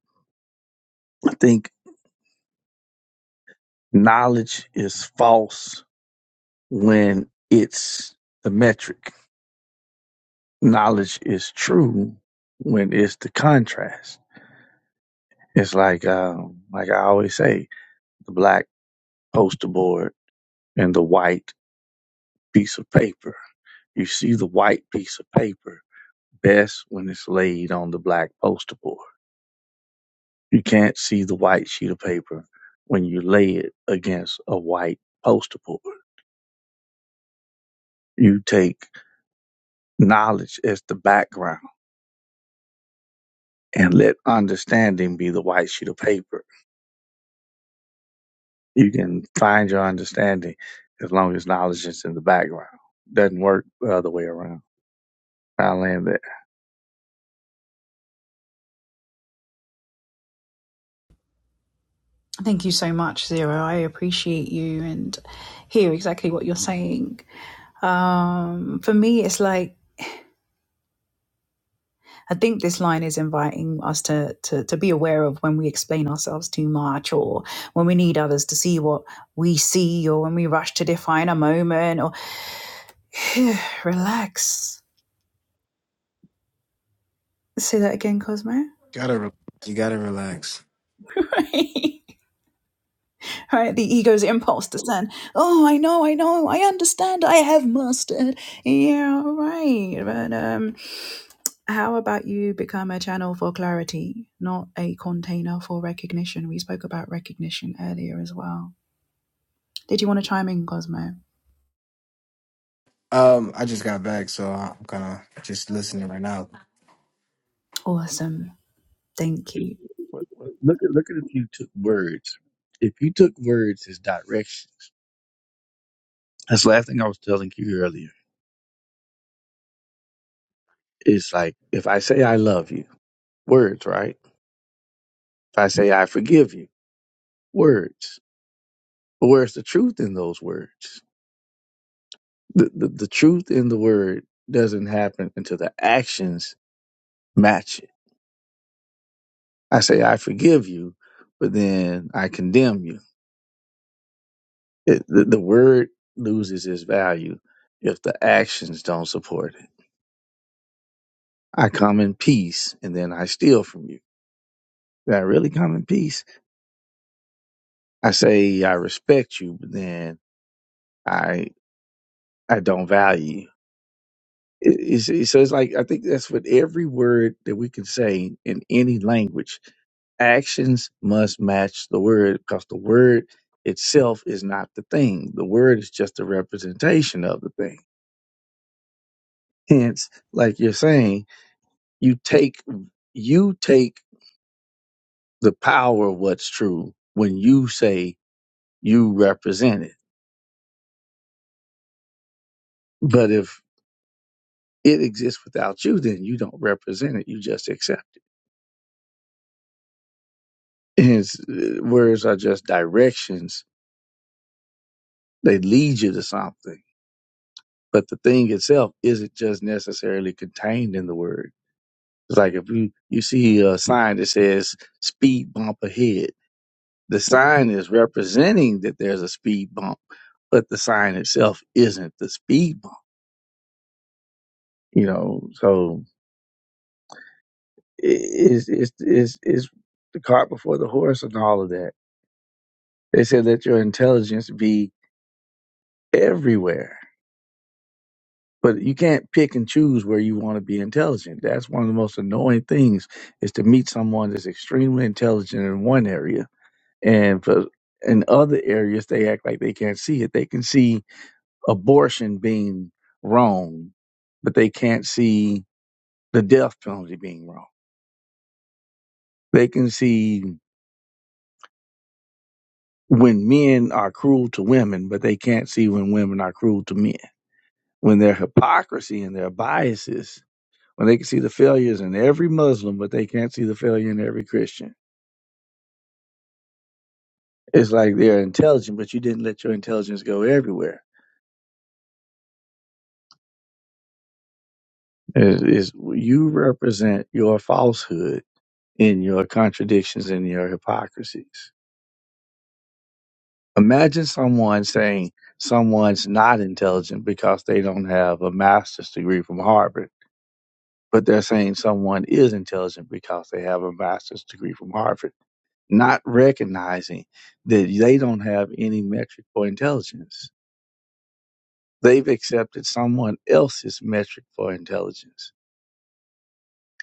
I think knowledge is false when it's the metric. Knowledge is true when it's the contrast. It's like, um, like I always say, the black poster board and the white piece of paper. You see the white piece of paper best when it's laid on the black poster board You can't see the white sheet of paper when you lay it against a white poster board. You take knowledge as the background and let understanding be the white sheet of paper. You can find your understanding as long as knowledge is in the background. Doesn't work the other way around. I land there.
Thank you so much, Zero. I appreciate you and hear exactly what you're saying. Um, for me, it's like I think this line is inviting us to, to to be aware of when we explain ourselves too much, or when we need others to see what we see, or when we rush to define a moment. Or relax. Say that again, Cosmo.
Gotta, re- you gotta relax.
Right? right? The ego's impulse to sin. Oh, I know, I know, I understand, I have mastered. Yeah, right. But um, how about you become a channel for clarity, not a container for recognition? We spoke about recognition earlier as well. Did you want to chime in, Cosmo?
Um, I just got back, so I'm kind of just listening right now.
Awesome. Thank you.
But- but Look at look at if you took words. If you took words as directions, that's the last thing I was telling you earlier. It's like if I say I love you, words, right? If I say I forgive you. words. But where's the truth in those words? The, the the truth in the word doesn't happen until the actions match it. I say I forgive you, but then I condemn you. It, the, the word loses its value if the actions don't support it. I come in peace, and then I steal from you. Did I really come in peace? I say I respect you, but then I I don't value you. It- it's- so it's like I think that's what every word that we can say in any language, actions must match the word because the word itself is not the thing. The word is just a representation of the thing. Hence, like you're saying, you take you take the power of what's true when you say you represent it. But if it exists without you, then you don't represent it. You just accept it. Hence, uh, words are just directions They lead you to something. But the thing itself isn't just necessarily contained in the word. It's like if you, you see a sign that says speed bump ahead, the sign is representing that there's a speed bump, but the sign itself isn't the speed bump, you know? So i- it's, it's, it's, it's the cart before the horse and all of that. They said, let your intelligence be everywhere but you can't pick and choose where you want to be intelligent. That's one of the most annoying things is to meet someone that's extremely intelligent in one area and for in other areas they act like they can't see it. They can see abortion being wrong, but they can't see the death penalty being wrong. They can see when men are cruel to women, but they can't see when women are cruel to men. When their hypocrisy and their biases when they can see the failures in every Muslim, but they can't see the failure in every Christian. It's like they're intelligent, but you didn't let your intelligence go everywhere. Is is you represent your falsehood in your contradictions and your hypocrisies. Imagine someone saying someone's not intelligent because they don't have a master's degree from Harvard, but they're saying someone is intelligent because they have a master's degree from Harvard, not recognizing that they don't have any metric for intelligence They've accepted someone else's metric for intelligence.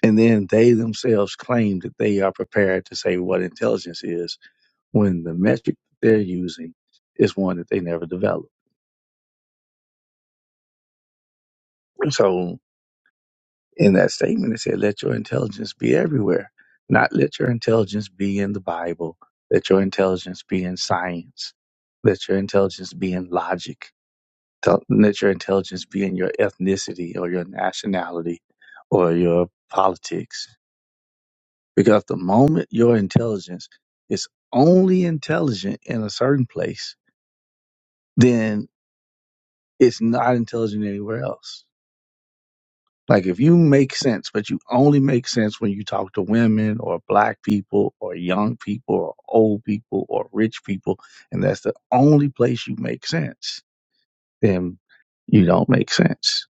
And then they themselves claim that they are prepared to say what intelligence is when the metric they're using is one that they never developed. So in that statement, it said, let your intelligence be everywhere, not let your intelligence be in the Bible, let your intelligence be in science, let your intelligence be in logic, Don't let your intelligence be in your ethnicity or your nationality or your politics Because the moment your intelligence is only intelligent in a certain place, then it's not intelligent anywhere else. Like if you make sense, but you only make sense when you talk to women or black people or young people or old people or rich people, and that's the only place you make sense, then you don't make sense.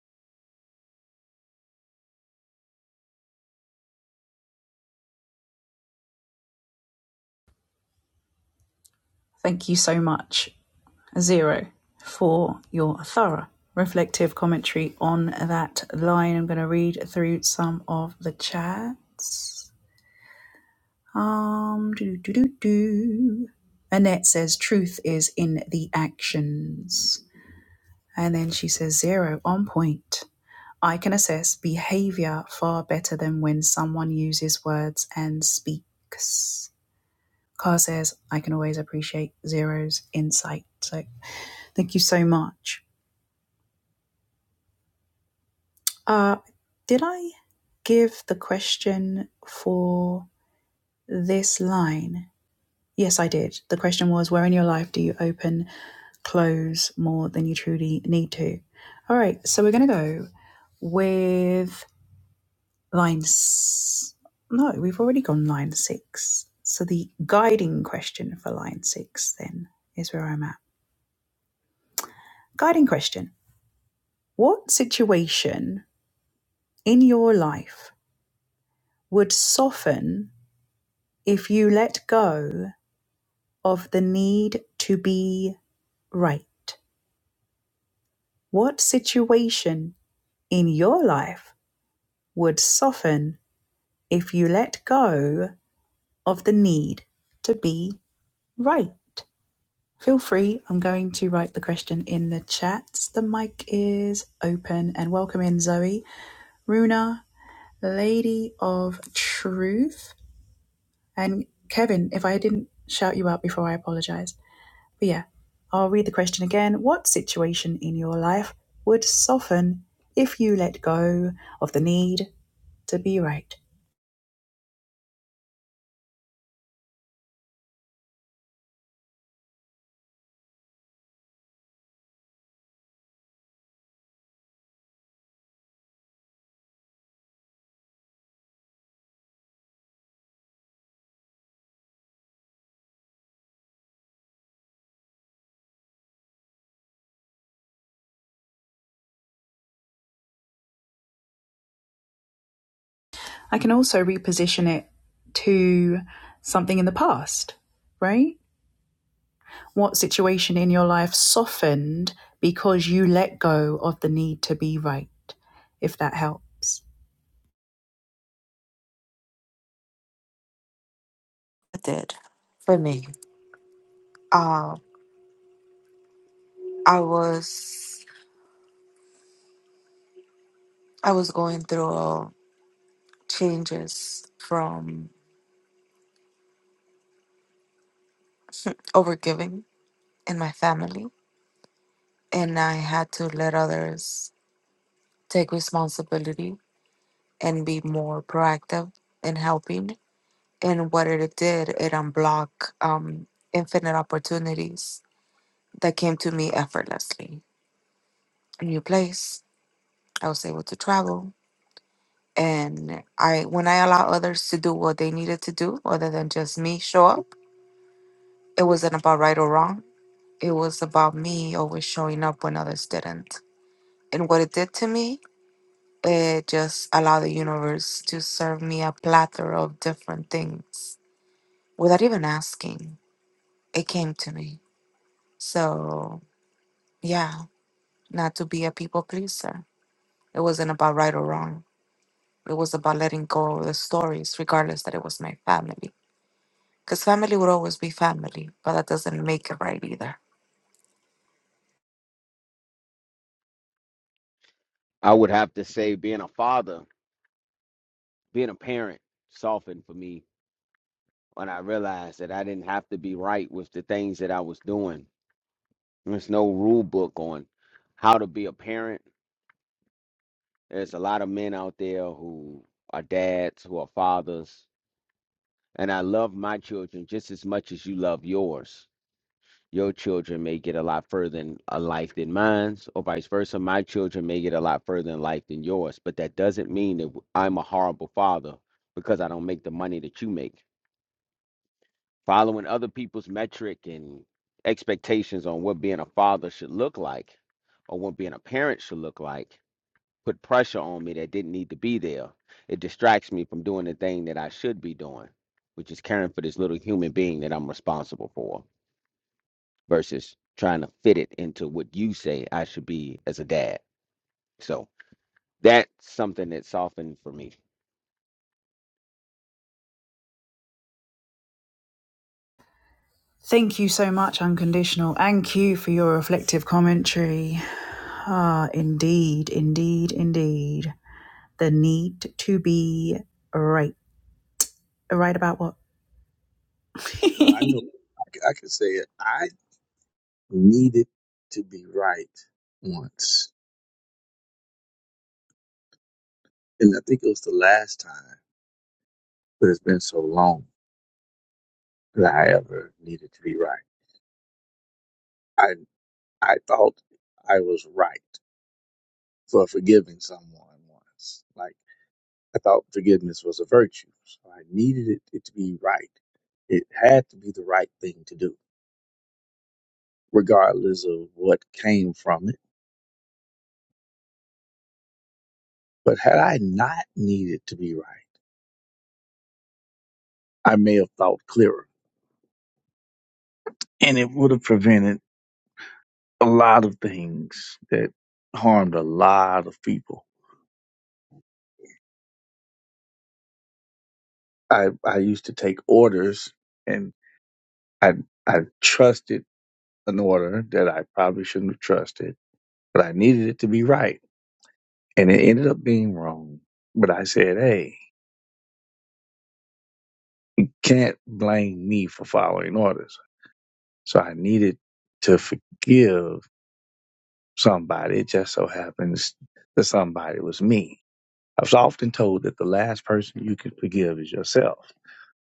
Thank you so much, Zero, for your thorough reflective commentary on that line. I'm going to read through some of the chats. Um, do, do, do, do. Annette says truth is in the actions. And then she says zero on point. I can assess behavior far better than when someone uses words and speaks. Carr says, I can always appreciate Zero's insight. So thank you so much. Uh, did I give the question for this line? Yes, I did. The question was, Where in your life do you open close more than you truly need to. All right, so we're going to go with line. S- no, we've already gone line six. So the guiding question for line six then is where I'm at. Guiding question What situation in your life would soften if you let go of the need to be right? What situation in your life would soften If you let go of the need to be right, feel free. I'm going to write the question in the chat. The mic is open and welcome in Zoe, Runa, Lady of Truth, and Kevin. If I didn't shout you out before, I apologize. But yeah, I'll read the question again. What situation in your life would soften if you let go of the need to be right? I can also reposition it to something in the past, right? What situation in your life softened because you let go of the need to be right, if that helps.
It did for me. Um, I was I was going through changes from overgiving in my family and I had to let others take responsibility and be more proactive in helping and what it did it unblocked um, infinite opportunities that came to me effortlessly a new place I was able to travel and I when I allow others to do what they needed to do other than just me show up It wasn't about right or wrong. It was about me always showing up when others didn't. And what it did to me, it just allowed the universe to serve me a plethora of different things without even asking. It came to me. So, yeah, not to be a people pleaser. It wasn't about right or wrong. It was about letting go of the stories, regardless that it was my family. Because family would always be family, but that doesn't make it right either.
I would have to say being a father, being a parent softened for me when I realized that I didn't have to be right with the things that I was doing. There's no rule book on how to be a parent. There's a lot of men out there who are dads, who are fathers, and I love my children just as much as you love yours your children may get a lot further in a life than mine's, or vice versa. My children may get a lot further in life than yours, but that doesn't mean that w- I'm a horrible father because I don't make the money that you make. Following other people's metric and expectations on what being a father should look like or what being a parent should look like put pressure on me that didn't need to be there. It distracts me from doing the thing that I should be doing, which is caring for this little human being that I'm responsible for versus trying to fit it into what you say I should be as a dad. So that's something that softened for me.
Thank you so much, Unconditional, and Q for your reflective commentary. Ah, indeed, indeed, indeed. The need to be right. Right about what?
Well, I know I, c- I can say it. I needed to be right once, and I think it was the last time. but it's been so long that I ever needed to be right. I I thought I was right for forgiving someone once. Like I thought forgiveness was a virtue, so I needed it, it to be right. It had to be the right thing to do, regardless of what came from it. But had I not needed to be right, I may have thought clearer, and it would have prevented a lot of things that harmed a lot of people. I I used to take orders and. I I trusted an order that I probably shouldn't have trusted, but I needed it to be right, and it ended up being wrong. But I said, "Hey, you can't blame me for following orders." So I needed to forgive somebody. It just so happens that somebody was me. I was often told that the last person you can forgive is yourself.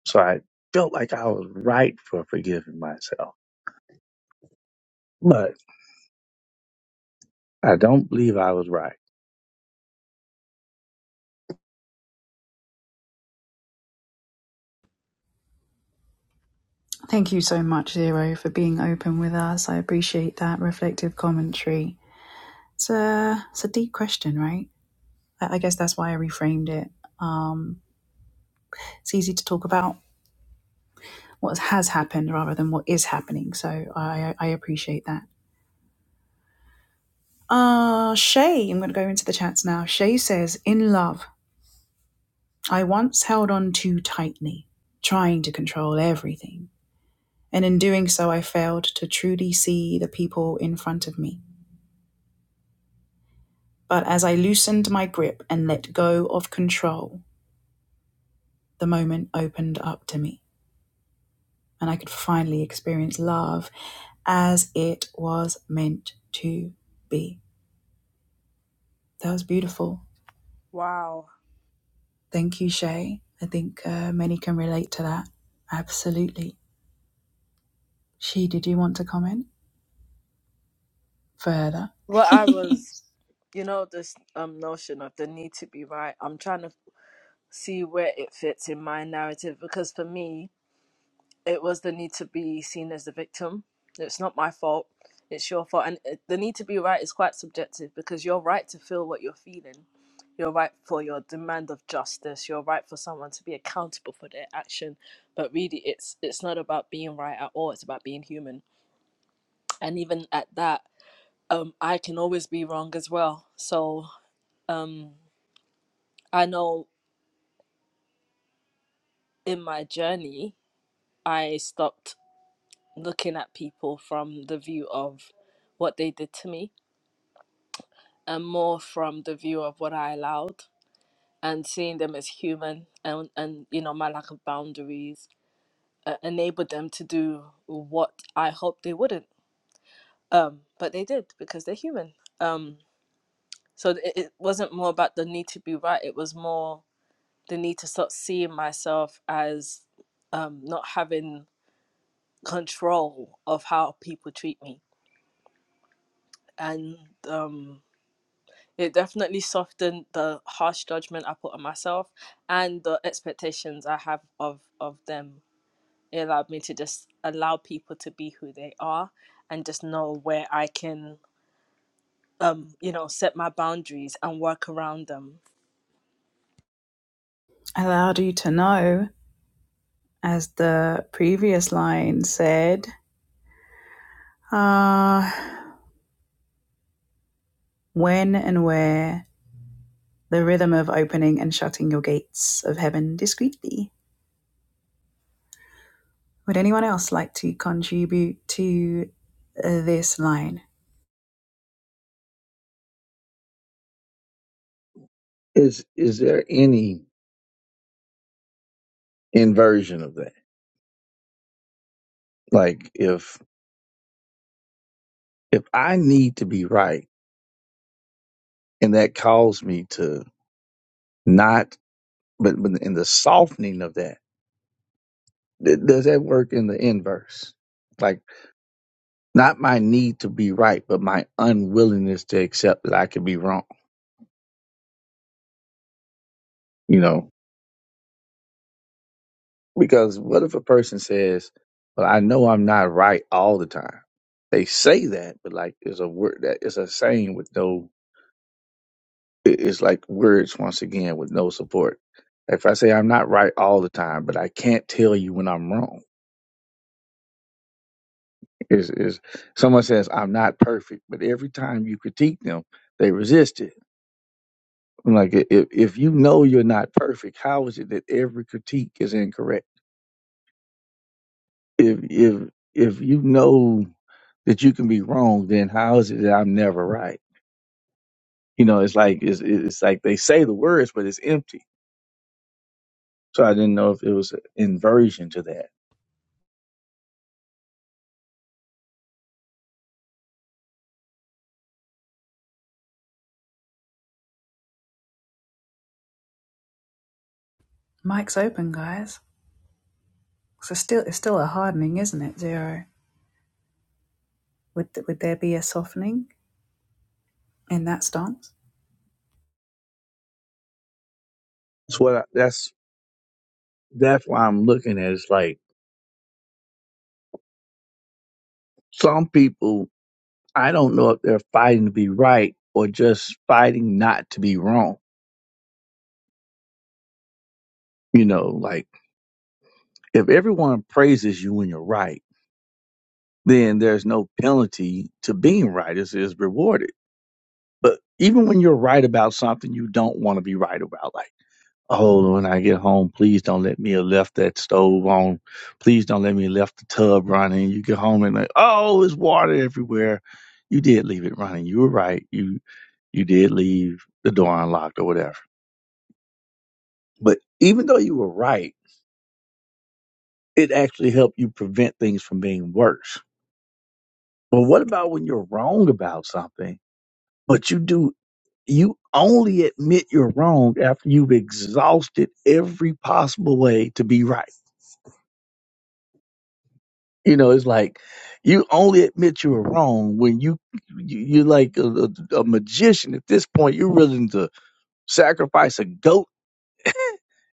So I felt like I was right for forgiving myself, but I don't believe I was right.
Thank you so much, Zero, for being open with us. I appreciate that reflective commentary. It's a it's a deep question, right? I, I guess that's why I reframed it. Um, it's easy to talk about what has happened rather than what is happening. So I I appreciate that. Uh Shay, I'm gonna go into the chats now. Shay says, in love, I once held on too tightly, trying to control everything. And in doing so I failed to truly see the people in front of me. But as I loosened my grip and let go of control, the moment opened up to me. and I could finally experience love as it was meant to be. That was beautiful.
Wow.
Thank you, Shay. I think uh, many can relate to that. Absolutely. She, did you want to comment further?
Well, I was, you know, this um notion of the need to be right. I'm trying to see where it fits in my narrative because for me, it was the need to be seen as the victim. It's not my fault. It's your fault. And uh, the need to be right is quite subjective because you're right to feel what you're feeling. You're right for your demand of justice. You're right for someone to be accountable for their action. But really, it's it's not about being right at all. It's about being human. And even at that, um, I can always be wrong as well. So um, I know in my journey, I stopped looking at people from the view of what they did to me and more from the view of what I allowed and seeing them as human and, and you know, my lack of boundaries uh, enabled them to do what I hoped they wouldn't. Um, but they did because they're human. Um, so it, it wasn't more about the need to be right, it was more the need to start seeing myself as um, not having control of how people treat me. And um, It definitely softened the harsh judgment I put on myself and the expectations I have of of them. It allowed me to just allow people to be who they are and just know where I can um you know set my boundaries and work around them.
Allowed you to know, as the previous line said, ah, when and where the rhythm of opening and shutting your gates of heaven discreetly. Would anyone else like to contribute to uh, this line?
Is is there any inversion of that. Like if if I need to be right and that calls me to not but, but in the softening of that, th- does that work in the inverse? Like not my need to be right, but my unwillingness to accept that I could be wrong, you know? Because what if a person says, Well, I know I'm not right all the time? They say that, but like it's a word that it's a saying with no it- it's like words once again with no support. If I say I'm not right all the time, but I can't tell you when I'm wrong. Is is someone says I'm not perfect, but every time you critique them, they resist it. I'm like i- if if you know you're not perfect, how is it that every critique is incorrect? If if if you know that you can be wrong, then how is it that I'm never right? You know, it's like it's it's like they say the words, but it's empty. So I didn't know if it was an inversion to that.
Mike's open, guys. So still, it's still a hardening, isn't it? Zero. Would would there be a softening in that stance?
That's what I, that's that's why I'm looking at it. It's like some people, I don't know if they're fighting to be right or just fighting not to be wrong. You know, like if everyone praises you when you're right, then there's no penalty to being right. It's, it's rewarded. But even when you're right about something you don't want to be right about, like, oh, when I get home, please don't let me have left that stove on. Please don't let me have left the tub running. You get home and like, oh, there's water everywhere you did leave it running. You were right. You you did leave the door unlocked or whatever. But even though you were right, it actually helped you prevent things from being worse. But what about when you're wrong about something, but you do you only admit you're wrong after you've exhausted every possible way to be right. You know, it's like you only admit you were wrong when you, you you're like a, a, a magician at this point. You're willing to sacrifice a goat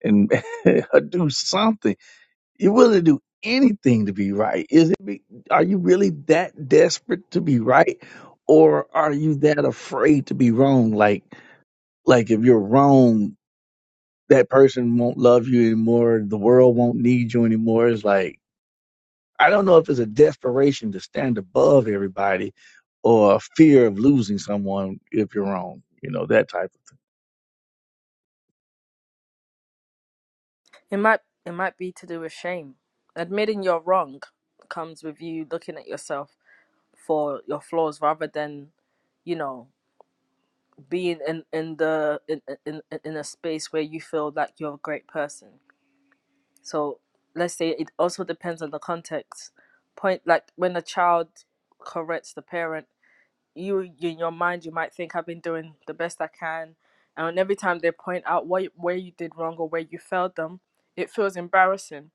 and do something You're willing to do anything to be right. Is it? Be, are you really that desperate to be right, or are you that afraid to be wrong? Like, like if you're wrong, that person won't love you anymore. The world won't need you anymore. It's like I don't know if it's a desperation to stand above everybody, or a fear of losing someone if you're wrong. You know that type. Of,
It might it might be to do with shame. Admitting you're wrong comes with you looking at yourself for your flaws rather than you know being in in the in in in a space where you feel like you're a great person So let's say it also depends on the context. Point like when a child corrects the parent, you you- in your mind you might think I've been doing the best I can, and every time they point out what where you did wrong or where you failed them, it feels embarrassing.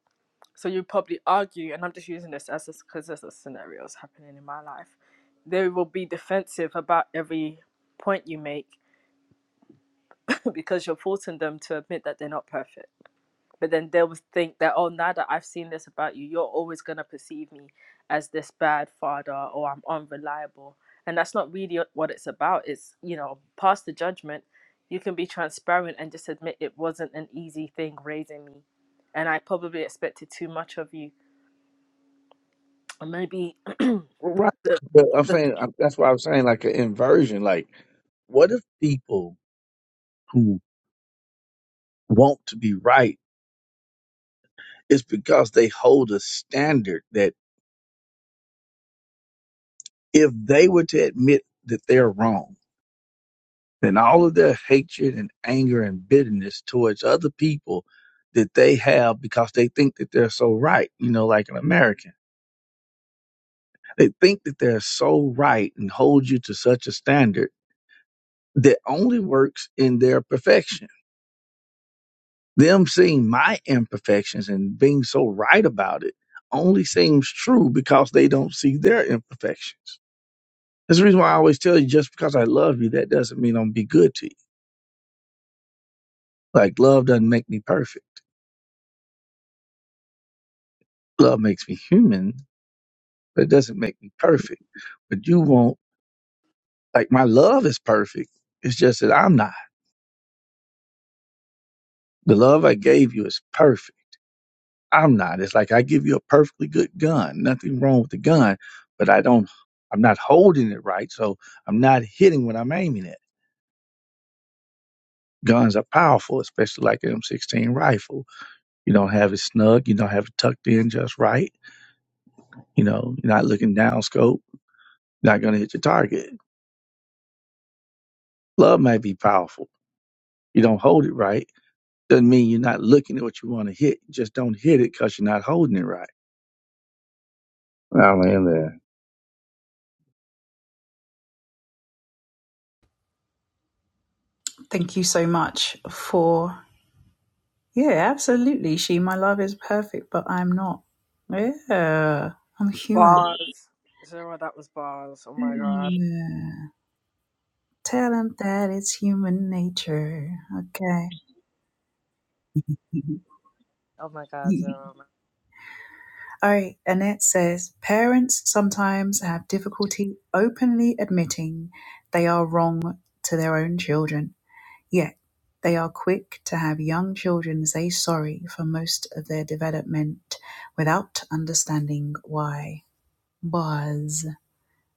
So you probably argue, and I'm just using this as because there's a scenarios happening in my life. They will be defensive about every point you make because you're forcing them to admit that they're not perfect but then they'll think that oh now that i've seen this about you you're always going to perceive me as this bad father or i'm unreliable and that's not really what it's about it's you know pass the judgment you can be transparent and just admit it wasn't an easy thing raising me and i probably expected too much of you or maybe
right.
the
But I'm saying that's why I'm saying like an inversion. Like, what if people who want to be right? It's because they hold a standard that if they were to admit that they're wrong, then all of their hatred and anger and bitterness towards other people that they have because they think that they're so right, you know, like an American, they think that they're so right and hold you to such a standard that only works in their perfection. Them seeing my imperfections and being so right about it only seems true because they don't see their imperfections. That's the reason why I always tell you just because I love you, that doesn't mean I'm gonna be good to you. Like love doesn't make me perfect. Love makes me human, but it doesn't make me perfect. But you won't like my love is perfect. It's just that I'm not. The love I gave you is perfect. I'm not. It's like I give you a perfectly good gun. Nothing wrong with the gun, but I don't I'm not holding it right, so I'm not hitting when I'm aiming it. Guns are powerful, especially like an M16 rifle. You don't have it snug, you don't have it tucked in just right You know, you're not looking down scope, not going to hit your target. Love might be powerful. You don't hold it right. Doesn't mean you're not looking at what you want to hit. You just don't hit it because you're not holding it right. I land there.
Thank you so much for. Yeah, absolutely. She, my love, is perfect, but I'm not. Yeah, I'm human.
bars zero that was bars oh my god
Yeah. Tell him that it's human nature. Okay.
oh my god zero
All right. Annette says parents sometimes have difficulty openly admitting they are wrong to their own children Yet, they are quick to have young children say sorry for most of their development without understanding why. Buzz.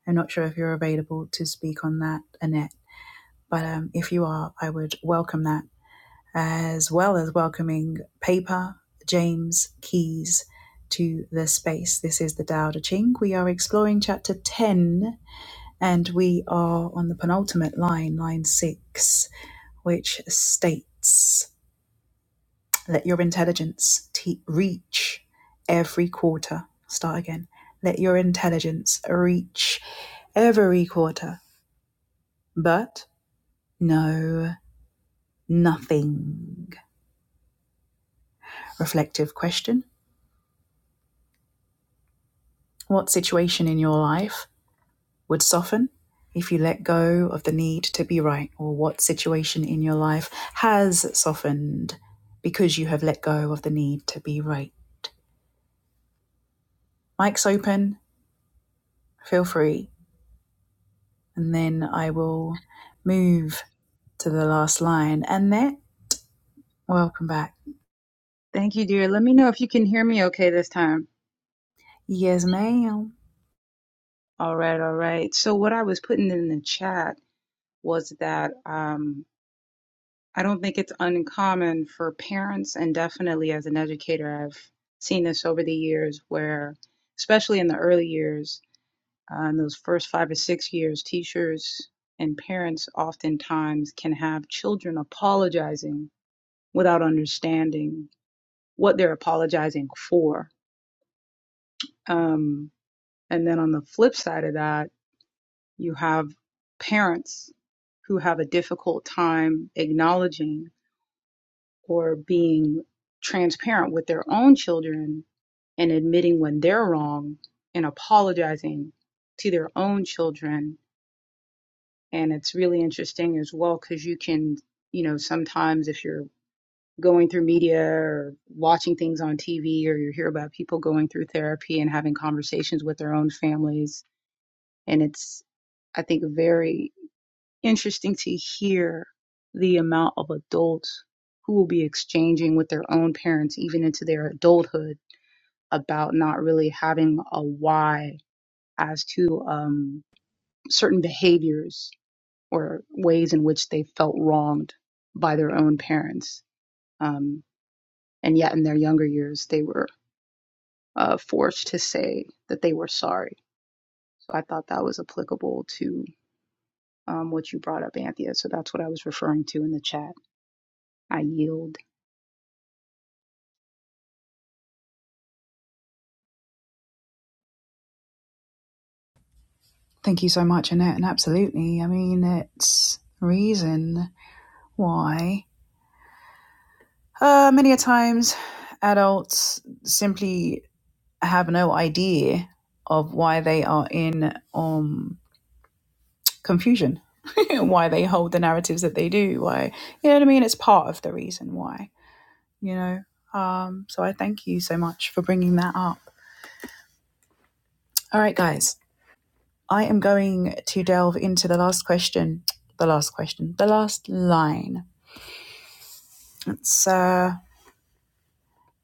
I'm not sure if you're available to speak on that, Annette, but um, if you are, I would welcome that, as well as welcoming Paper, James, Keys to the space. This is the Tao Te Ching. We are exploring chapter 10 and we are on the penultimate line, line 6, which states. Let your intelligence te- reach every quarter. Start again. Let your intelligence reach every quarter, but no nothing. Reflective question What situation in your life would soften if you let go of the need to be right? Or what situation in your life has softened because you have let go of the need to be right? Mic's open. Feel free. and then I will move to the last line. Annette, welcome back.
Thank you, dear. Let me know if you can hear me okay this time.
Yes, ma'am.
All right, all right. So what I was putting in the chat was that um, I don't think it's uncommon for parents, and definitely as an educator, I've seen this over the years where, especially in the early years, uh, in those first five or six years, teachers and parents oftentimes can have children apologizing without understanding what they're apologizing for. Um, and then on the flip side of that, You have parents who have a difficult time acknowledging or being transparent with their own children and admitting when they're wrong and apologizing to their own children. And it's really interesting as well because you can, you know, sometimes if you're going through media or watching things on TV or you hear about people going through therapy and having conversations with their own families, and it's, I think, very interesting to hear the amount of adults who will be exchanging with their own parents, even into their adulthood, about not really having a why as to um, certain behaviors or ways in which they felt wronged by their own parents. Um, and yet, in their younger years, they were uh, forced to say that they were sorry. So I thought that was applicable to um, what you brought up, Anthea. So that's what I was referring to in the chat. I yield.
Thank you so much, Annette. And absolutely, I mean, it's reason why uh, many a times adults simply have no idea of why they are in um confusion, why they hold the narratives that they do, why you know what I mean. It's part of the reason why, you know. Um, so I thank you so much for bringing that up. All right, guys, I am going to delve into the last question, the last question, the last line. It's uh,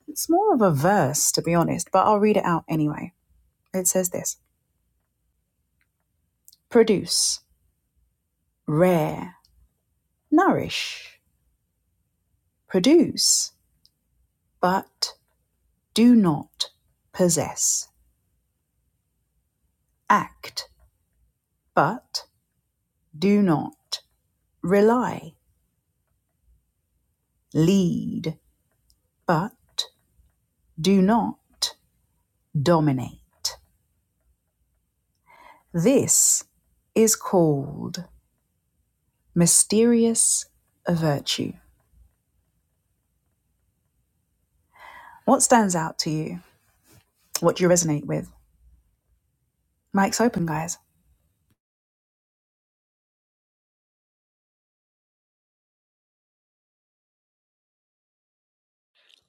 it's more of a verse, to be honest, but I'll read it out anyway. It says this: produce, rare, nourish, produce, but do not possess, act, but do not rely, lead, but do not dominate. This is called Mysterious Virtue. What stands out to you? What do you resonate with? Mic's open, guys.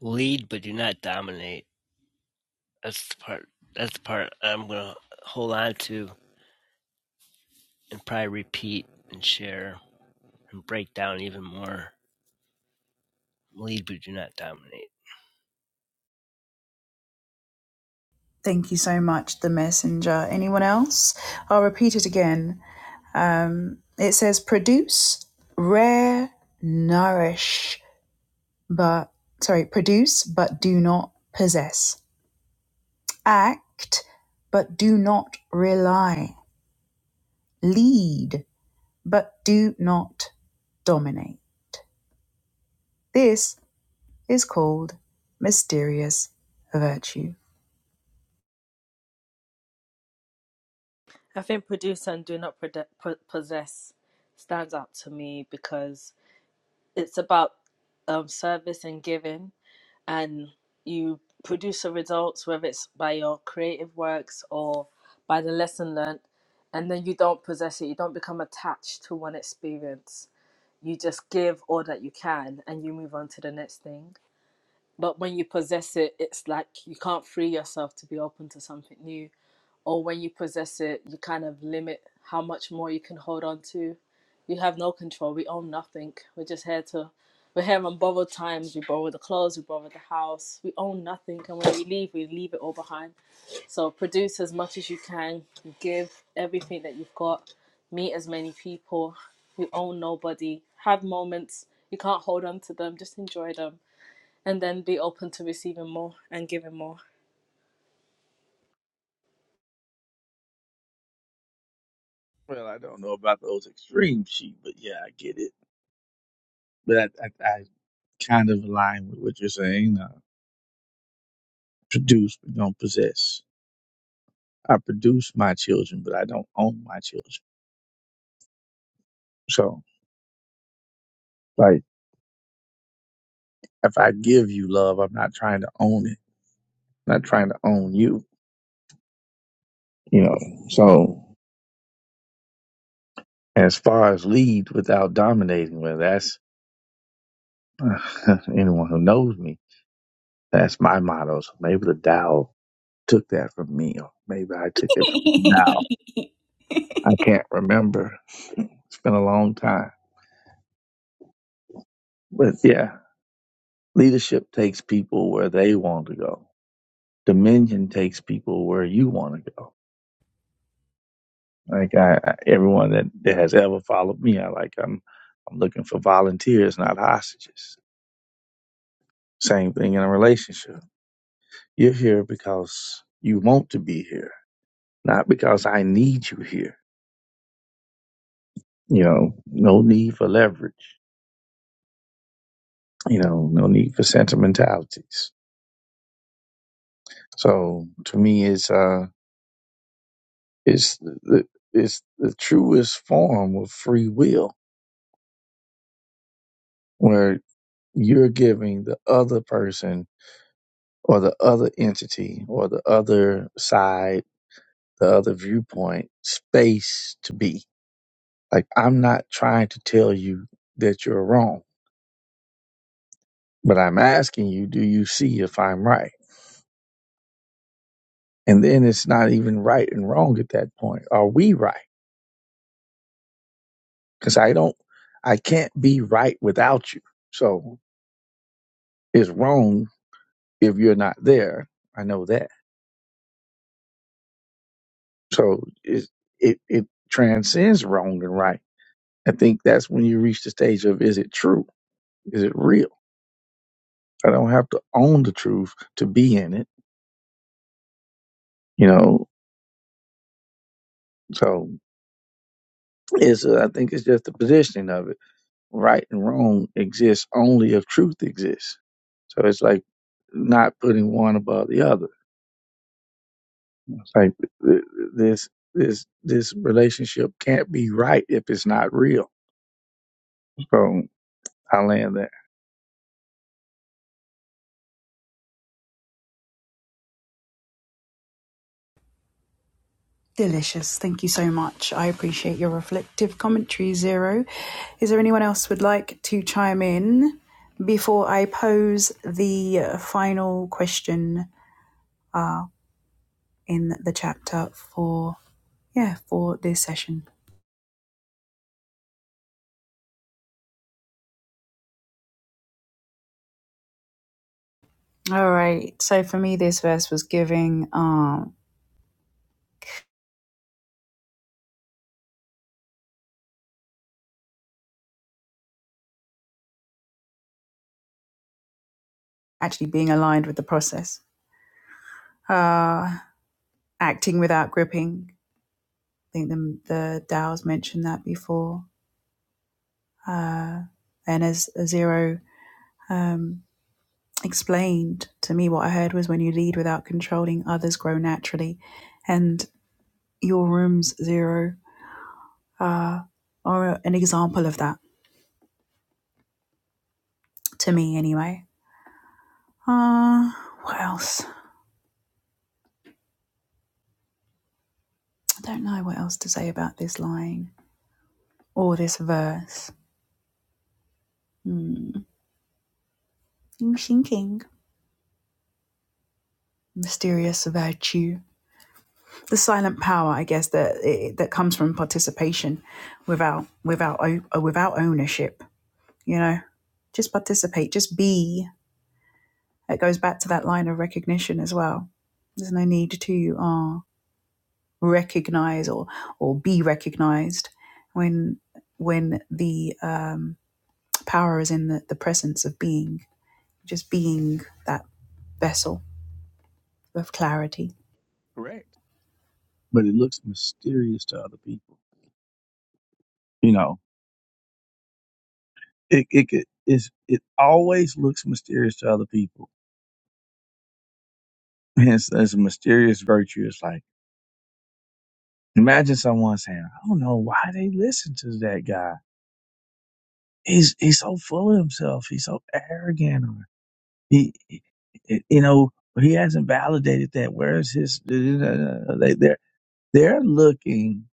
Lead, but do not dominate. That's the part. That's the part I'm going to hold on to and probably repeat and share and break down even more. Lead, but do not dominate.
Thank you so much, The Messenger. Anyone else? I'll repeat it again. Um, it says produce, rare, nourish, but, sorry, produce, but do not possess. Act, but do not rely. Lead, but do not dominate. This is called Mysterious Virtue.
i think producer and do not Prode- Po- possess stands out to me because it's about um, service and giving, and you produce the results, whether it's by your creative works or by the lesson learnt, and then you don't possess it, you don't become attached to one experience. You just give all that you can and you move on to the next thing. But when you possess it, it's like you can't free yourself to be open to something new or when you possess it, you kind of limit how much more you can hold on to. You have no control. We own nothing. We're just here to, we're here on borrowed times. We borrow the clothes, we borrow the house. We own nothing. And when we leave, we leave it all behind. So produce as much as you can, give everything that you've got, meet as many people. You own nobody. Have moments. You can't hold on to them. Just enjoy them. And then be open to receiving more and giving more.
Well, I don't know about those extreme sheep, but yeah, I get it. But I, I, I kind of align with what you're saying. Uh, produce, but don't possess. I produce my children, but I don't own my children. So, like, if I give you love, I'm not trying to own it. I'm not trying to own you. You know, so as far as lead without dominating, well, that's anyone who knows me. That's my motto. So maybe the Tao took that from me, or maybe I took it from the Tao. I can't remember. It's been a long time. But yeah, leadership takes people where they want to go. Dominion takes people where you want to go. Like I, I, everyone that, that has ever followed me, I like I'm I'm looking for volunteers, not hostages. Same thing in a relationship You're here because you want to be here, not because I need you here. You know, no need for leverage. You know, no need for sentimentalities. So to me, it's uh, it's the it's the truest form of free will, where you're giving the other person or the other entity or the other side, the other viewpoint, space to be. Like I'm not trying to tell you that you're wrong. But I'm asking you, do you see if I'm right? And then it's not even right and wrong at that point. Are we right? Because I don't, I can't be right without you. So it's wrong if you're not there. I know that. So it, it, it transcends wrong and right. I think that's when you reach the stage of is it true? Is it real? I don't have to own the truth to be in it, you know? So it's, uh, I think it's just the positioning of it right and wrong exists only if truth exists. So it's like not putting one above the other. It's like th- th- this this this relationship can't be right if it's not real. So I land there.
Delicious. Thank you so much. I appreciate your reflective commentary, Zero. Is there anyone else would like to chime in before I pose the uh, final question uh, in the chapter for yeah for this session? All right. So for me, this verse was giving um, actually being aligned with the process, uh, acting without gripping, I think the the DAOs mentioned that before, uh, and as Zero um, explained to me, what I heard was when you lead without controlling, others grow naturally, and your rooms Zero uh, are an example of that to me, anyway. Uh, what else? I don't know what else to say about this line or this verse. Hmm. I'm thinking mysterious virtue. the silent power, I guess, that it, that comes from participation, without without uh, without ownership. You know, just participate, just be. It goes back to that line of recognition as well. There's no need to uh, recognize or or be recognized when when the um, power is in the, the presence of being, just being that vessel of clarity.
Correct. But it looks mysterious to other people. You know, it it could- it's, it always looks mysterious to other people. And It's, it's a mysterious virtue. It's like imagine someone saying, "I don't know why they listen to that guy." he's he's so full of himself. He's so arrogant. Or he, he- you know, he hasn't validated that. Where's his? They, they're they're looking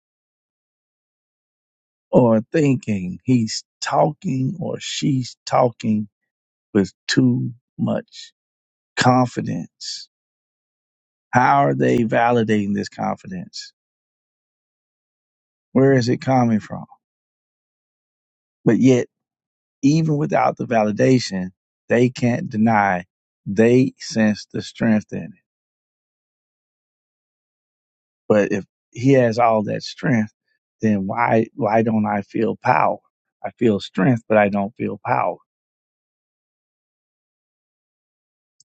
or thinking he's talking or she's talking with too much confidence. How are they validating this confidence? Where is it coming from? But yet, even without the validation, they can't deny they sense the strength in it. But if he has all that strength, then why why don't I feel power? I feel strength, but I don't feel power.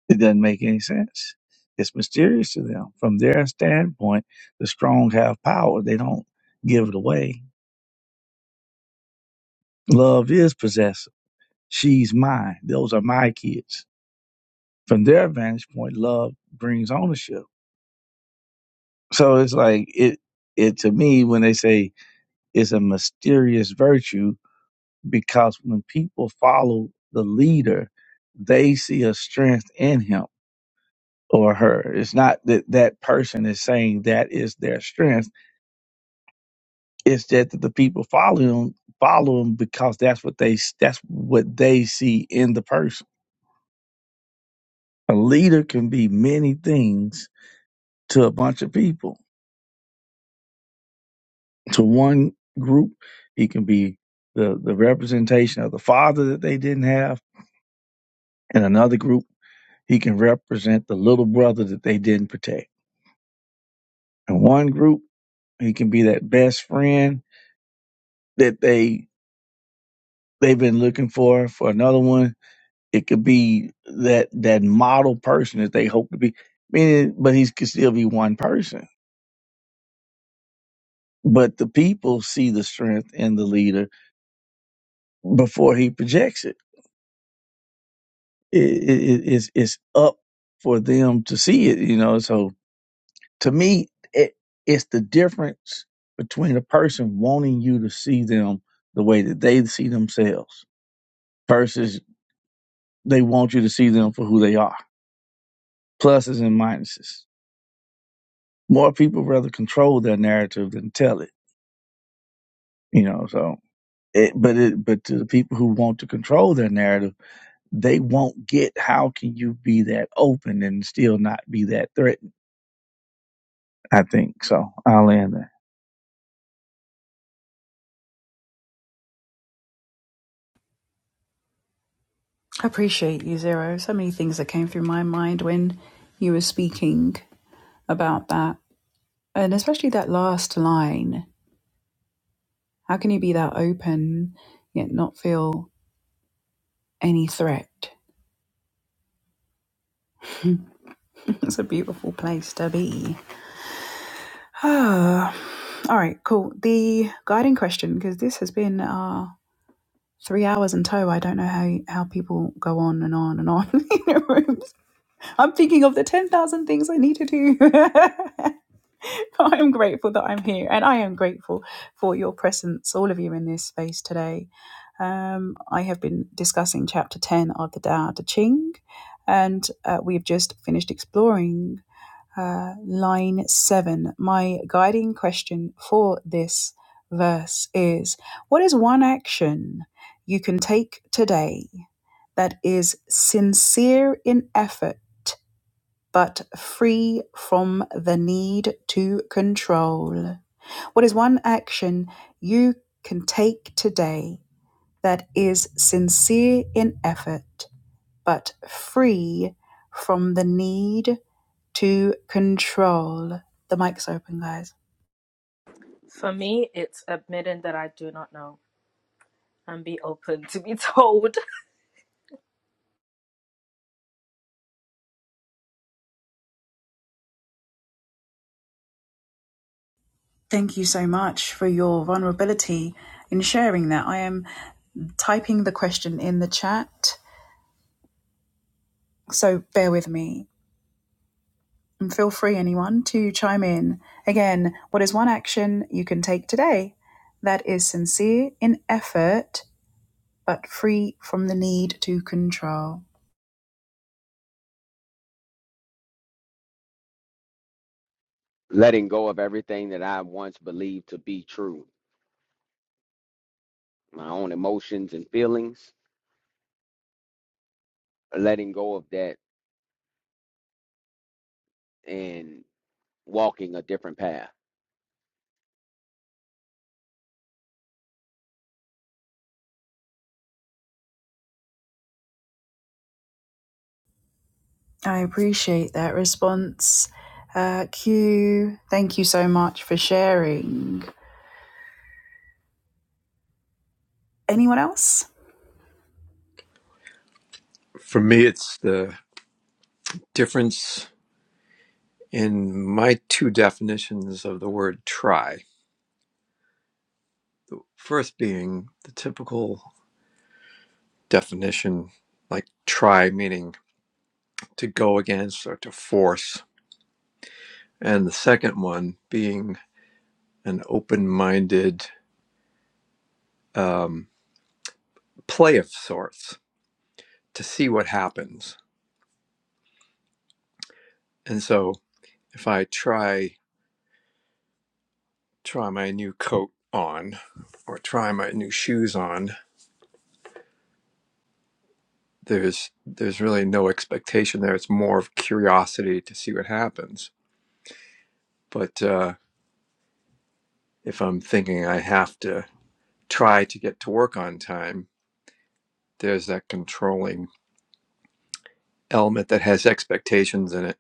It doesn't make any sense. It's mysterious to them. From their standpoint, the strong have power. They don't give it away. Love is possessive. She's mine. Those are my kids. From their vantage point, love brings ownership. So it's like it it to me when they say it's a mysterious virtue because when people follow the leader, they see a strength in him or her. It's not that that person is saying that is their strength. It's that the people follow him follow him because that's what they that's what they see in the person. A leader can be many things to a bunch of people. To one group, he can be the the representation of the father that they didn't have, and another group, he can represent the little brother that they didn't protect in one group. He can be that best friend that they they've been looking for. For another one, it could be that that model person that they hope to be. Meaning, but he could still be one person. But the people see the strength in the leader before he projects it. It, it, it's it's up for them to see it. You know. So to me, it, it's the difference between a person wanting you to see them the way that they see themselves versus They want you to see them for who they are, pluses and minuses. More people rather control their narrative than tell it, you know. So, it, but it, but to the people who want to control their narrative, they won't get how can you be that open and still not be that threatened. I think so. I'll end there.
I appreciate you, Zero. So many things that came through my mind when you were speaking about that. And especially that last line how can you be that open yet not feel any threat? it's a beautiful place to be. All right, cool. The guiding question, because this has been our... uh, three hours in tow. I don't know how, how people go on and on and on in their rooms. I'm thinking of the 10,000 things I need to do. I am grateful that I'm here and I am grateful for your presence, all of you in this space today. Um, I have been discussing chapter 10 of the Tao Te Ching, and uh, we've just finished exploring uh, line 7. My guiding question for this verse is What is one action you can take today that is sincere in effort? but free from the need to control. What is one action you can take today that is sincere in effort, but free from the need to control? The mic's open, guys.
For me, it's admitting that I do not know. and be open to be told.
Thank you so much for your vulnerability in sharing that. I am typing the question in the chat, so bear with me. And feel free, anyone, to chime in. Again, what is one action you can take today that is sincere in effort but free from the need to control?
Letting go of everything that I once believed to be true, my own emotions and feelings, letting go of that and walking a different path.
I appreciate that response. Uh, Q, thank you so much for sharing. Anyone else?
For me, it's the difference in my two definitions of the word try. First, being the typical definition, like try meaning to go against or to force. And the second one being an open minded um, play of sorts to see what happens. And so if I try try my new coat on or try my new shoes on there's there's really no expectation there it's more of curiosity to see what happens but uh, if i'm thinking i have to try to get to work on time there's that controlling element that has expectations in it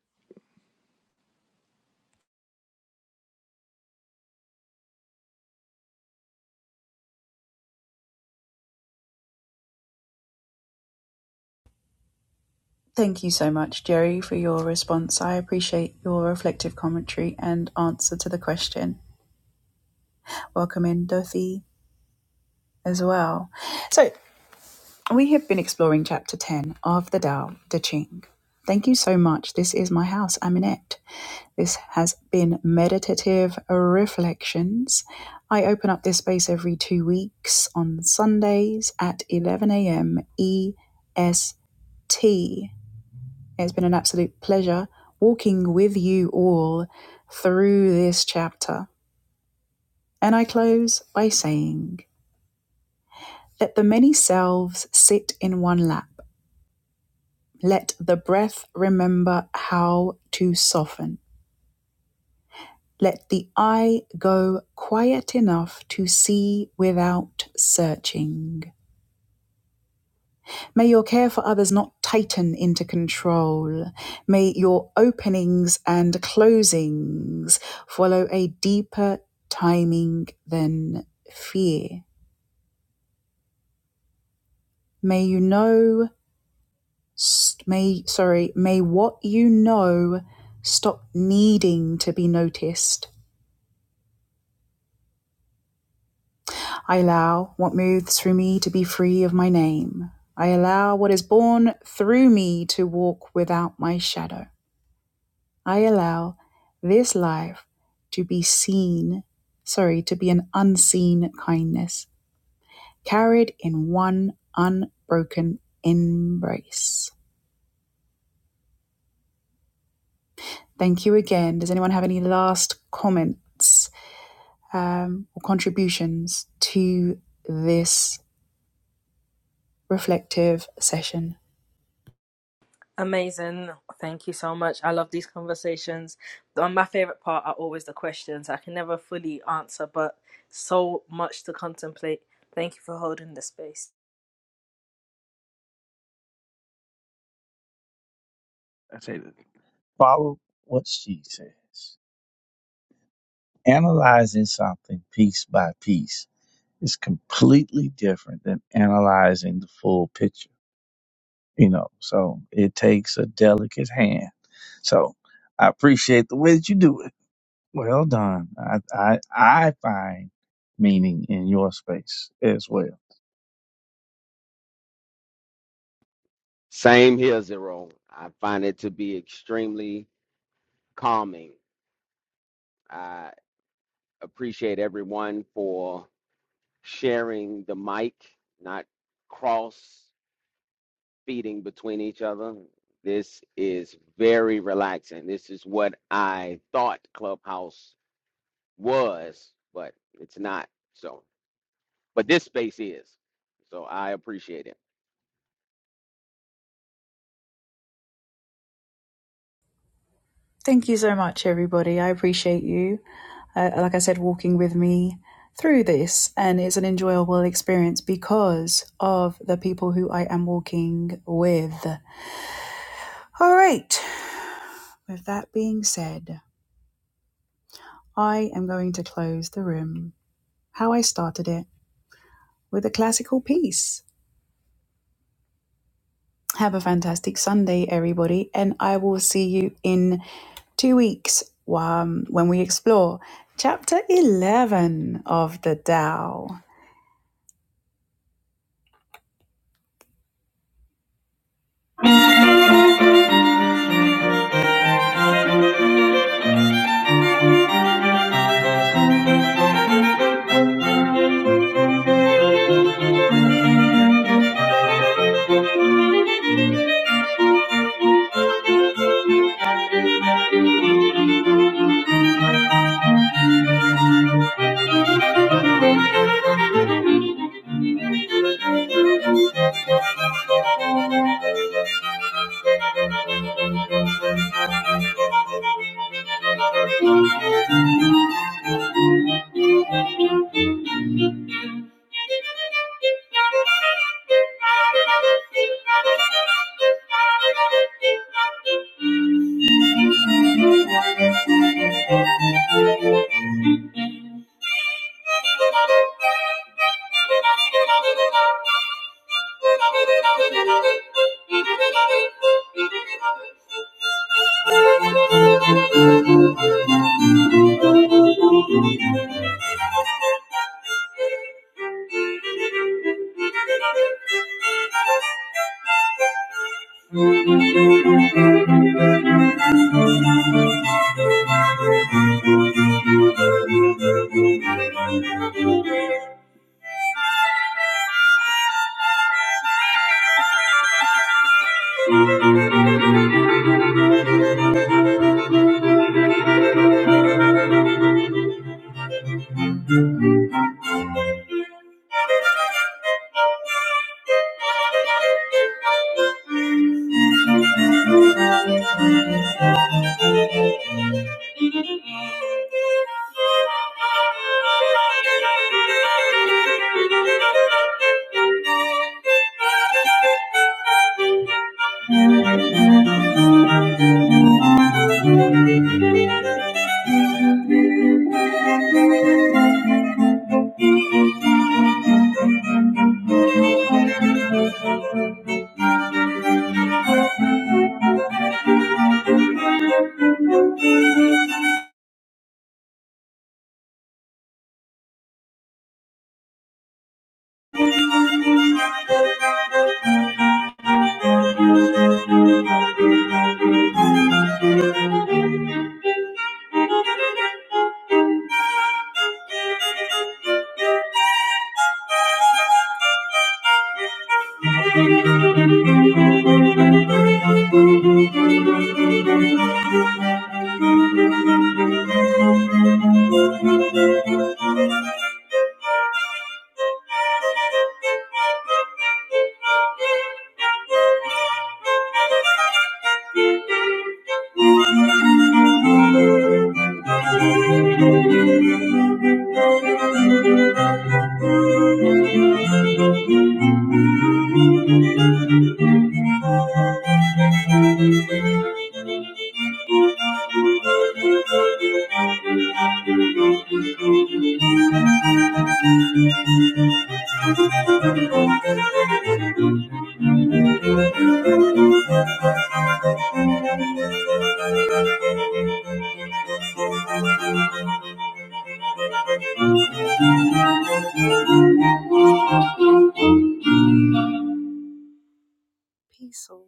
Thank you so much, Jerry, for your response. I appreciate your reflective commentary and answer to the question. Welcome in, Dorothy, as well. So, We have been exploring Chapter 10 of the Tao Te Ching. Thank you so much. This is my house. I'm Annette. This has been Meditative Reflections. I open up this space every two weeks on Sundays at 11 a.m. EST. It's been an absolute pleasure walking with you all through this chapter. And I close by saying, Let the many selves sit in one lap Let the breath remember how to soften. Let the eye go quiet enough to see without searching. May your care for others not tighten into control. May your openings and closings follow a deeper timing than fear. May you know, may, sorry, may what you know stop needing to be noticed I allow what moves through me to be free of my name. I allow what is born through me to walk without my shadow. I allow this life to be seen, sorry, to be an unseen kindness, carried in one unbroken embrace. Thank you again. Does anyone have any last comments um, or contributions to this reflective session?
Amazing. Thank you so much. I love these conversations. The- My favorite part are always the questions. I can never fully answer, but so much to contemplate. Thank you for holding the space.
I say that follow what she says. Analyzing something piece by piece is completely different than analyzing the full picture. you know. So it takes a delicate hand. So I appreciate the way that you do it. Well done. I I, I find meaning in your space as well.
Same here, Zero. I find it to be extremely calming. I appreciate everyone for sharing the mic, not cross feeding between each other. This is very relaxing. This is what I thought Clubhouse was, but it's not. So, but this space is. So I appreciate it.
Thank you so much, everybody. I appreciate you. Uh, like I said, walking with me through this, and it's an enjoyable experience because of the people who I am walking with. All right. With that being said, I am going to close the room how I started it with a classical piece. Have a fantastic Sunday, everybody, and I will see you in two weeks um, when we explore chapter 11 of the Tao. Thank you. Thank you. Thank you. Peaceful.